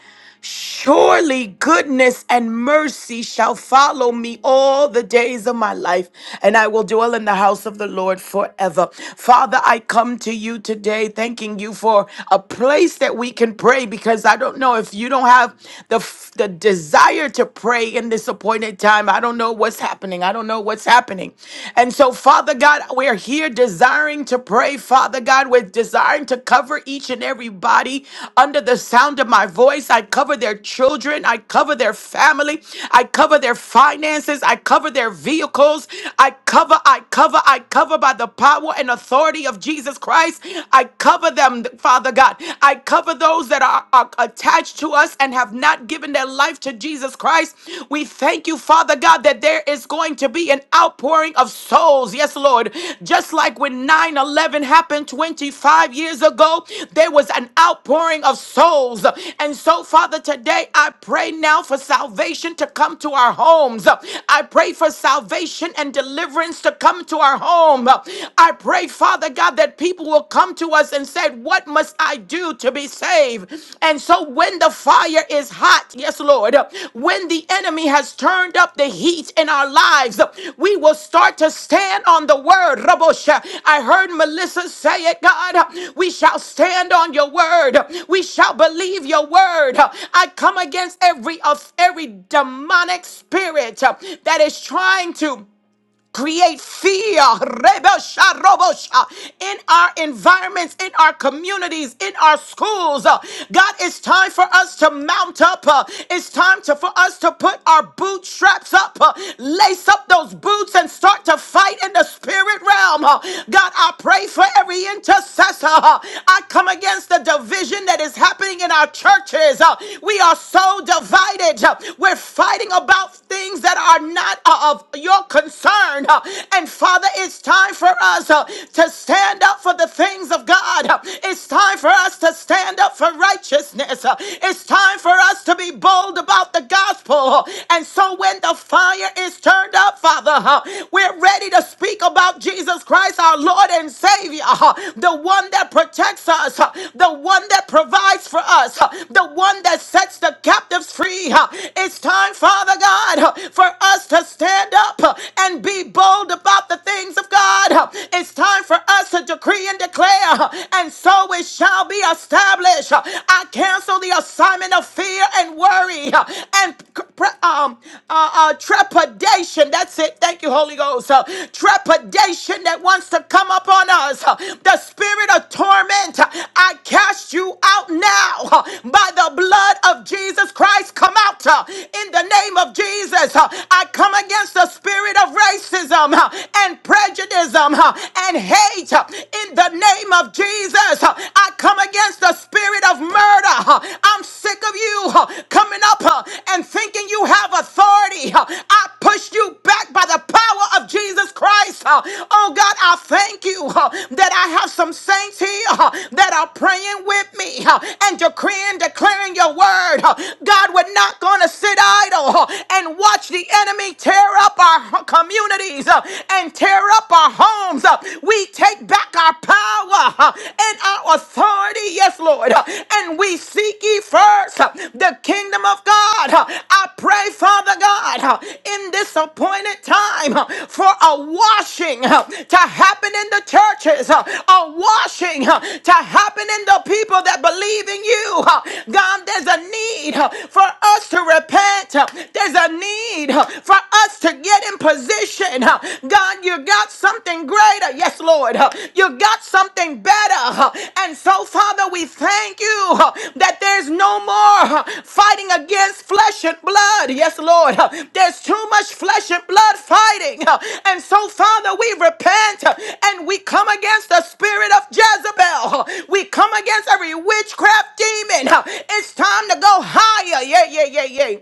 Surely goodness and mercy shall follow me all the days of my life, and I will dwell in the house of the Lord forever. Father, I come to you today thanking you for a place that we can pray because I don't know if you don't have the, f- the desire to pray in this appointed time. I don't know what's happening. I don't know what's happening. And so, Father God, we're here desiring desiring to pray, Father God. with are desiring to cover each and every body under the sound of my voice. I cover their children. I cover their family. I cover their finances. I cover their vehicles. I cover, I cover, I cover by the power and authority of Jesus Christ. I cover them, Father God. I cover those that are, are attached to us and have not given their life to Jesus Christ. We thank you, Father God, that there is going to be an outpouring of souls. Yes, Lord. Just like when 9 11 happened 25 years ago, there was an outpouring of souls. And so, Father, today I pray now for salvation to come to our homes. I pray for salvation and deliverance to come to our home. I pray, Father God, that people will come to us and say, What must I do to be saved? And so when the fire is hot, yes, Lord, when the enemy has turned up the heat in our lives, we will start to stand on the word. Rabosha. I heard Melissa say it, God. We shall stand on your word. We shall believe your word. I come against every of every demonic spirit that is trying to create fear rebosha, robosha, in our environments, in our communities, in our schools. Uh, God, it's time for us to mount up. Uh, It's time to, for us to put our bootstraps up, uh, lace up those boots, and start to fight in the spirit realm. Uh, God, I pray for every intercessor. Uh, I come against the division that is happening in our churches. Uh, We are so divided. Uh, We're fighting about things that are not uh, of your concerned. Uh, And Father, it's time for us uh, to stand up for the things of God. Uh, It's time for us to stand up for righteousness. Uh, It's time for us to be bold about the gospel. Uh, And so when the fire is turned up, Father, uh, we're ready to speak about Jesus Christ, our Lord and Savior, uh, the one that protects us, uh, the one that provides for us, uh, the one that sets the captives free. uh. It's time, Father God, uh, for us to stand stand up uh, and be bold about the things of God. Uh, It's time for us to decree and declare, uh, and so it shall be established. Uh, I cancel the assignment of fear and worry uh, and um, uh, uh, trepidation. That's it. Thank you, Holy Ghost. Uh, Trepidation that wants to come upon us. Uh, The spirit of torment, uh, I cast you out now uh, by the blood of Jesus Christ. Come out uh, in the name of Jesus. Uh, I I come against the spirit of racism uh, and prejudice um, uh, and hate uh, in the name of Jesus. Uh, I come against the spirit of murder. uh, I'm sick of you uh, coming up uh, and thinking you have authority. uh, I push you back by the power of Jesus Christ. uh, Oh God, I thank you uh, that I have some saints here uh, that are praying with me uh, and decreeing, declaring your word. uh, God, we're not going to sit idle uh, and Watch the enemy tear up our communities uh, and tear up our homes. uh. We take back our power uh, and our authority, yes, Lord. uh, And we seek ye first uh, the kingdom of God. uh. I pray, Father God, uh, in this appointed time uh, for a washing uh, to happen in the churches, uh, a washing uh, to happen in the people that believe in you. uh. God, there's a need uh, for us to repent. uh, there's a need uh, for us to get in position. uh, God, you got something greater. Yes, Lord. uh, You got something better. uh, And so, Father, we thank you uh, that there's no more uh, fighting against flesh and blood. Yes, Lord. uh, There's too much flesh and blood fighting. uh, And so, Father, we repent uh, and we come against the spirit of Jezebel. uh, We come against every witchcraft demon. uh, It's time to go higher. Yeah, yeah, yeah, yeah.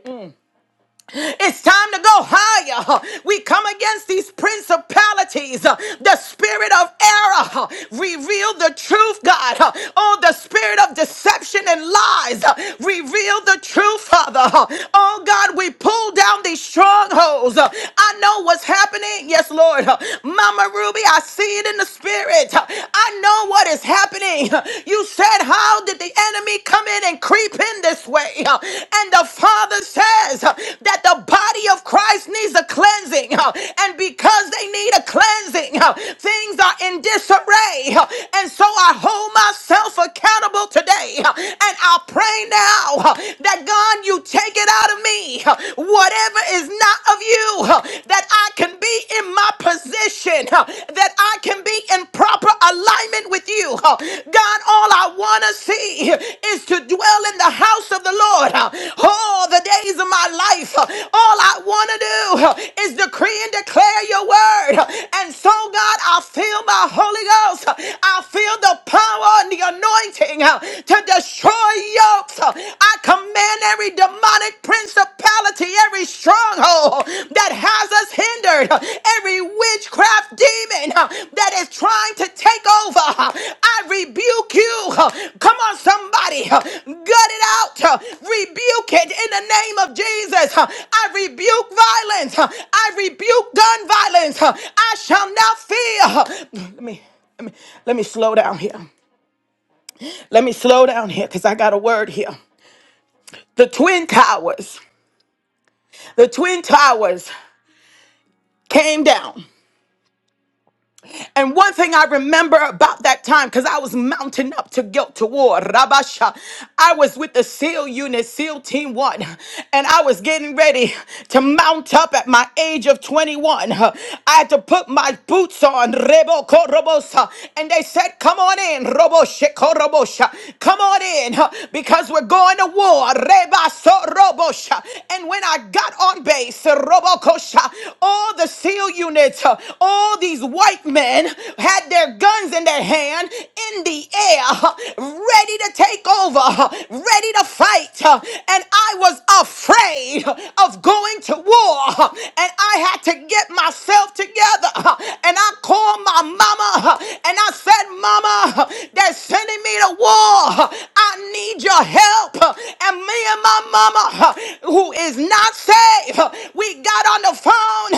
It's time to go higher. We come against these principalities, uh, the spirit of error. uh, Reveal the truth, God. uh, Oh, the spirit of deception and lies. uh, Reveal the truth, Father. uh, Oh, God, we pull down these strongholds. uh, I know what's happening. Yes, Lord. uh, Mama Ruby, I see it in the spirit. uh, I know what is happening. uh, You said, How did the enemy come in and creep in this way? uh, And the Father says uh, that that the body of Christ needs a cleansing. huh, And because they need a cleansing, huh, things are in disarray. huh, And so I hold myself accountable today. huh, And I pray now huh, that God, you take it out of me. huh, Whatever is not of you, huh, that I can be in my position, huh, that I can be in proper alignment with you, you. huh? God, all I want to see is to dwell in the house of the Lord all the days of my life. huh? All I want to do huh, is decree and declare your word. huh? And so, God, I feel my Holy Ghost. huh? I feel the power and the anointing huh, to destroy yokes. huh? I command every demonic principality, every stronghold stronghold that has us hindered, every witchcraft demon uh, that is trying to take over, uh, I rebuke you. Come on, somebody, uh, gut it out, uh, rebuke it in the name of Jesus. Uh, I rebuke violence, uh, I rebuke gun violence. uh, I shall not fear. Uh, Let me, let me, let me slow down here. Let me slow down here because I got a word here. The Twin Towers, the Twin Towers came down. And one thing I remember about that time, because I was mounting up to guilt to war, Rabasha, I was with the SEAL unit, SEAL Team One, and I was getting ready to mount up at my age of 21. I had to put my boots on, Rebo Korobosa, and they said, Come on in, Robo Shekorobosha, come on in, because we're going to war, Reba Sorobosha. And when I got on base, Robo Kosha, all the SEAL units, all these white men had their guns in their hand in the air, ready to take over, ready to fight. And I was afraid of going to war. And I had to get myself together. And I called my mama and I said, Mama, they're sending me to war. I need your help. And me and my mama, who is not saved, we got on the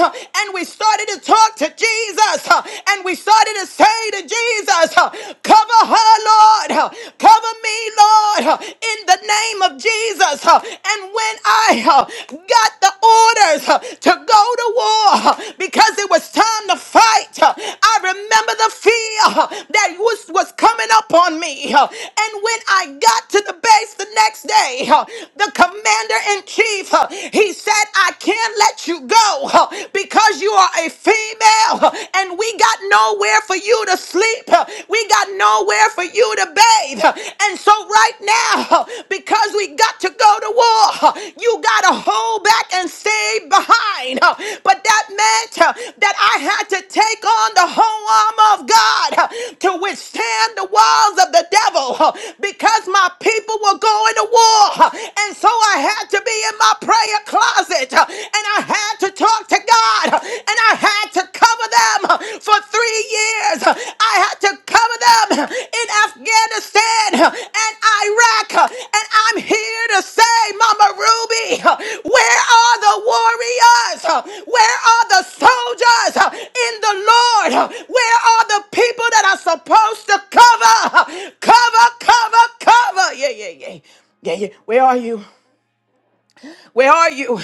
phone uh, and we started to talk to Jesus uh, and we started to say to Jesus, uh, cover her, Lord, uh, cover me, Lord, uh, in the name of Jesus. uh, And when I uh, got the orders uh, to go to war uh, because it was time to fight, uh, I remember the fear uh, that was, was coming up on me. uh, And when I got to the base the next day, uh, the commander in chief, uh, he said, I cannot man let you go huh, because you are a female huh, and we got nowhere for you to sleep. huh, We got nowhere for you to bathe. huh, And so right now, huh, because we got to go to war, huh, you got to hold back and stay behind. huh. But that meant huh, that I had to take on the whole armor of God huh, to withstand the walls of the devil huh, because my people were going to war. huh, And so I had to be in my prayer closet uh, and I had to talk to God uh, and I had to cover them uh, for three years. Uh, I had to cover them uh, in Afghanistan uh, and Iraq. uh, And I'm here to say, Mama Ruby, uh, where are the warriors? Uh, Where are the soldiers uh, in the Lord? Uh, Where are the people that are supposed to cover? Uh, Cover, cover, cover. Yeah, yeah, yeah. Yeah, yeah. Where are you? Where are you?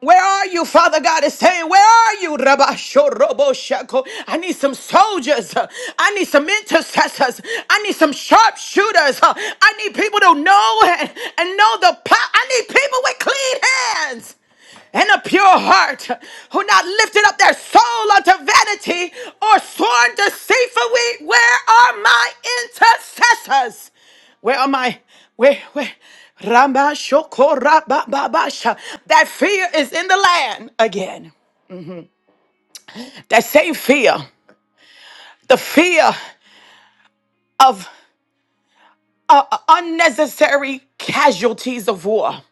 Where are you, Father God is saying, Where are you, Rabba Shorobo Shako? I need some soldiers. I need some intercessors. I need some sharpshooters. I need people to know and, and know the power. I need people with clean hands and a pure heart who not lifted up their soul unto vanity or sworn deceitfully. Where are my intercessors? Where am I? Where, where? Ramba shoko raba babasha. That fear is in the land again. That same fear, the fear of uh, unnecessary casualties of war.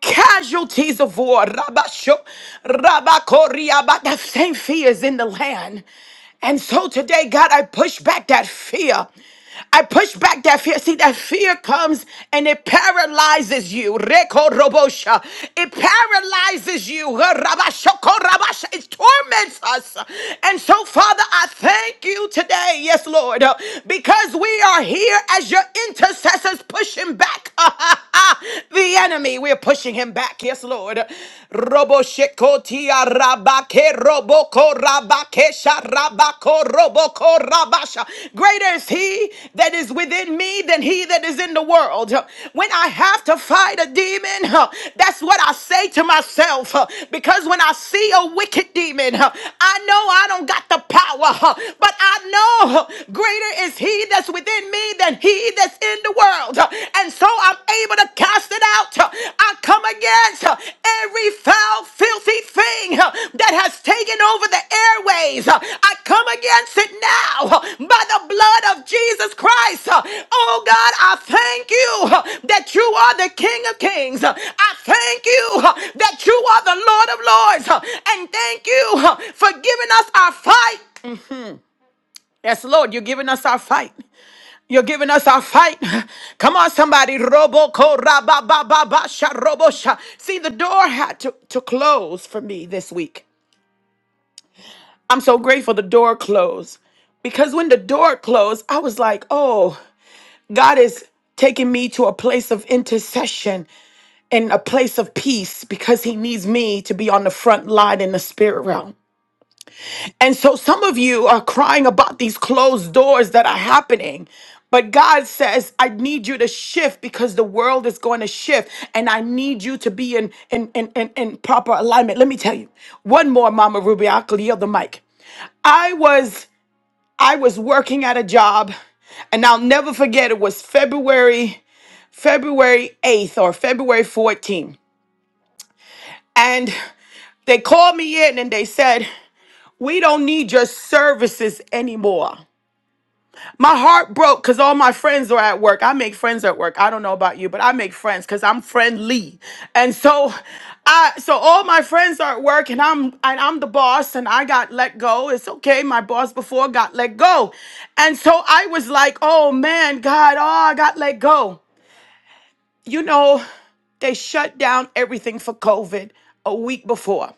casualties of war. Rabasho, Rabakoria, but that same fear is in the land. And so today, God, I push back that fear. I push back that fear. See, that fear comes and it paralyzes you. Reko robosha. It paralyzes you. Rabashoko rabasha. It torments us. And so, Father, I thank you today. Yes, Lord. Because we are here as your intercessors pushing back the enemy. We're pushing him back. Yes, Lord. Robo shekotia rabake roboko rabakesha rabako roboko rabasha. Greater is he that is within me than he that is in the world. When I have to fight a demon, huh, that's what I say to myself. huh, Because when I see a wicked demon, huh, I know I don't got the power, huh, but I know huh, greater is he he that's within me than he that's in the world. And so I'm able to cast it out. I come against every foul, filthy thing that has taken over the airways. I come against it now by the blood of Jesus Christ. Oh God, I thank you that you are the King of Kings. I thank you that you are the Lord of Lords. And thank you for giving us our fight. Yes, Lord, you're giving us our fight. You're giving us our fight. Come on, somebody. Robo ko ra ba ba ba ba sha robo sha. See, the door had to, to close for me this week. I'm so grateful the door closed. Because when the door closed, I was like, oh, God is taking me to a place of intercession and a place of peace because he needs me to be on the front line in the spirit realm. And so some of you are crying about these closed doors that are happening. But God says, I need you to shift because the world is going to shift and I need you to be in, in, in, in, in proper alignment. Let me tell you one more, Mama Ruby, I'll yield the mic. I was, I was working at a job and I'll never forget it was February, February 8th or February 14th. And they called me in and they said, We don't need your services anymore. My heart broke because all my friends are at work. I make friends at work. I don't know about you, but I make friends because I'm friendly. And so I so all my friends are at work and I'm and I'm the boss and I got let go. It's okay. My boss before got let go. And so I was like, oh man, God, oh, I got let go. You know, they shut down everything for COVID a week before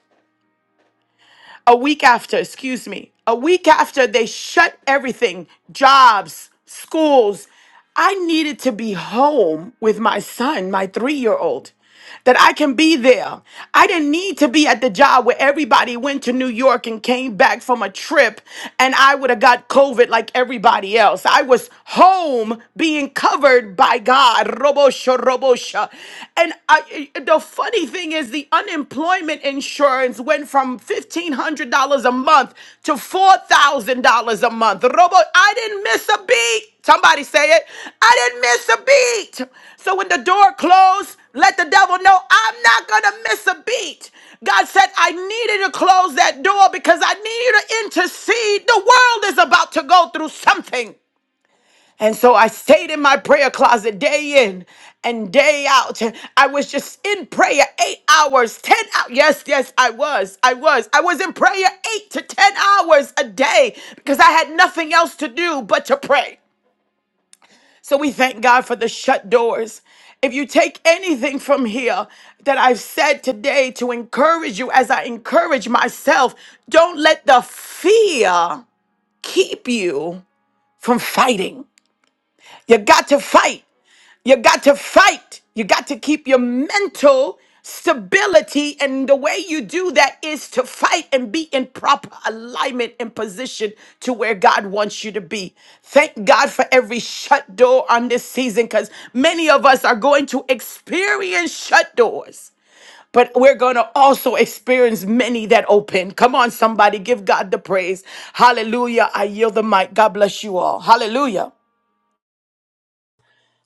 a week after, excuse me, a week after they shut everything, jobs, schools, I needed to be home with my son, my three year old that I can be there. I didn't need to be at the job where everybody went to New York and came back from a trip and I would have got COVID like everybody else. I was home being covered by God. Robosha, robosha. And I, the funny thing is, the unemployment insurance went from $1,500 a month to $4,000 a month. Robo, I didn't miss a beat. Somebody say it. I didn't miss a beat. So when the door closed, let the devil know I'm not going to miss a beat. God said, I needed to close that door because I need you to intercede. The world is about to go through something. And so I stayed in my prayer closet day in and day out. I was just in prayer eight hours, 10 hours. Yes, yes, I was. I was. I was in prayer eight to 10 hours a day because I had nothing else to do but to pray. So we thank God for the shut doors. If you take anything from here that I've said today to encourage you, as I encourage myself, don't let the fear keep you from fighting. You got to fight. You got to fight. You got to keep your mental stability. And the way you do that is to fight and be in proper alignment and position to where God wants you to be. Thank God for every shut door on this season because many of us are going to experience shut doors. But we're going to also experience many that open. Come on, somebody, give God the praise. Hallelujah. I yield the mic. God bless you all. Hallelujah.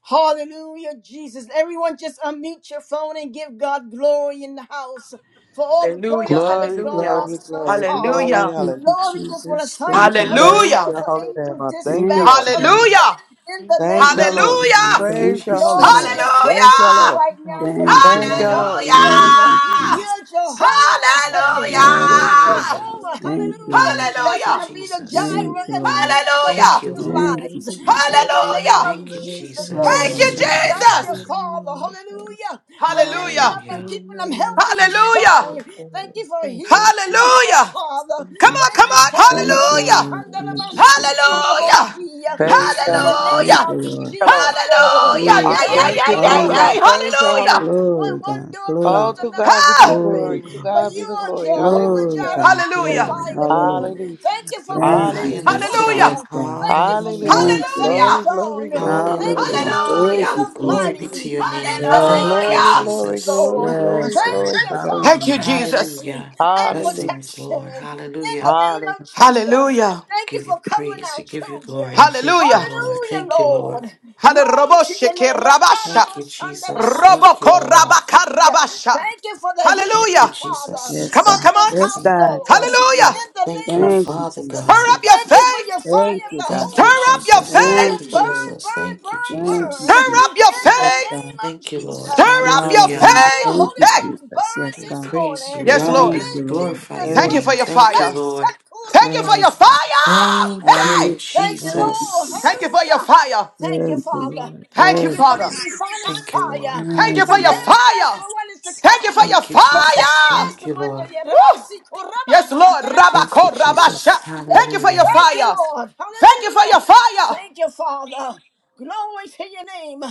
Hallelujah, Jesus. Everyone just unmute your phone and give God glory in the house for all the
Hallelujah,
prayers that has
Glory,
gone
hallelujah,
up
glory,
so
glory,
far.
glory.
hallelujah,
Thank you,
Hallelujah.
Lord, we just want to
Jesus.
thank
Thank
you,
you, Lord.
Praise
hallelujah,
hallelujah,
your
for
holy name.
angel
I thank you,
Thank
dispatch,
Lord.
you, God.
hallelujah,
hallelujah,
in the name
Thank you,
of Jesus.
Lord.
Hallelujah.
hallelujah,
Thank you,
Praise
Thank
your
you,
holy
Lord, we
Jesus.
name.
Jesus.
just
Thank you,
praise you
hallelujah,
Lord.
right now
Hallelujah.
for
Thank
you're
you,
Thank you,
Lord.
Jehovah,
Lord.
Thank
You're
Jehovah.
you,
welcome.
You're
hallelujah.
Jesus.
Jehovah
Glory to your
Rapha.
Thank
Hallelujah!
you
name.
for your
You're
Yes, Lord
Hallelujah.
God.
Jehovah,
time.
Thank
hallelujah.
you,
That's
Thank you,
going
Hallelujah!
to be the
Lord.
Jesus.
Thank
gyra
you,
in many
Lord.
of the
Hallelujah!
Thank
Thank you,
you,
watchers'
Father.
Lord.
Thank
We
you,
lives.
give you
Jesus.
In the
glory.
name
Hallelujah!
of
Thank you,
Hallelujah. O
Jesus,
King of
Thank
Lord.
you,
Jesus.
glory.
Hallelujah.
Thank you,
We
Thank you,
Jesus!
give
Father.
you
Father,
my God.
hallelujah, for
We
lifting
give
Hallelujah!
up and
Hallelujah.
keeping
you
them
my
healthy and
Jehovah,
Hallelujah!
your
strong. Thank
glory.
you for
Thank you,
healing in
Jesus.
the house,
Hallelujah!
Father.
Thank
Come
you,
Yes.
on,
Thank
come
Father.
you,
on!
Father.
Thank
Thank
you,
you,
Hallelujah!
Lord.
Father.
Thank you, Jesus.
Thank you,
Hallelujah.
Jesus.
Praise
Yes,
your
In
Thank
holy
the
God.
you,
name.
name
Thank
Hallelujah.
you,
of
Lord.
Thank
Lord.
you, Lord.
Jesus,
Thank you,
Lord.
Hallelujah. Yeah,
Glory,
I
yeah,
Thank
God.
you,
thank
yeah,
you,
yeah,
Father
Lord.
God.
Hallelujah.
yeah.
Praise your
Hallelujah.
holy
Hallelujah.
name.
When
Glory,
one
God.
door
Father. Father,
Glory.
Oh,
closed,
to
Father,
another
God be
one
the
Ah.
Glory,
open.
glory. To
glory.
But
God be
you
the
are
Father,
glory.
Father,
Jehovah
Glory,
Hallelujah.
Jireh,
God.
our
Hallelujah.
Glory.
provider,
Father,
Lord.
Hallelujah.
Hallelujah.
Thank you for
You are
Father, Father,
Thank
high
you,
Hallelujah.
and
provisions,
Jesus.
lifted up.
Hallelujah.
Yes,
Father.
God.
Thank you for
Hallelujah.
showing
Hallelujah.
Thank you,
yourself
Lord.
Glory,
Hallelujah.
Father,
glory,
strong.
glory,
Thank you
glory,
for
Hallelujah.
Hallelujah.
glory,
showing
Thank
Hallelujah.
glory,
yourself
you, Jesus.
Glory
glory,
be to
mighty.
your
In
name.
the
Yes,
name
Thank
of
you,
God.
glory,
Hallelujah.
Jesus,
glory,
Jesus.
glory,
Lord.
Yes,
glory,
God.
Thank
glory to
you,
God.
Thank
Father,
you,
for
Hallelujah.
Jesus.
safety
Hallelujah.
Father.
and
Hallelujah.
Blessings, Lord.
protection. In the
Hallelujah.
Hallelujah.
name of Jesus.
Hallelujah.
Thank you
Give you
for covering
praise.
our
We give you glory.
children.
Thank you,
Hallelujah.
Lord.
Hallelujah,
Thank you, Lord.
Lord. Glory to
Hallelujah.
your name.
Rabasha.
Thank you, Jesus. Thank you,
Roboko
Lord.
Rabaka Rabasha
Thank you for the
Thank you,
Hallelujah.
healing, Father,
Jesus.
Yes,
Come on,
in
God.
come on.
this
Let's
Yes,
see.
house,
God.
Lord.
Yes, Lord.
Hallelujah.
In the
Thank
name
you,
of
Thank you,
Father
Jesus.
Jesus.
Hurry
God.
up
Yes.
your
Thank you for
faith.
your fire
Thank
of
you,
the
God.
Thank you,
Holy
Stir up
Ghost.
your
Jesus.
Let
Thank
Thank
faith.
you,
it
you,
burn,
Lord.
Jesus.
burn,
Thank you,
burn,
Thank you,
burn.
Jesus.
Stir
Jesus.
up your
In the
Yes,
faith.
name
God.
of
Thank you, Lord.
Stir
Jesus.
up your
Hallelujah.
Hallelujah.
Fire,
faith.
Thank
Holy
you,
Hey,
Ghost,
Jesus.
burn
Yes,
We
this
God.
praise you.
morning.
We
yes,
honor
Thank
you.
Lord.
In
you,
We
Lord.
glorify
Jesus'
your
Thank you
Thank
for
name.
your
mighty name.
Thank you,
fire.
Lord.
Thank you for your
Yes, God.
fire.
Thank you,
Hey,
Hallelujah.
Thank you,
Thank you,
Lord.
thank you
Jesus.
for your
Hallelujah.
Jesus.
fire.
Thank you,
Thank you,
Father.
Lord.
Thank
Thank
you,
you
Thank
for
you,
Father.
Lord.
this refiner's
Thank you, Lord.
fire,
Thank you
Thank
for
you,
your
Hallelujah.
preparing us
fire.
for what is to
Thank you
come,
for your
Thank you, Jesus.
preparing
fire.
us
Thank
for
you,
what the
Lord.
Woo.
Yeramasi
Yes,
Korabas,
Lord.
Thank
Shandaramasi
you,
Rabako
Jesus.
Rabasha. Thank you for your
Hallelujah.
Thank you,
fire.
Lord.
Thank you for your
Hallelujah.
fire.
Thank you, Father. Glory to your name.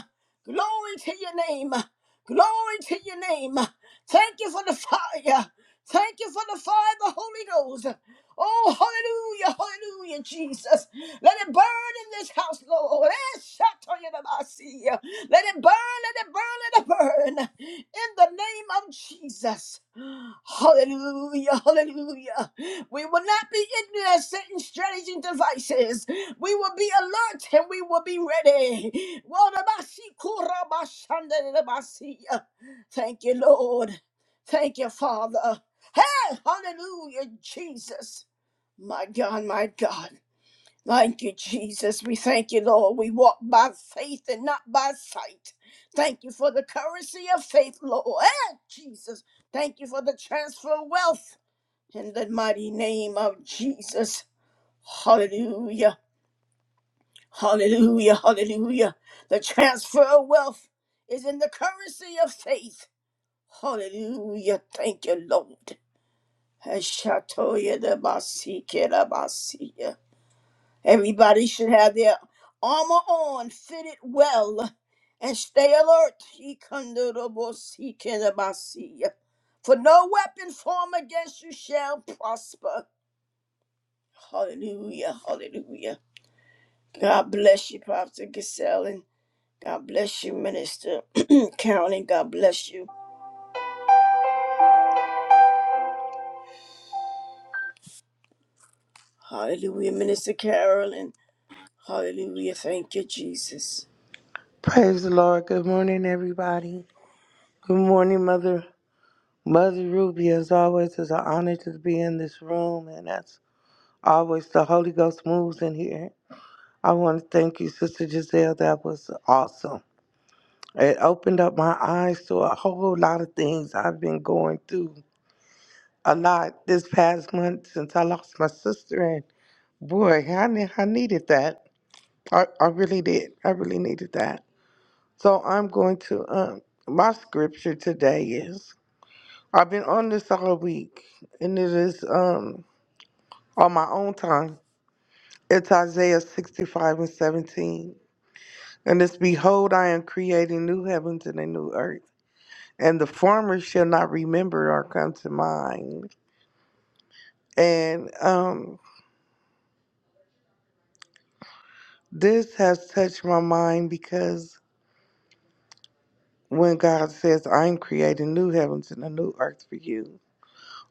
Glory to your name. Glory to your name. Thank you for the fire. Thank you for the fire of the Holy Ghost. Oh, hallelujah, hallelujah, Jesus. Let it burn in this house, Lord. Eh, shatoyedabasi. Let it burn, let it burn, let it burn. In the name of Jesus. Hallelujah, hallelujah. We will not be ignorant of Satan's strategies and devices. We will be alert and we will be ready. Wadabasi, kurabashandedabasi. Thank you, Lord. Thank you, Father. Hey, hallelujah, Jesus. My God, my God. Thank you, Jesus. We thank you, Lord. We walk by faith and not by sight. Thank you for the currency of faith, Lord. Eh, Jesus. Thank you for the transfer of wealth in the mighty name of Jesus. Hallelujah. Hallelujah. Hallelujah. The transfer of wealth is in the currency of faith. Hallelujah. Thank you, Lord. Ashatoya de Basikera basia. Everybody should have their armor on, fit it well, and stay alert. He For no weapon formed against you shall prosper. Hallelujah, hallelujah. God bless you, Pastor Giselle, and God bless you, Minister Carolyn. God bless you. Hallelujah, Minister Carolyn. Hallelujah, thank you, Jesus.
Praise the Lord. Good morning, everybody. Good morning, Mother. Mother Ruby, as always, it's an honor to be in this room, and as always, the Holy Ghost moves in here. I want to thank you, Sister Giselle. That was awesome. It opened up my eyes to a whole lot of things I've been going through a lot this past month since I lost my sister, and boy, I, ne- I needed that. I, I really did. I really needed that. So I'm going to, um, my scripture today is I've been on this all week, and it is um, on my own time. It's Isaiah 65 and 17. And it's Behold, I am creating new heavens and a new earth, and the former shall not remember or come to mind. And um, this has touched my mind because when God says, I'm creating new heavens and a new earth for you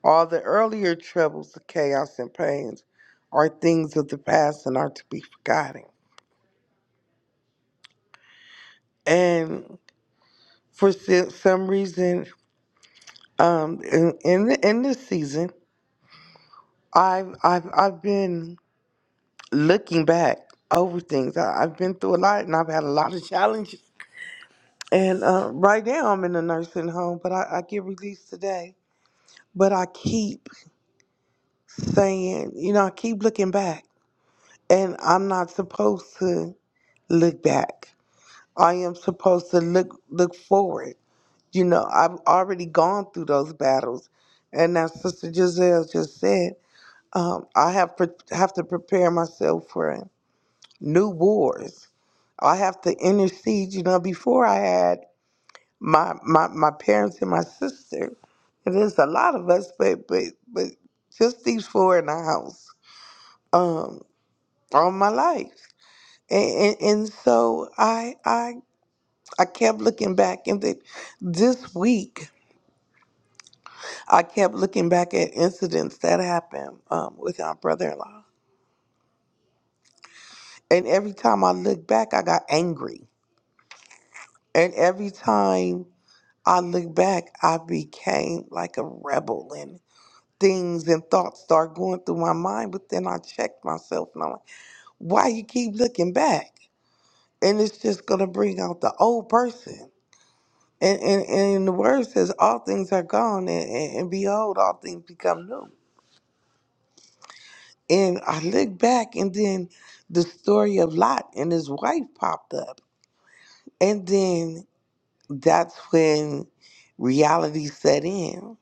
All the earlier troubles, the chaos and pains are things of the past and are to be forgotten. And for se- some reason, um, in in, the, in this season, I've I've I've been looking back over things. I, I've been through a lot, and I've had a lot of challenges. And uh, right now, I'm in a nursing home, but I, I get released today. But I keep saying, you know, I keep looking back, and I'm not supposed to look back. I am supposed to look look forward. You know, I've already gone through those battles, and as Sister Giselle just said, um, I have pre- have to prepare myself for new wars. I have to intercede. You know, before I had my my my parents and my sister, and there's a lot of us, but but but just these four in the house, um, all my life, and and, and so I I I kept looking back and the, this week I kept looking back at incidents that happened um, with our brother-in-law. And every time I look back, I got angry. And every time I look back, I became like a rebel and things and thoughts start going through my mind. But then I checked myself and I'm like, why you keep looking back? And it's just going to bring out the old person. And, and, and the word says all things are gone and, and, and behold, all things become new. And I looked back, and then the story of Lot and his wife popped up. And then that's when reality set in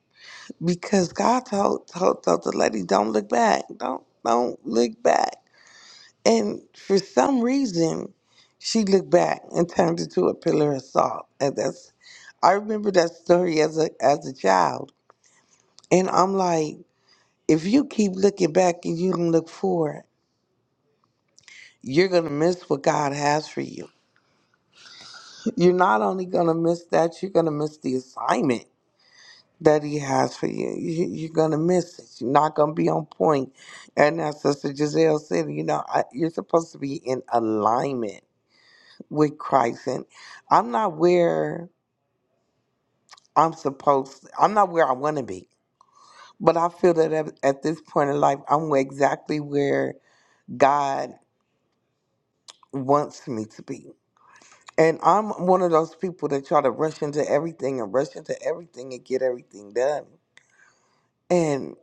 because God told, told, told the lady, don't look back. Don't, don't look back. And for some reason, she looked back and turned into a pillar of salt. And that's, I remember that story as a, as a child. And I'm like, if you keep looking back and you don't look forward, you're going to miss what God has for you You're not only going to miss that, you're going to miss the assignment that he has for you. You- You're going to miss it. You're not going to be on point. And as Sister Giselle said, you know, I, you're supposed to be in alignment with Christ. And I'm not where I'm supposed, I'm not where I want to be. But I feel that at, at this point in life, I'm exactly where God wants me to be. And I'm one of those people that try to rush into everything and rush into everything and get everything done. And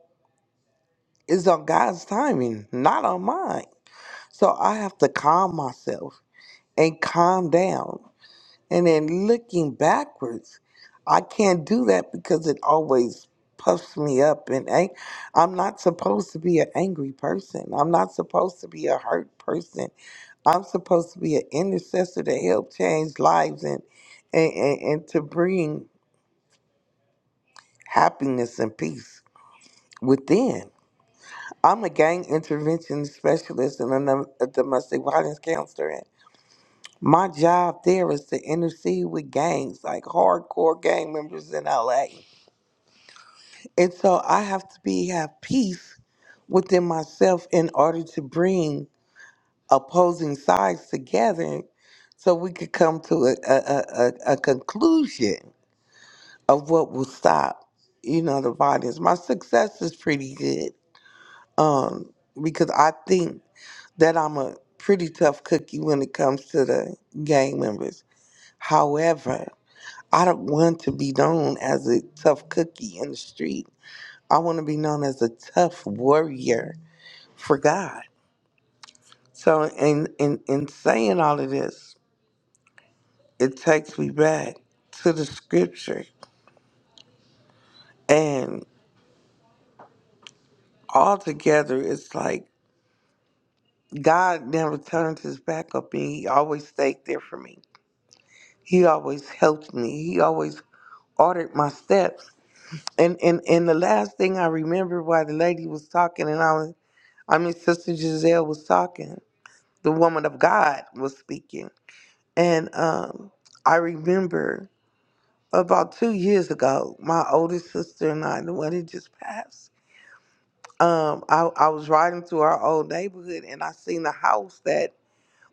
it's on God's timing, not on mine. So I have to calm myself and calm down. And then looking backwards, I can't do that because it always puffs me up. And ang- I'm not supposed to be an angry person. I'm not supposed to be a hurt person. I'm supposed to be an intercessor to help change lives and, and, and, and to bring happiness and peace within. I'm a gang intervention specialist and a nom- a domestic violence counselor. And my job there is to intercede with gangs, like hardcore gang members in LA. And so I have to be have peace within myself in order to bring opposing sides together so we could come to a, a, a, a a conclusion of what will stop, you know, the violence. My success is pretty good um, because I think that I'm a pretty tough cookie when it comes to the gang members. However, I don't want to be known as a tough cookie in the street. I want to be known as a tough warrior for God. So, in, in, in saying all of this, it takes me back to the scripture. And altogether, it's like God never turned his back on me. He always stayed there for me. He always helped me. He always ordered my steps And and and the last thing I remember while the lady was talking, and I was, I mean, Sister Giselle was talking, the woman of God was speaking, and um, I remember about two years ago, my oldest sister and I, the one that just passed, um, I, I was riding through our old neighborhood, and I seen the house that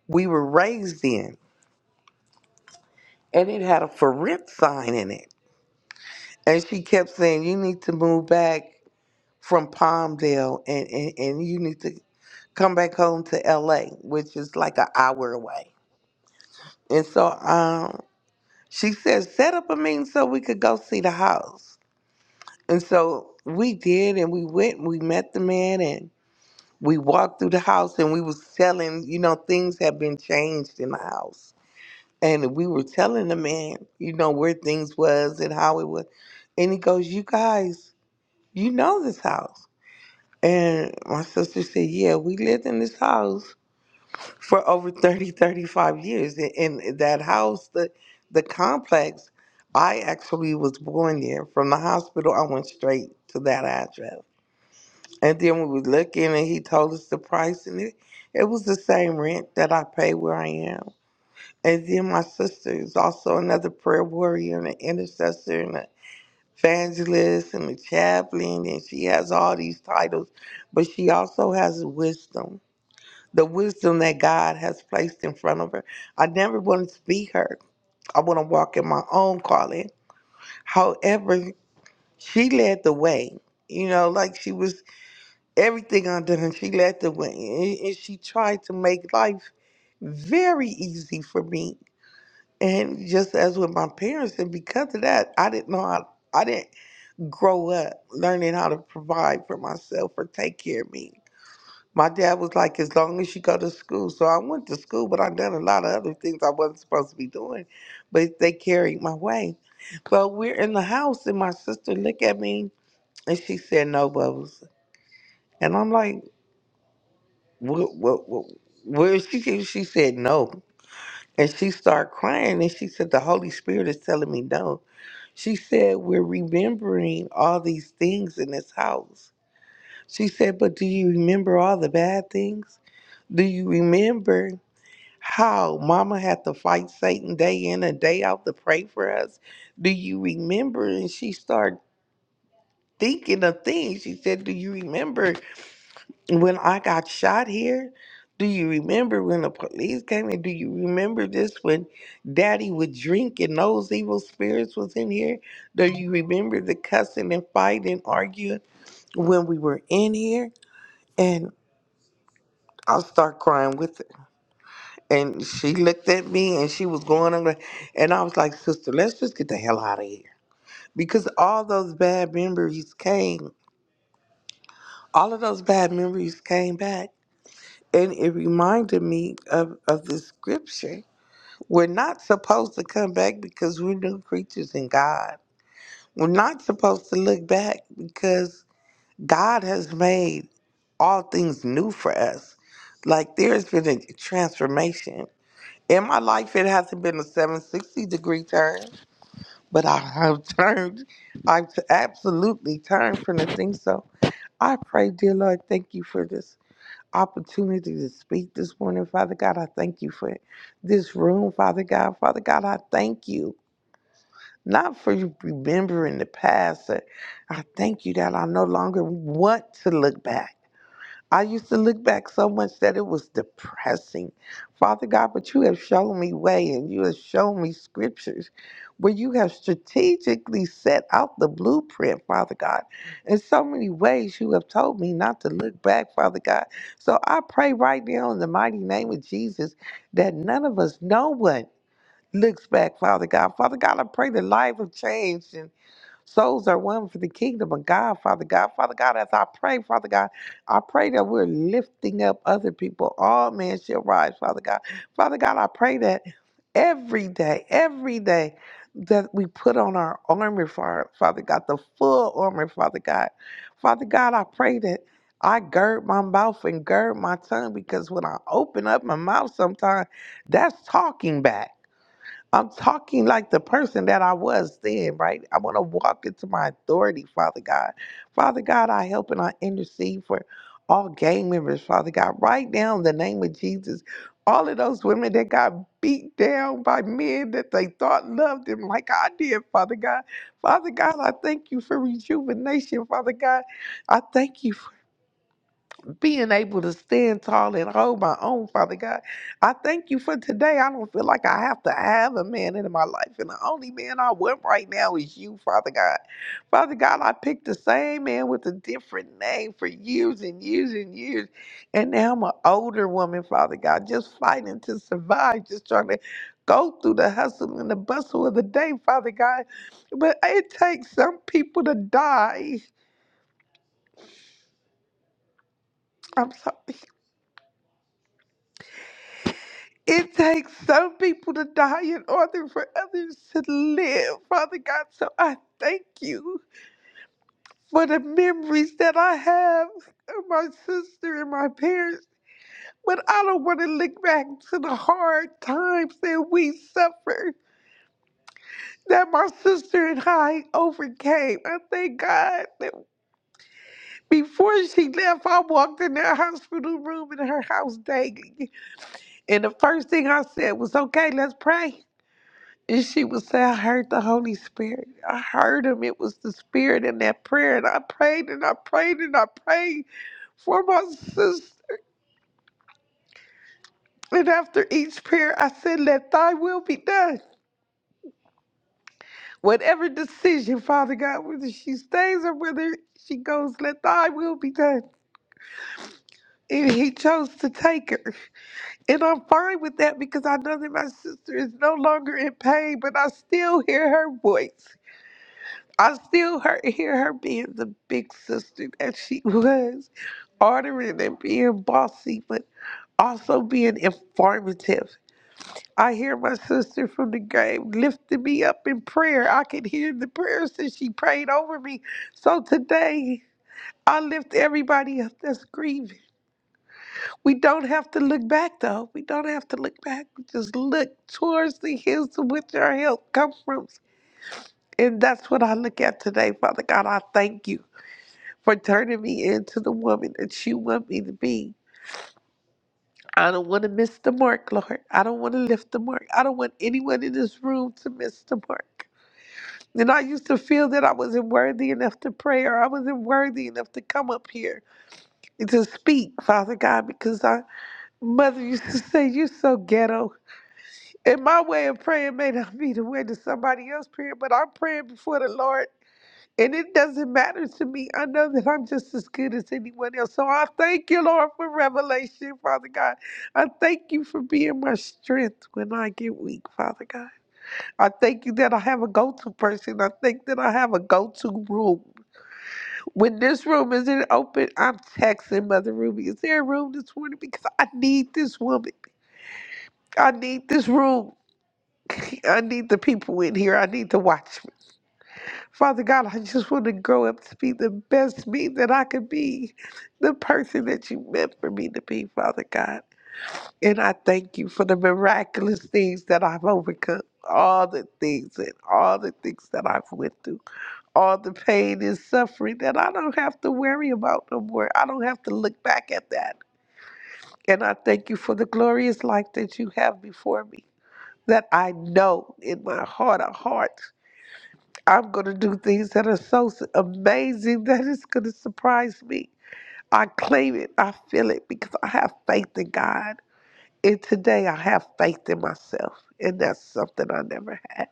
we were raised in, and it had a for rent sign in it, and she kept saying, "You need to move back." From Palmdale, and, and, and you need to come back home to LA, which is like an hour away. And so um, she said, set up a meeting so we could go see the house. And so we did, and we went and we met the man, and we walked through the house, and we was telling, you know, things have been changed in the house. And we were telling the man, you know, where things was and how it was. And he goes, you guys, you know this house. And my sister said, yeah, we lived in this house for over 30, 35 years. In, in that house, the, the complex, I actually was born there. From the hospital, I went straight to that address. And then we were looking, and he told us the price, and it, it was the same rent that I pay where I am. And then my sister is also another prayer warrior and an intercessor and an evangelist and a chaplain, and she has all these titles, but she also has wisdom the wisdom that God has placed in front of her. I never wanted to be her. I want to walk in my own calling. However, she led the way. You know, like she was everything under her. She led the way, and and she tried to make life very easy for me. And just as with my parents, and because of that, I didn't know how. I didn't grow up learning how to provide for myself or take care of me. My dad was like, as long as you go to school. So I went to school, but I done a lot of other things I wasn't supposed to be doing. But they carried my way. But we're in the house, and my sister looked at me, and she said, "No, Bubbles." And I'm like, "What? What? what where is she?" She she said, "No," and she started crying, and she said, "The Holy Spirit is telling me no." She said, We're remembering all these things in this house. She said, But do you remember all the bad things? Do you remember? how mama had to fight Satan day in and day out to pray for us. Do you remember? And she started thinking of things. She said, Do you remember when I got shot here? Do you remember when the police came in? Do you remember this when daddy would drink and those evil spirits was in here? Do you remember the cussing and fighting and arguing when we were in here? And I'll start crying with her And she looked at me and she was going on. And I was like, sister, let's just get the hell out of here. Because all those bad memories came, all of those bad memories came back. And it reminded me of, of the scripture. We're not supposed to come back because we're new creatures in God. We're not supposed to look back because God has made all things new for us. Like there's been a transformation In my life, it hasn't been a 760 degree turn, but I have turned. I've absolutely turned from the thing. So I pray, dear Lord, thank you for this opportunity to speak this morning. Father God, I thank you for this room, Father God. Father God, I thank you. Not for you remembering the past. but I thank you that I no longer want to look back. I used to look back so much that it was depressing. Father God, but you have shown me way and you have shown me scriptures where you have strategically set out the blueprint, Father God. In so many ways, you have told me not to look back, Father God. So I pray right now in the mighty name of Jesus that none of us, no one, looks back, Father God. Father God, I pray the life of change and Souls are won for the kingdom of God, Father God. Father God, as I pray, Father God, I pray that we're lifting up other people. All men shall rise, Father God. Father God, I pray that every day, every day, that we put on our armor, Fa- Father God, the full armor, Father God. Father God, I pray that I gird my mouth and gird my tongue because when I open up my mouth sometimes, that's talking back. I'm talking like the person that I was then, right? I want to walk into my authority, Father God. Father God, I help and I intercede for all gang members, Father God. Right now, in the name of Jesus, all of those women that got beat down by men that they thought loved them like I did, Father God. Father God, I thank you for rejuvenation, Father God. I thank you being able to stand tall and hold my own, Father God. I thank you for today. I don't feel like I have to have a man in my life, and the only man I want right now is you, Father God. Father God, I picked the same man with a different name for years and years and years, and now I'm an older woman, Father God, just fighting to survive, just trying to. Go through the hustle and the bustle of the day, Father God. But it takes some people to die. I'm sorry. It takes some people to die in order for others to live, Father God. So I thank you for the memories that I have of my sister and my parents. But I don't want to look back to the hard times that we suffered, that my sister and I overcame. I thank God that before she left, I walked in that hospital room in her house daily. And the first thing I said was, okay, let's pray. And she would say, I heard the Holy Spirit. I heard him. It was the Spirit in that prayer. And I prayed and I prayed and I prayed for my sister. And after each prayer, I said, Let thy will be done. Whatever decision, Father God, whether she stays or whether she goes, let thy will be done. And he chose to take her. And I'm fine with that because I know that my sister is no longer in pain, but I still hear her voice. I still her hear her being the big sister that she was, ordering and being bossy, but also being informative. I hear my sister from the grave lifting me up in prayer. I can hear the prayers that she prayed over me. So today, I lift everybody up that's grieving. We don't have to look back, though. We don't have to look back. We just look towards the hills to which our help comes from. And that's what I look at today, Father God. I thank you. for turning me into the woman that you want me to be. I don't want to miss the mark, Lord. I don't want to lift the mark. I don't want anyone in this room to miss the mark. And I used to feel that I wasn't worthy enough to pray or I wasn't worthy enough to come up here and to speak, Father God, because our mother used to say, You're so ghetto. And my way of praying may not be the way that somebody else praying, but I'm praying before the Lord And it doesn't matter to me. I know that I'm just as good as anyone else. So I thank you, Lord, for revelation, Father God. I thank you for being my strength when I get weak, Father God. I thank you that I have a go to person. I think that I have a go to room. When this room isn't open, I'm texting Mother Ruby. Is there a room this morning? Because I need this woman. I need this room. I need the people in here. I need to watch. Father God, I just want to grow up to be the best me that I could be, the person that you meant for me to be, Father God. And I thank you for the miraculous things that I've overcome, all the things and all the things that I've went through, all the pain and suffering that I don't have to worry about no more. I don't have to look back at that. And I thank you for the glorious life that you have before me, that I know in my heart of hearts I'm going to do things that are so s- amazing that it's going to surprise me. I claim it. I feel it because I have faith in God. And today I have faith in myself. And that's something I never had.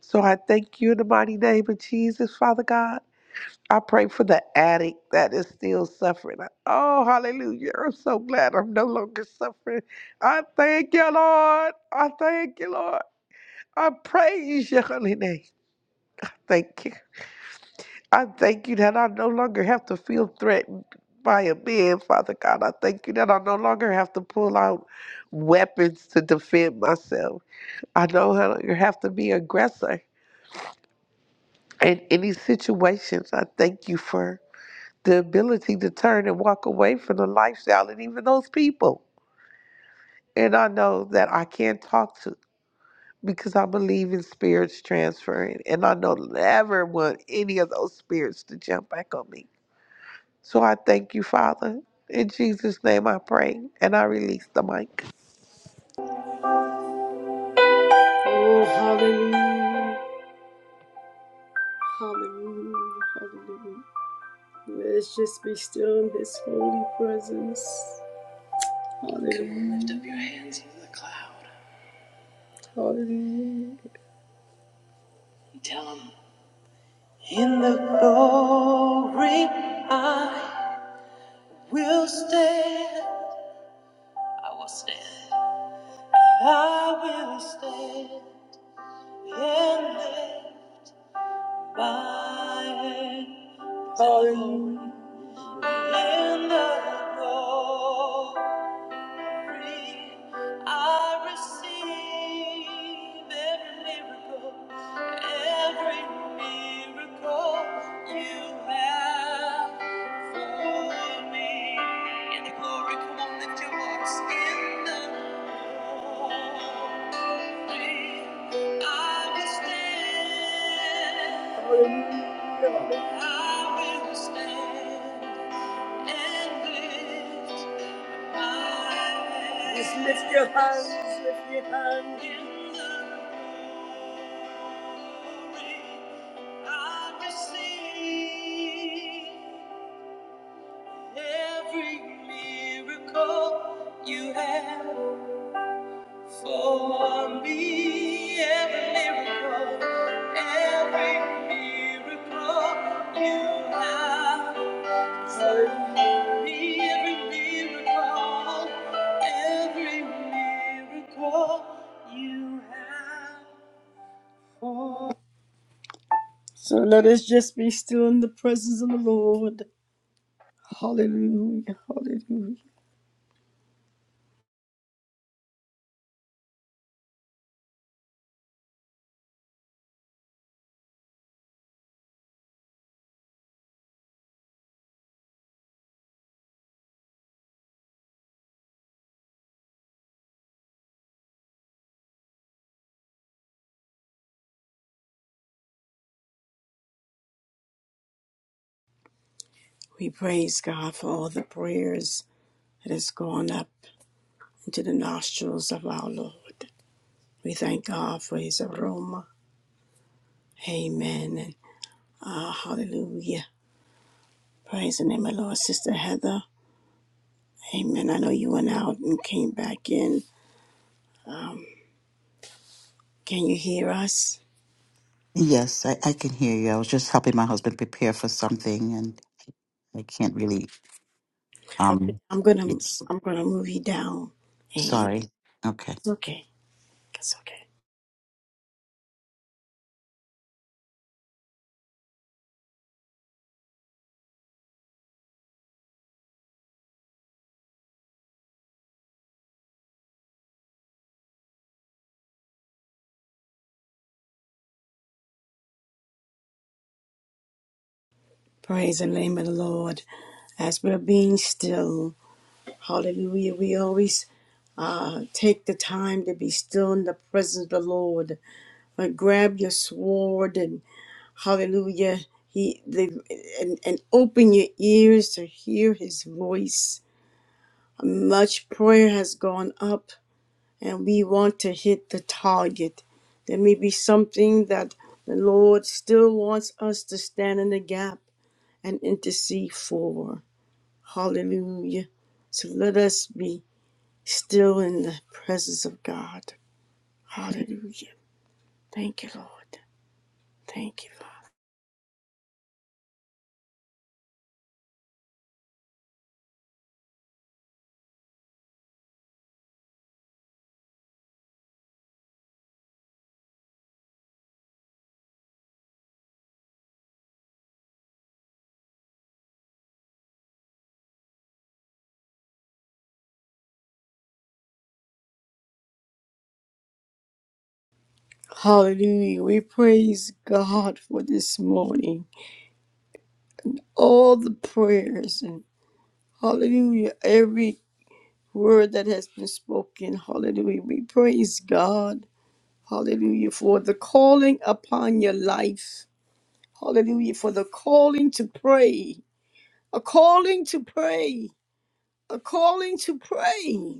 So I thank you in the mighty name of Jesus, Father God. I pray for the addict that is still suffering. Oh, hallelujah. I'm so glad I'm no longer suffering. I thank you, Lord. I thank you, Lord. I praise your holy name. Thank you. I thank you that I no longer have to feel threatened by a man, Father God. I thank you that I no longer have to pull out weapons to defend myself. I no longer have to be aggressor in any situations. I thank you for the ability to turn and walk away from the lifestyle and even those people. And I know that I can talk to because I believe in spirits transferring. And I don't ever want any of those spirits to jump back on me. So I thank you, Father. In Jesus' name I pray and I release the mic.
Oh, hallelujah, hallelujah. Let's just be still in His holy presence. Come, Lift up your hands in the cloud. Hallelujah. Tell Him. In the glory, I will stand. I will stand. I will stand and lift my hand. Hallelujah. In the glory. I receive every miracle, every miracle you have for me. In the glory, come on, lift your voice. In the glory, I will stand, I will stand and lift my hands. Just lift your hands. In the glory, I receive every miracle you have for me. Every miracle, every miracle you have for me. Every miracle, every miracle you have. for me. So let us just be still in the presence of the Lord. Hallelujah. Hallelujah. We praise God for all the prayers that has gone up into the nostrils of our Lord. We thank God for his aroma. Amen. And ah, hallelujah. Praise the name of the Lord. Sister Heather. Amen. I know you went out and came back in. Can you hear us?
Yes, I, I can hear you. I was just helping my husband prepare for something and I can't really um
I'm gonna
yes.
I'm gonna move you down. Amen.
Sorry. Okay.
It's okay. It's okay. Praise the name of the Lord. As we're being still. Hallelujah. We always uh, take the time to be still in the presence of the Lord. But grab your sword and hallelujah. He the, and, and open your ears to hear his voice. Much prayer has gone up and we want to hit the target. There may be something that the Lord still wants us to stand in the gap and intercede for. Hallelujah. So let us be still in the presence of God. Hallelujah. Thank you, Lord. Thank you, Lord. Hallelujah. We praise God for this morning. All the prayers and hallelujah. Every word that has been spoken. Hallelujah. We praise God. Hallelujah. For the calling upon your life. Hallelujah. For the calling to pray. A calling to pray. A calling to pray.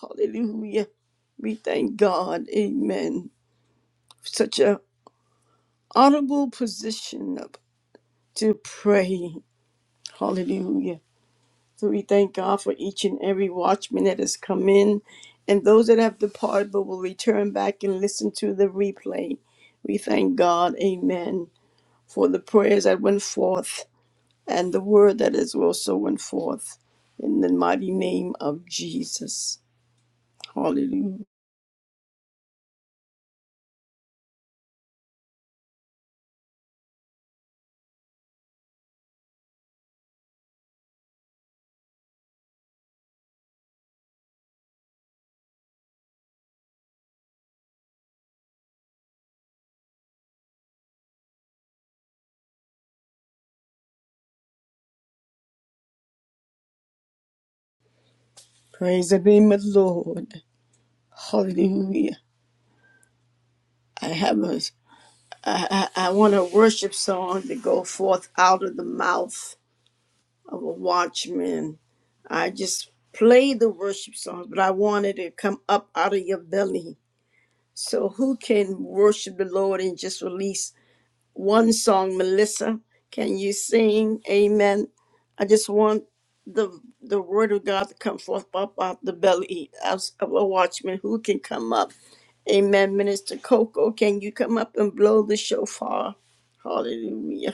Hallelujah. We thank God. Amen. Such a honorable position of, to pray. Hallelujah. So we thank God for each and every watchman that has come in and those that have departed but will return back and listen to the replay. We thank God. Amen. For the prayers that went forth and the word that is also went forth in the mighty name of Jesus. Hallelujah. Praise the name of the Lord. Hallelujah. I have a, I, I I want a worship song to go forth out of the mouth of a watchman. I just play the worship songs, but I wanted to come up out of your belly. So who can worship the Lord and just release one song, Melissa. Can you sing? Amen. I just want the the word of God to come forth up out the belly as of a watchman who can come up. Amen. Minister Coco, can you come up and blow the shofar? Hallelujah.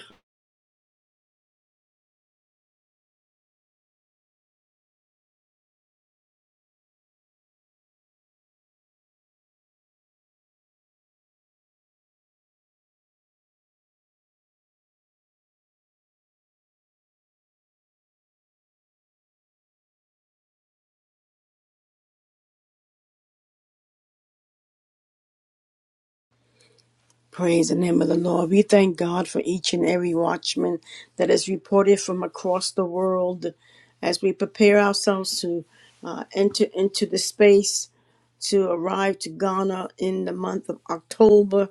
Praise the name of the Lord. We thank God for each and every watchman that is reported from across the world as we prepare ourselves to uh, enter into the space to arrive to Ghana in the month of October.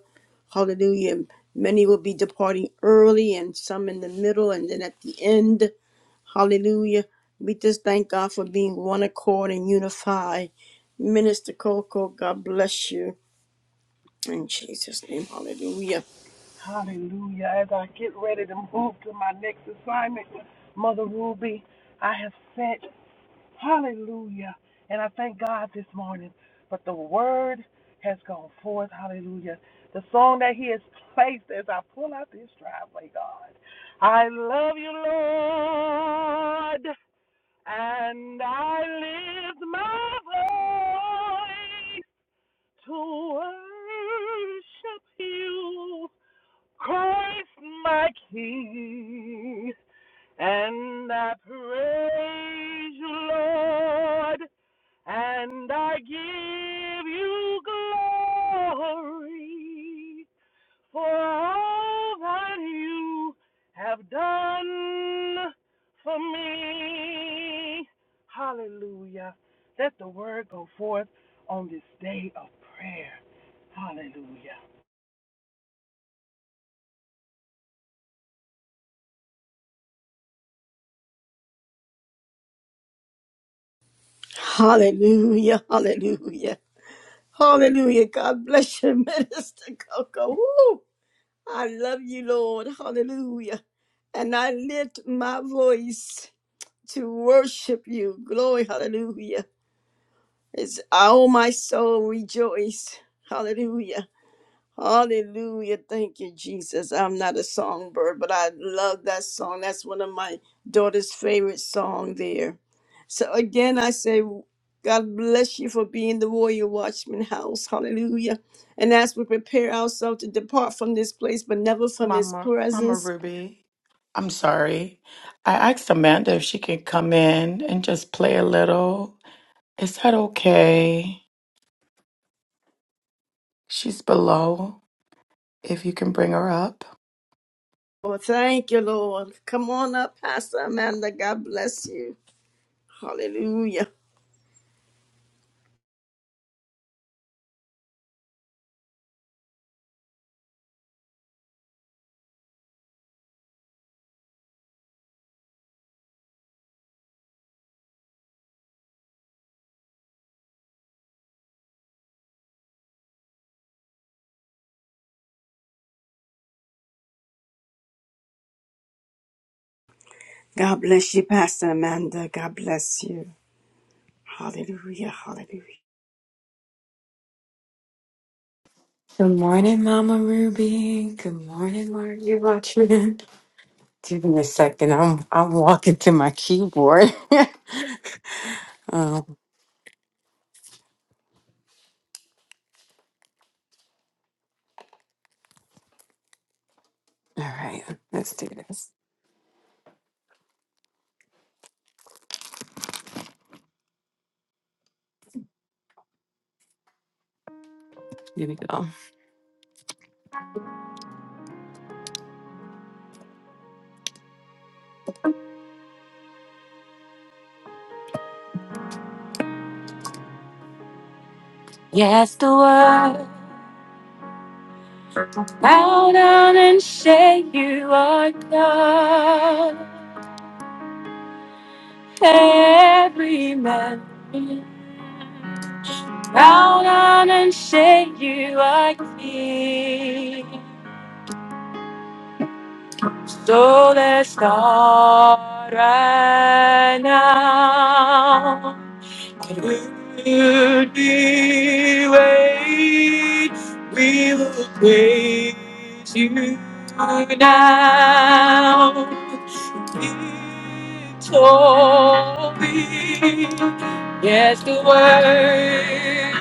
Hallelujah. Many will be departing early and some in the middle and then at the end. Hallelujah. We just thank God for being one accord and unified. Minister Coco, God bless you. In Jesus' name, hallelujah.
Hallelujah. As I get ready to move to my next assignment, Mother Ruby, I have sent, hallelujah. And I thank God this morning. But the word has gone forth, hallelujah. The song that He has placed as I pull out this driveway, God. I love you, Lord, and I lift my voice to worship you. Christ, my King? And I praise you, Lord, and I give you glory for all that you have done for me. Hallelujah. Let the word go forth on this day of prayer. Hallelujah.
Hallelujah. Hallelujah. Hallelujah. God bless you, Minister Coco. Woo! I love you, Lord. Hallelujah. And I lift my voice. to worship you. Glory, hallelujah. It's all my soul rejoice. Hallelujah. Hallelujah. Thank you, Jesus. I'm not a songbird, but I love that song. That's one of my daughter's favorite song there. So again, I say, God bless you for being the warrior watchman house. Hallelujah. And as we prepare ourselves to depart from this place, but never from his
Mama, Mama
presence.
Ruby. I'm sorry. I asked Amanda if she could come in and just play a little. Is that okay? She's below. If you
Oh, thank you, Lord. Come on up, Pastor Amanda. God bless you. Hallelujah. God bless you, Pastor Amanda. God bless you. Hallelujah. Hallelujah.
Good morning, Mama Ruby. Good morning, Margie Watchman. Give me a second. I'm I'm walking to my keyboard. um, all right, let's do this. Here we go. Yeah, bow down and say you are God. Every man, bow down and say you are King. So let's start right now. Would we wait? We will praise you now. It's holy. Yes, the word.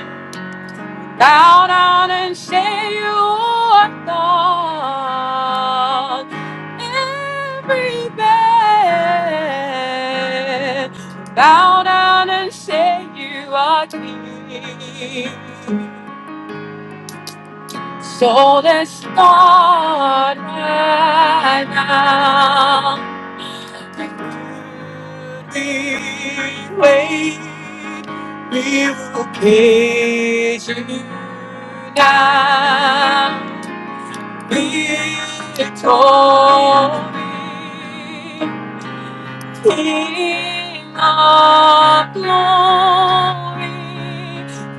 Bow down and say you are God. Everything. Bow down and say you are King. So let's start right now. We wait, we will praise you now. Be victorious, King of glory.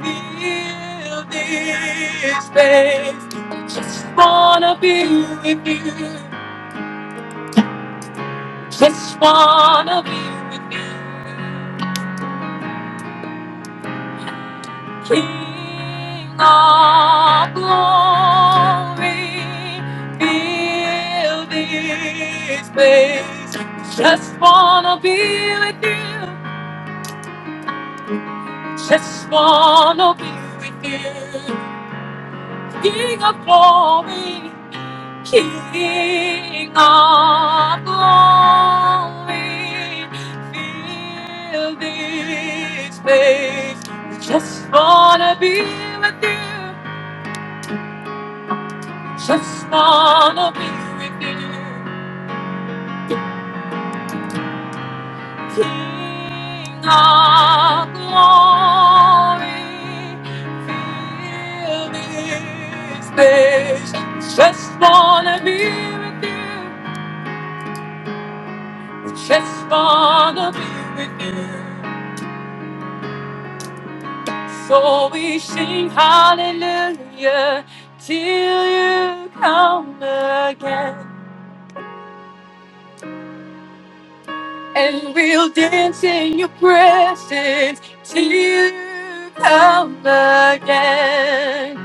Fill this space. Just wanna be with you. Just wanna be with you. King of glory, fill this place. Just wanna be with you. Just wanna be with you. King of glory, King of glory, fill this place. Just wanna be with you. Just wanna be with you, King of glory. Fill this place. Just wanna be with you. Just wanna be with you. So we sing hallelujah till you come again. and we'll dance in your presence till you come again.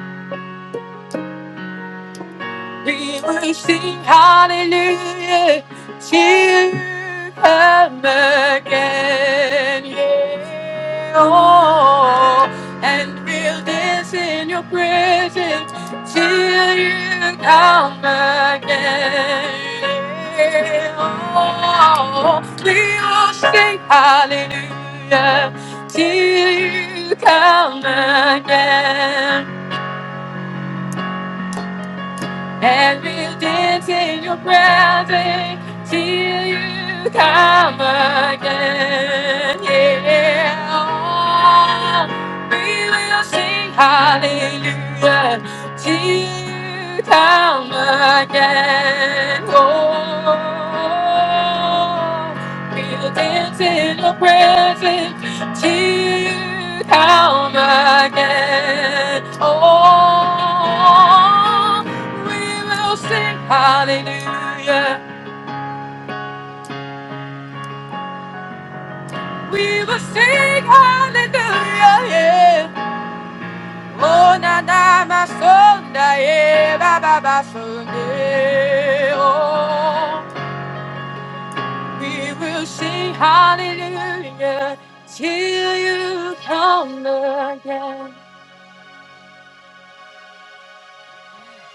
We will sing hallelujah till you come again. Yeah. Oh, and we'll dance in your presence till you come again. yeah. Oh, we will sing hallelujah till you come again. and we'll dance in your presence till you come again. Yeah, Oh, we will sing hallelujah till you come again. Oh, we'll dance in your presence to come again. Oh, we will sing hallelujah. We will sing hallelujah. Yeah. Oh, na na ma sonda yeah, ba ba ba Sunday. Oh, we will sing hallelujah till you come again.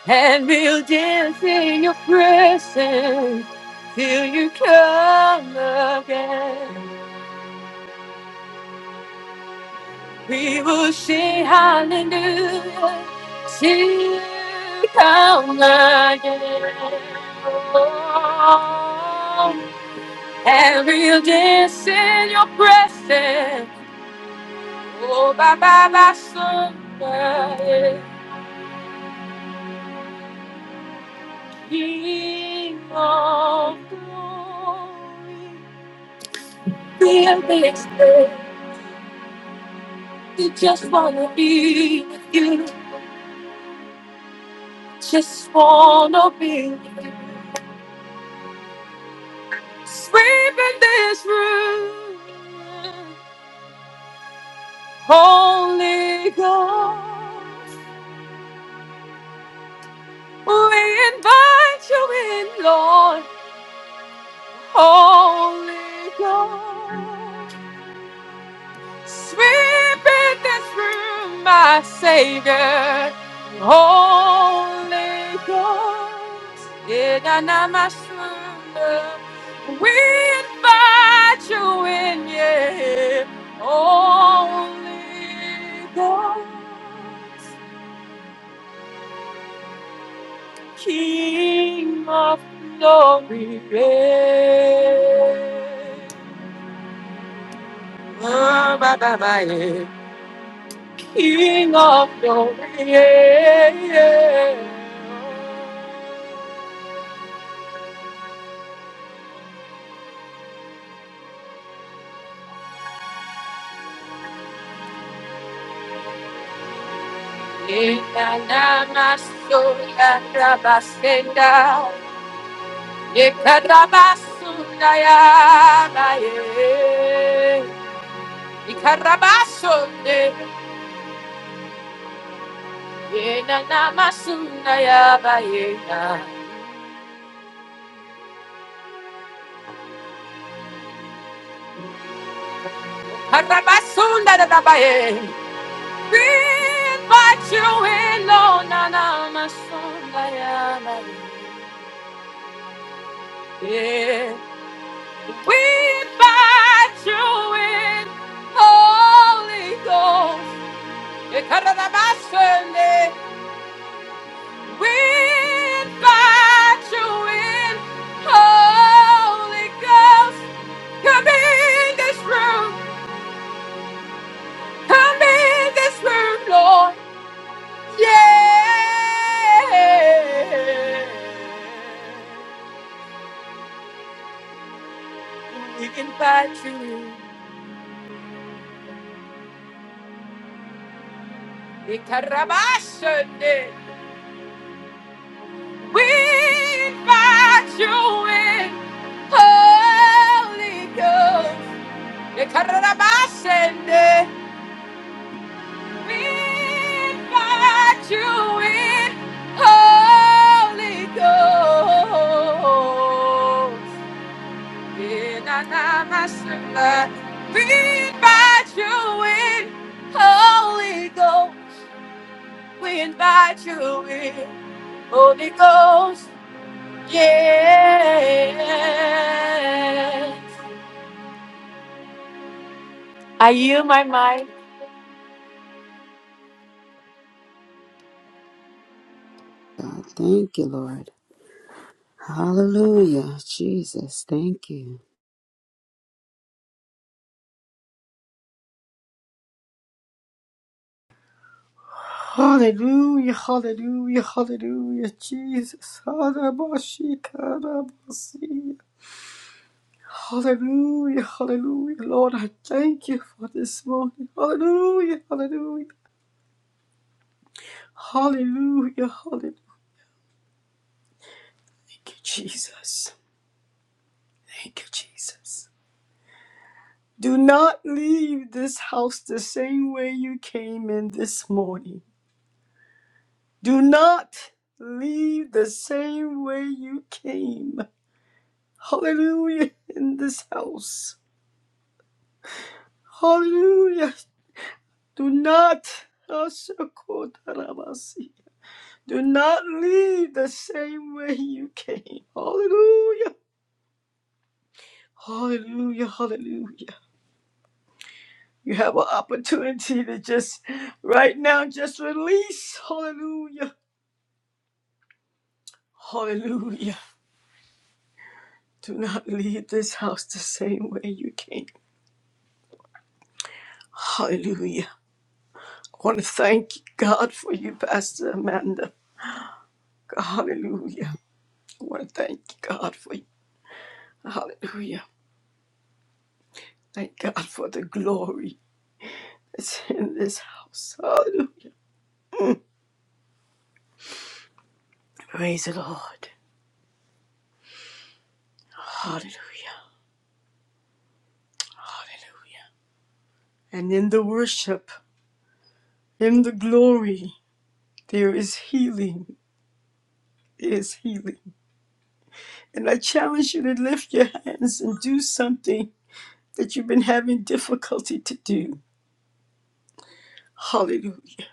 and we'll dance in your presence till you come again. We will sing hallelujah till you come again. Oh, and we'll dance in your presence. Oh, bye bye, bye, Sunday. King of glory, fill this place. You just wanna be with you. Just wanna be with you. Sweep in this room. Holy Ghost. We invite you in, Lord. Holy Ghost. Sweep in this room, my Savior, Holy Ghost. In Anamashuna, we invite you in, yeah, Holy Ghost, King of glory. Yeah. Oh, bye, bye, bye, yeah. King of glory, yeah, yeah. Yekanamaso yadrabasenda, yekarabasunda yabaye, ikarabasonde, yenanamasunda yabayena, karabasunda dadabaye. Breathe my chill alone, nanamasunda yabaye. We invite you in, Holy Ghost. Ekaranabasene. We invite you in, Holy Ghost. Come in this room, come in this room, Lord. Yeah. We invite you in. Ekaranabasene. We invite you in, Holy Ghost. Yekarabashende. We invite you in, Holy Ghost. Yenanamashanda. We invite you in, Holy Ghost. We invite you in, Holy Ghost. Yeah. Are you my mind?
God. Thank you, Lord. Hallelujah. Jesus, thank you.
Hallelujah. Hallelujah. Hallelujah. Jesus. Hallelujah. Hallelujah. Hallelujah. Lord, I thank you for this morning. Hallelujah. Hallelujah. Hallelujah. Hallelujah. Thank you, Jesus. Thank you, Jesus. Do not leave this house the same way you came in this morning. Do not leave the same way you came. Hallelujah in this house. Hallelujah. Do not Ashakotarabasi. do not leave the same way you came. Hallelujah. Hallelujah. Hallelujah. You have an opportunity to just right now just release. Hallelujah. Hallelujah. Do not leave this house the same way you came. Hallelujah. I want to thank God for you, Pastor Amanda. Hallelujah. I want to thank God for you. Hallelujah. Thank God for the glory that's in this house. Hallelujah. Praise the Lord. Hallelujah. Hallelujah. And in the worship, in the glory, there is healing. There is healing. And I challenge you to lift your hands and do something that you've been having difficulty to do. Hallelujah.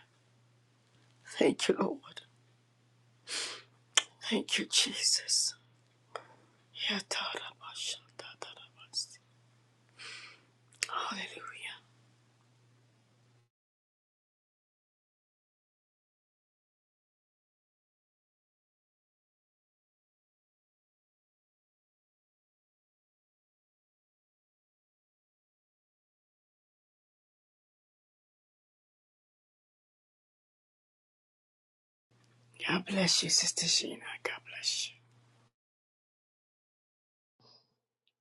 Thank you, Lord. Thank you, Jesus. Hallelujah. God bless you, Sister Sheena. God bless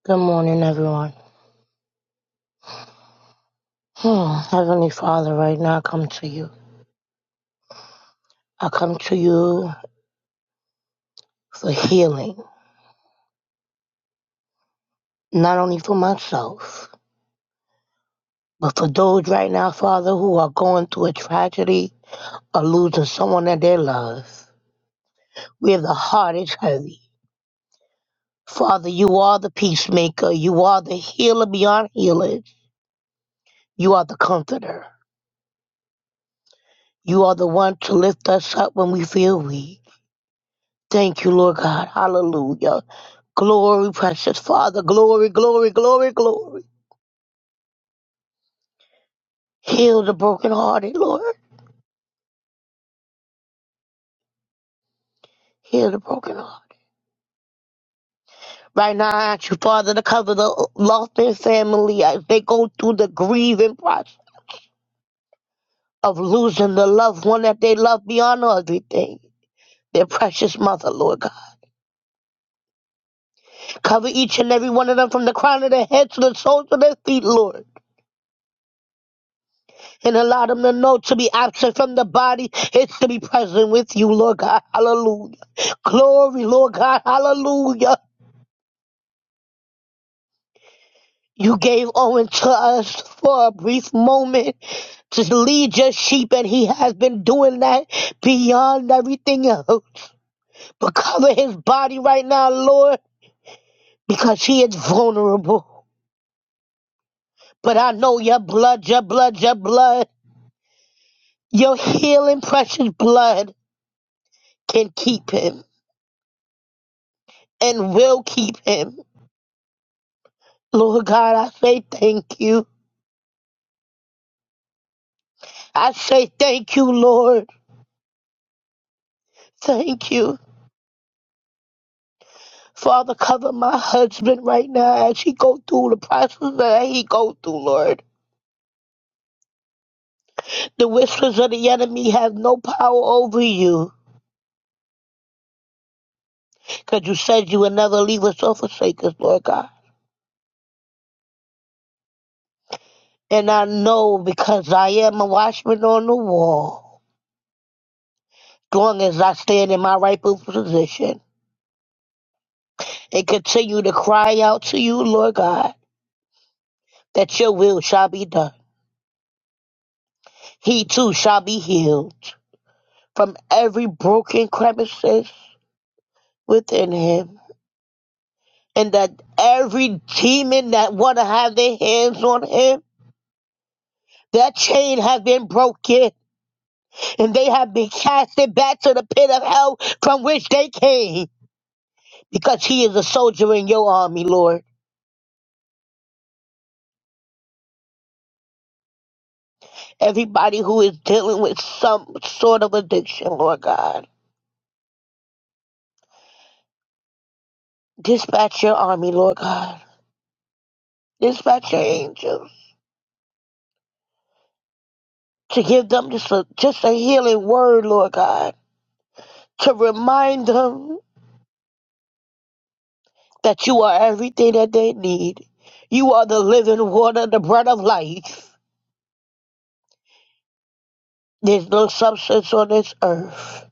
Good morning, everyone. Hmm, Heavenly Father, right now I come to you. I come to you for healing, not only for myself, but for those right now, Father, who are going through a tragedy or losing someone that they love. Where the heart is heavy. Father, you are the peacemaker. You are the healer beyond healers. You are the comforter. You are the one to lift us up when we feel weak. Thank you, Lord God. Hallelujah. Glory, precious Father. Glory, glory, glory, glory. Heal the brokenhearted, Lord. Heal the brokenhearted. Right now, I ask you, Father, to cover the lost their family as they go through the grieving process of losing the loved one that they love beyond everything. Their precious mother, Lord God. Cover each and every one of them from the crown of their head to the soles of their feet, Lord. And allow them to know to be absent from the body is to be present with you, Lord God. Hallelujah. Glory, Lord God. Hallelujah. You gave Owen to us for a brief moment to lead your sheep, and he has been doing that beyond everything else. But cover his body right now, Lord, because he is vulnerable. But I know your blood, your blood, your blood, your healing, precious blood can keep him and will keep him. Lord God, I say thank you. I say thank you, Lord. Thank you. Father, cover my husband right now as he go through the process that he go through, Lord. The whispers of the enemy have no power over you, because you said you would never leave us or forsake us, Lord God. And I know because I am a watchman on the wall, as long as I stand in my rightful position and continue to cry out to you, Lord God, that your will shall be done. He too shall be healed from every broken crevices within him and that every demon that want to have their hands on him, that chain has been broken, and they have been casted back to the pit of hell from which they came, because he is a soldier in your army, Lord. Everybody who is dealing with some sort of addiction, Lord God, dispatch your army, Lord God. Dispatch your angels to give them just a, just a healing word, Lord God, to remind them that you are everything that they need. You are the living water, the bread of life. There's no substance on this earth,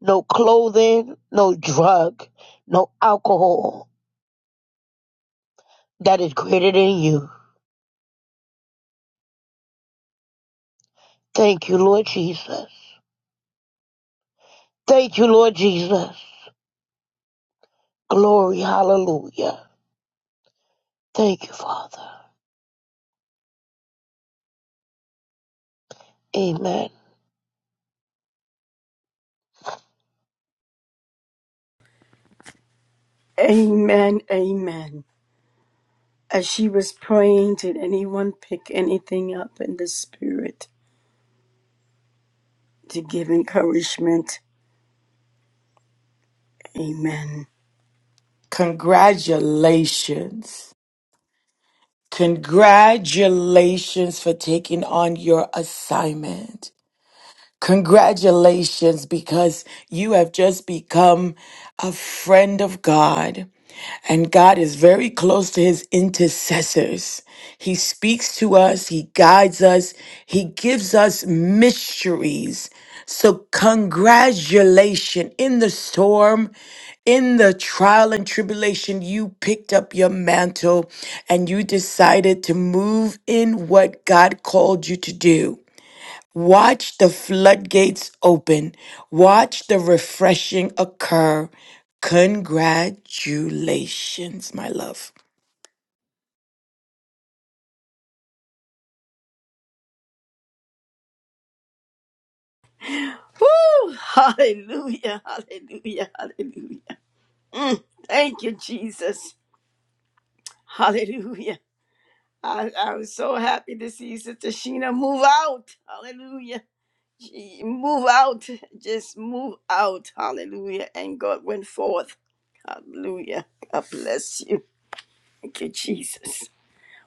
no clothing, no drug, no alcohol that is greater than you. Thank you, Lord Jesus. Thank you, Lord Jesus. Glory, hallelujah. Thank you, Father. Amen.
you. Amen. Amen. As she was praying, did anyone pick anything up in the spirit to give encouragement? Amen.
congratulations. Congratulations for taking on your assignment. Congratulations, because you have just become a friend of God. And God is very close to his intercessors. He speaks to us, he guides us, he gives us mysteries. So, congratulations in the storm, in the trial and tribulation, you picked up your mantle and you decided to move in what God called you to do. Watch the floodgates open. Watch the refreshing occur. Congratulations, my love.
Woo! Hallelujah. Hallelujah. Hallelujah. Mm, thank you, Jesus. Hallelujah. I, I was so happy to see Sister Sheena move out. Hallelujah. move out, just move out. Hallelujah. And God went forth. Hallelujah. God bless you. Thank you, Jesus.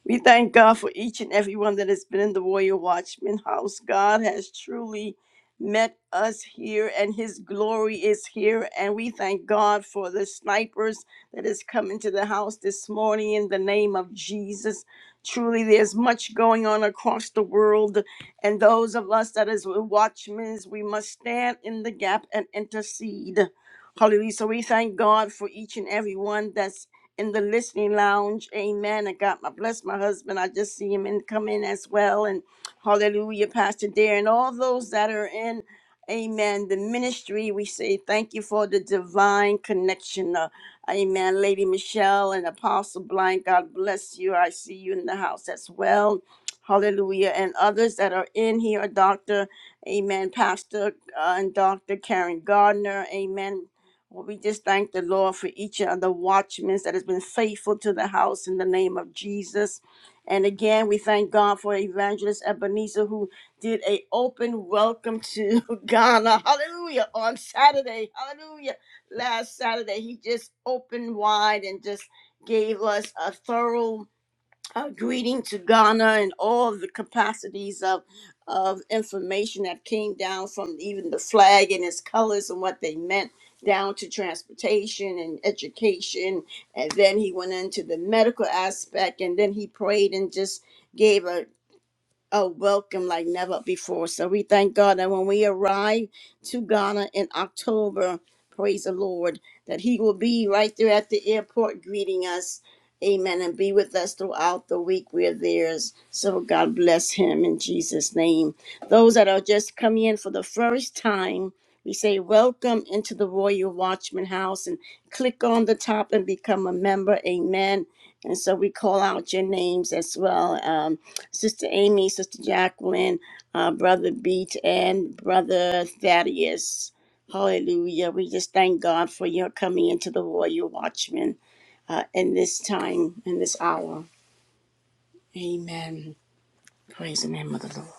We thank God for each and every one that has been in the Warrior Watchman house. God has truly met us here, and His glory is here. And we thank God for the snipers that has come into the house this morning in the name of Jesus. Truly, there's much going on across the world, and those of us that is watchmen, we must stand in the gap and intercede. Hallelujah. So we thank God for each and every one that's in the listening lounge. Amen. I got my bless my husband. I just see him and come in as well. And hallelujah, Pastor Dare, and all those that are in. Amen. The ministry, we say thank you for the divine connection. Uh, amen. Lady Michelle and Apostle Blind, God bless you. I see you in the house as well. Hallelujah. And others that are in here, Dr. Amen. Pastor uh, and Dr. Karen Gardner. Amen. Well, we just thank the Lord for each of the watchmen that has been faithful to the house in the name of Jesus. And again, we thank God for Evangelist Ebenezer who did a open welcome to Ghana. Hallelujah. On Saturday. Hallelujah. Last Saturday, he just opened wide and just gave us a thorough a greeting to Ghana and all the capacities of of information that came down from even the flag and its colors and what they meant down to transportation and education and then he went into the medical aspect and then he prayed and just gave a oh, welcome like never before. So we thank God that when we arrive to Ghana in October, praise the Lord, that He will be right there at the airport greeting us. Amen. And be with us throughout the week we're there. So God bless Him in Jesus' name. Those that are just coming in for the first time, we say welcome into the Royal Watchman House and click on the top and become a member. Amen. And so we call out your names as well. Um. Sister Amy, Sister Jacqueline, uh, Brother Beach, and Brother Thaddeus. Hallelujah. We just thank God for your coming into the Royal Watchman uh, in this time, in this hour. Amen. Praise the name of the Lord.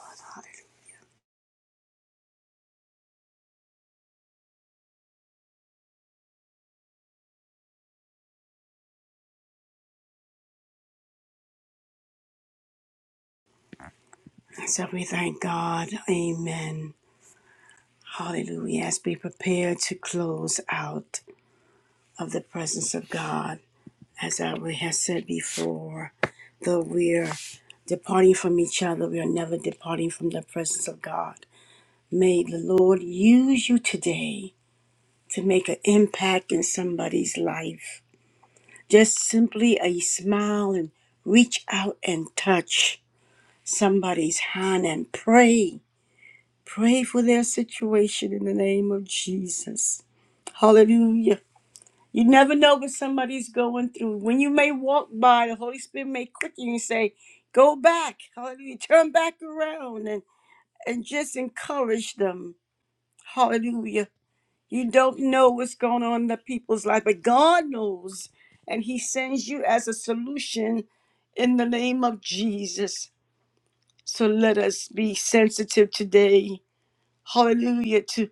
Hallelujah. So we thank God. Amen. Hallelujah. As we prepare to close out of the presence of God. as I have said before, though we're departing from each other, we are never departing from the presence of God. May the Lord use you today to make an impact in somebody's life. Just simply a smile and reach out and touch somebody's hand and pray. Pray for their situation in the name of Jesus. Hallelujah. You never know what somebody's going through. When you may walk by, the Holy Spirit may quicken you and say, Go back, hallelujah, turn back around and, and just encourage them. Hallelujah. You don't know what's going on in the people's life, but God knows, and He sends you as a solution in the name of Jesus. So let us be sensitive today hallelujah, to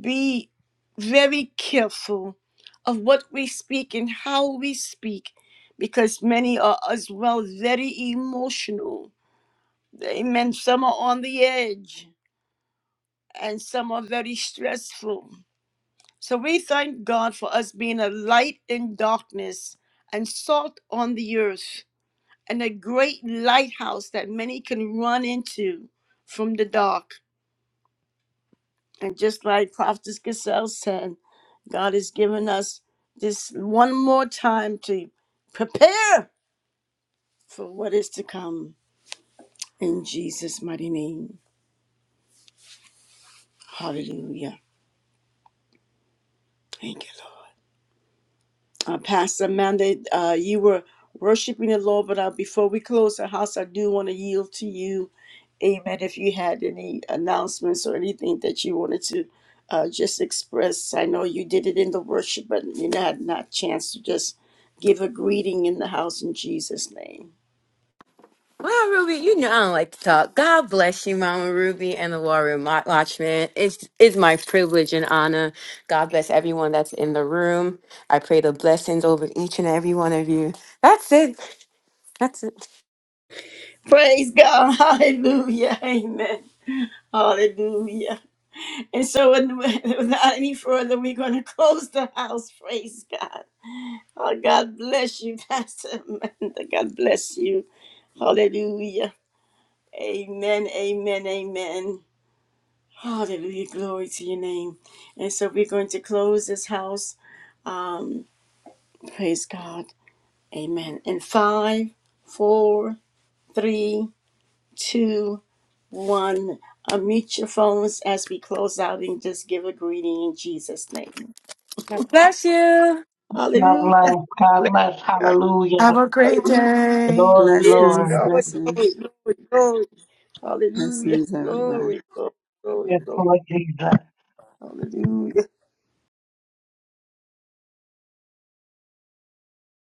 be very careful of what we speak and how we speak, because many are as well very emotional. Amen. Some are on the edge and some are very stressful. So we thank God for us being a light in darkness and salt on the earth and a great lighthouse that many can run into from the dark. And just like Prophetess Gazelle said, God has given us this one more time to prepare for what is to come in Jesus' mighty name. Hallelujah. Thank you, Lord. uh, Pastor Amanda, uh, you were worshiping the Lord, but uh, before we close the house, I do want to yield to you. Amen. If you had any announcements or anything that you wanted to uh, just express, I know you did it in the worship, but you had not chance to just give a greeting in the house in Jesus' name.
Well, Ruby, you know I don't like to talk. God bless you, Mama Ruby and the Warrior Mo- Watchman. It's it's my privilege and honor. God bless everyone that's in the room. I pray the blessings over each and every one of you. That's it. That's it.
Praise God. Hallelujah. Amen. Hallelujah. And so, with- without any further, we're going to close the house. Praise God. Oh, God bless you, Pastor Amanda. God bless you. Hallelujah. Amen. Amen. Amen. Hallelujah. Glory to your name. And so, we're going to close this house. Um, praise God. Amen. In five, four, three, two, one. Unmute your phones as we close out and just give a greeting in Jesus' name.
God bless you.
God
Hallelujah.
bless. God bless. Hallelujah.
Have a great
Hallelujah.
day.
Glory,
Yes,
Blessings,
Lord.
glory,
blessings.
glory, glory, glory. Hallelujah.
Blessings, everybody.
Glory, glory, glory,
Yes,
glory.
Lord Jesus.
Hallelujah.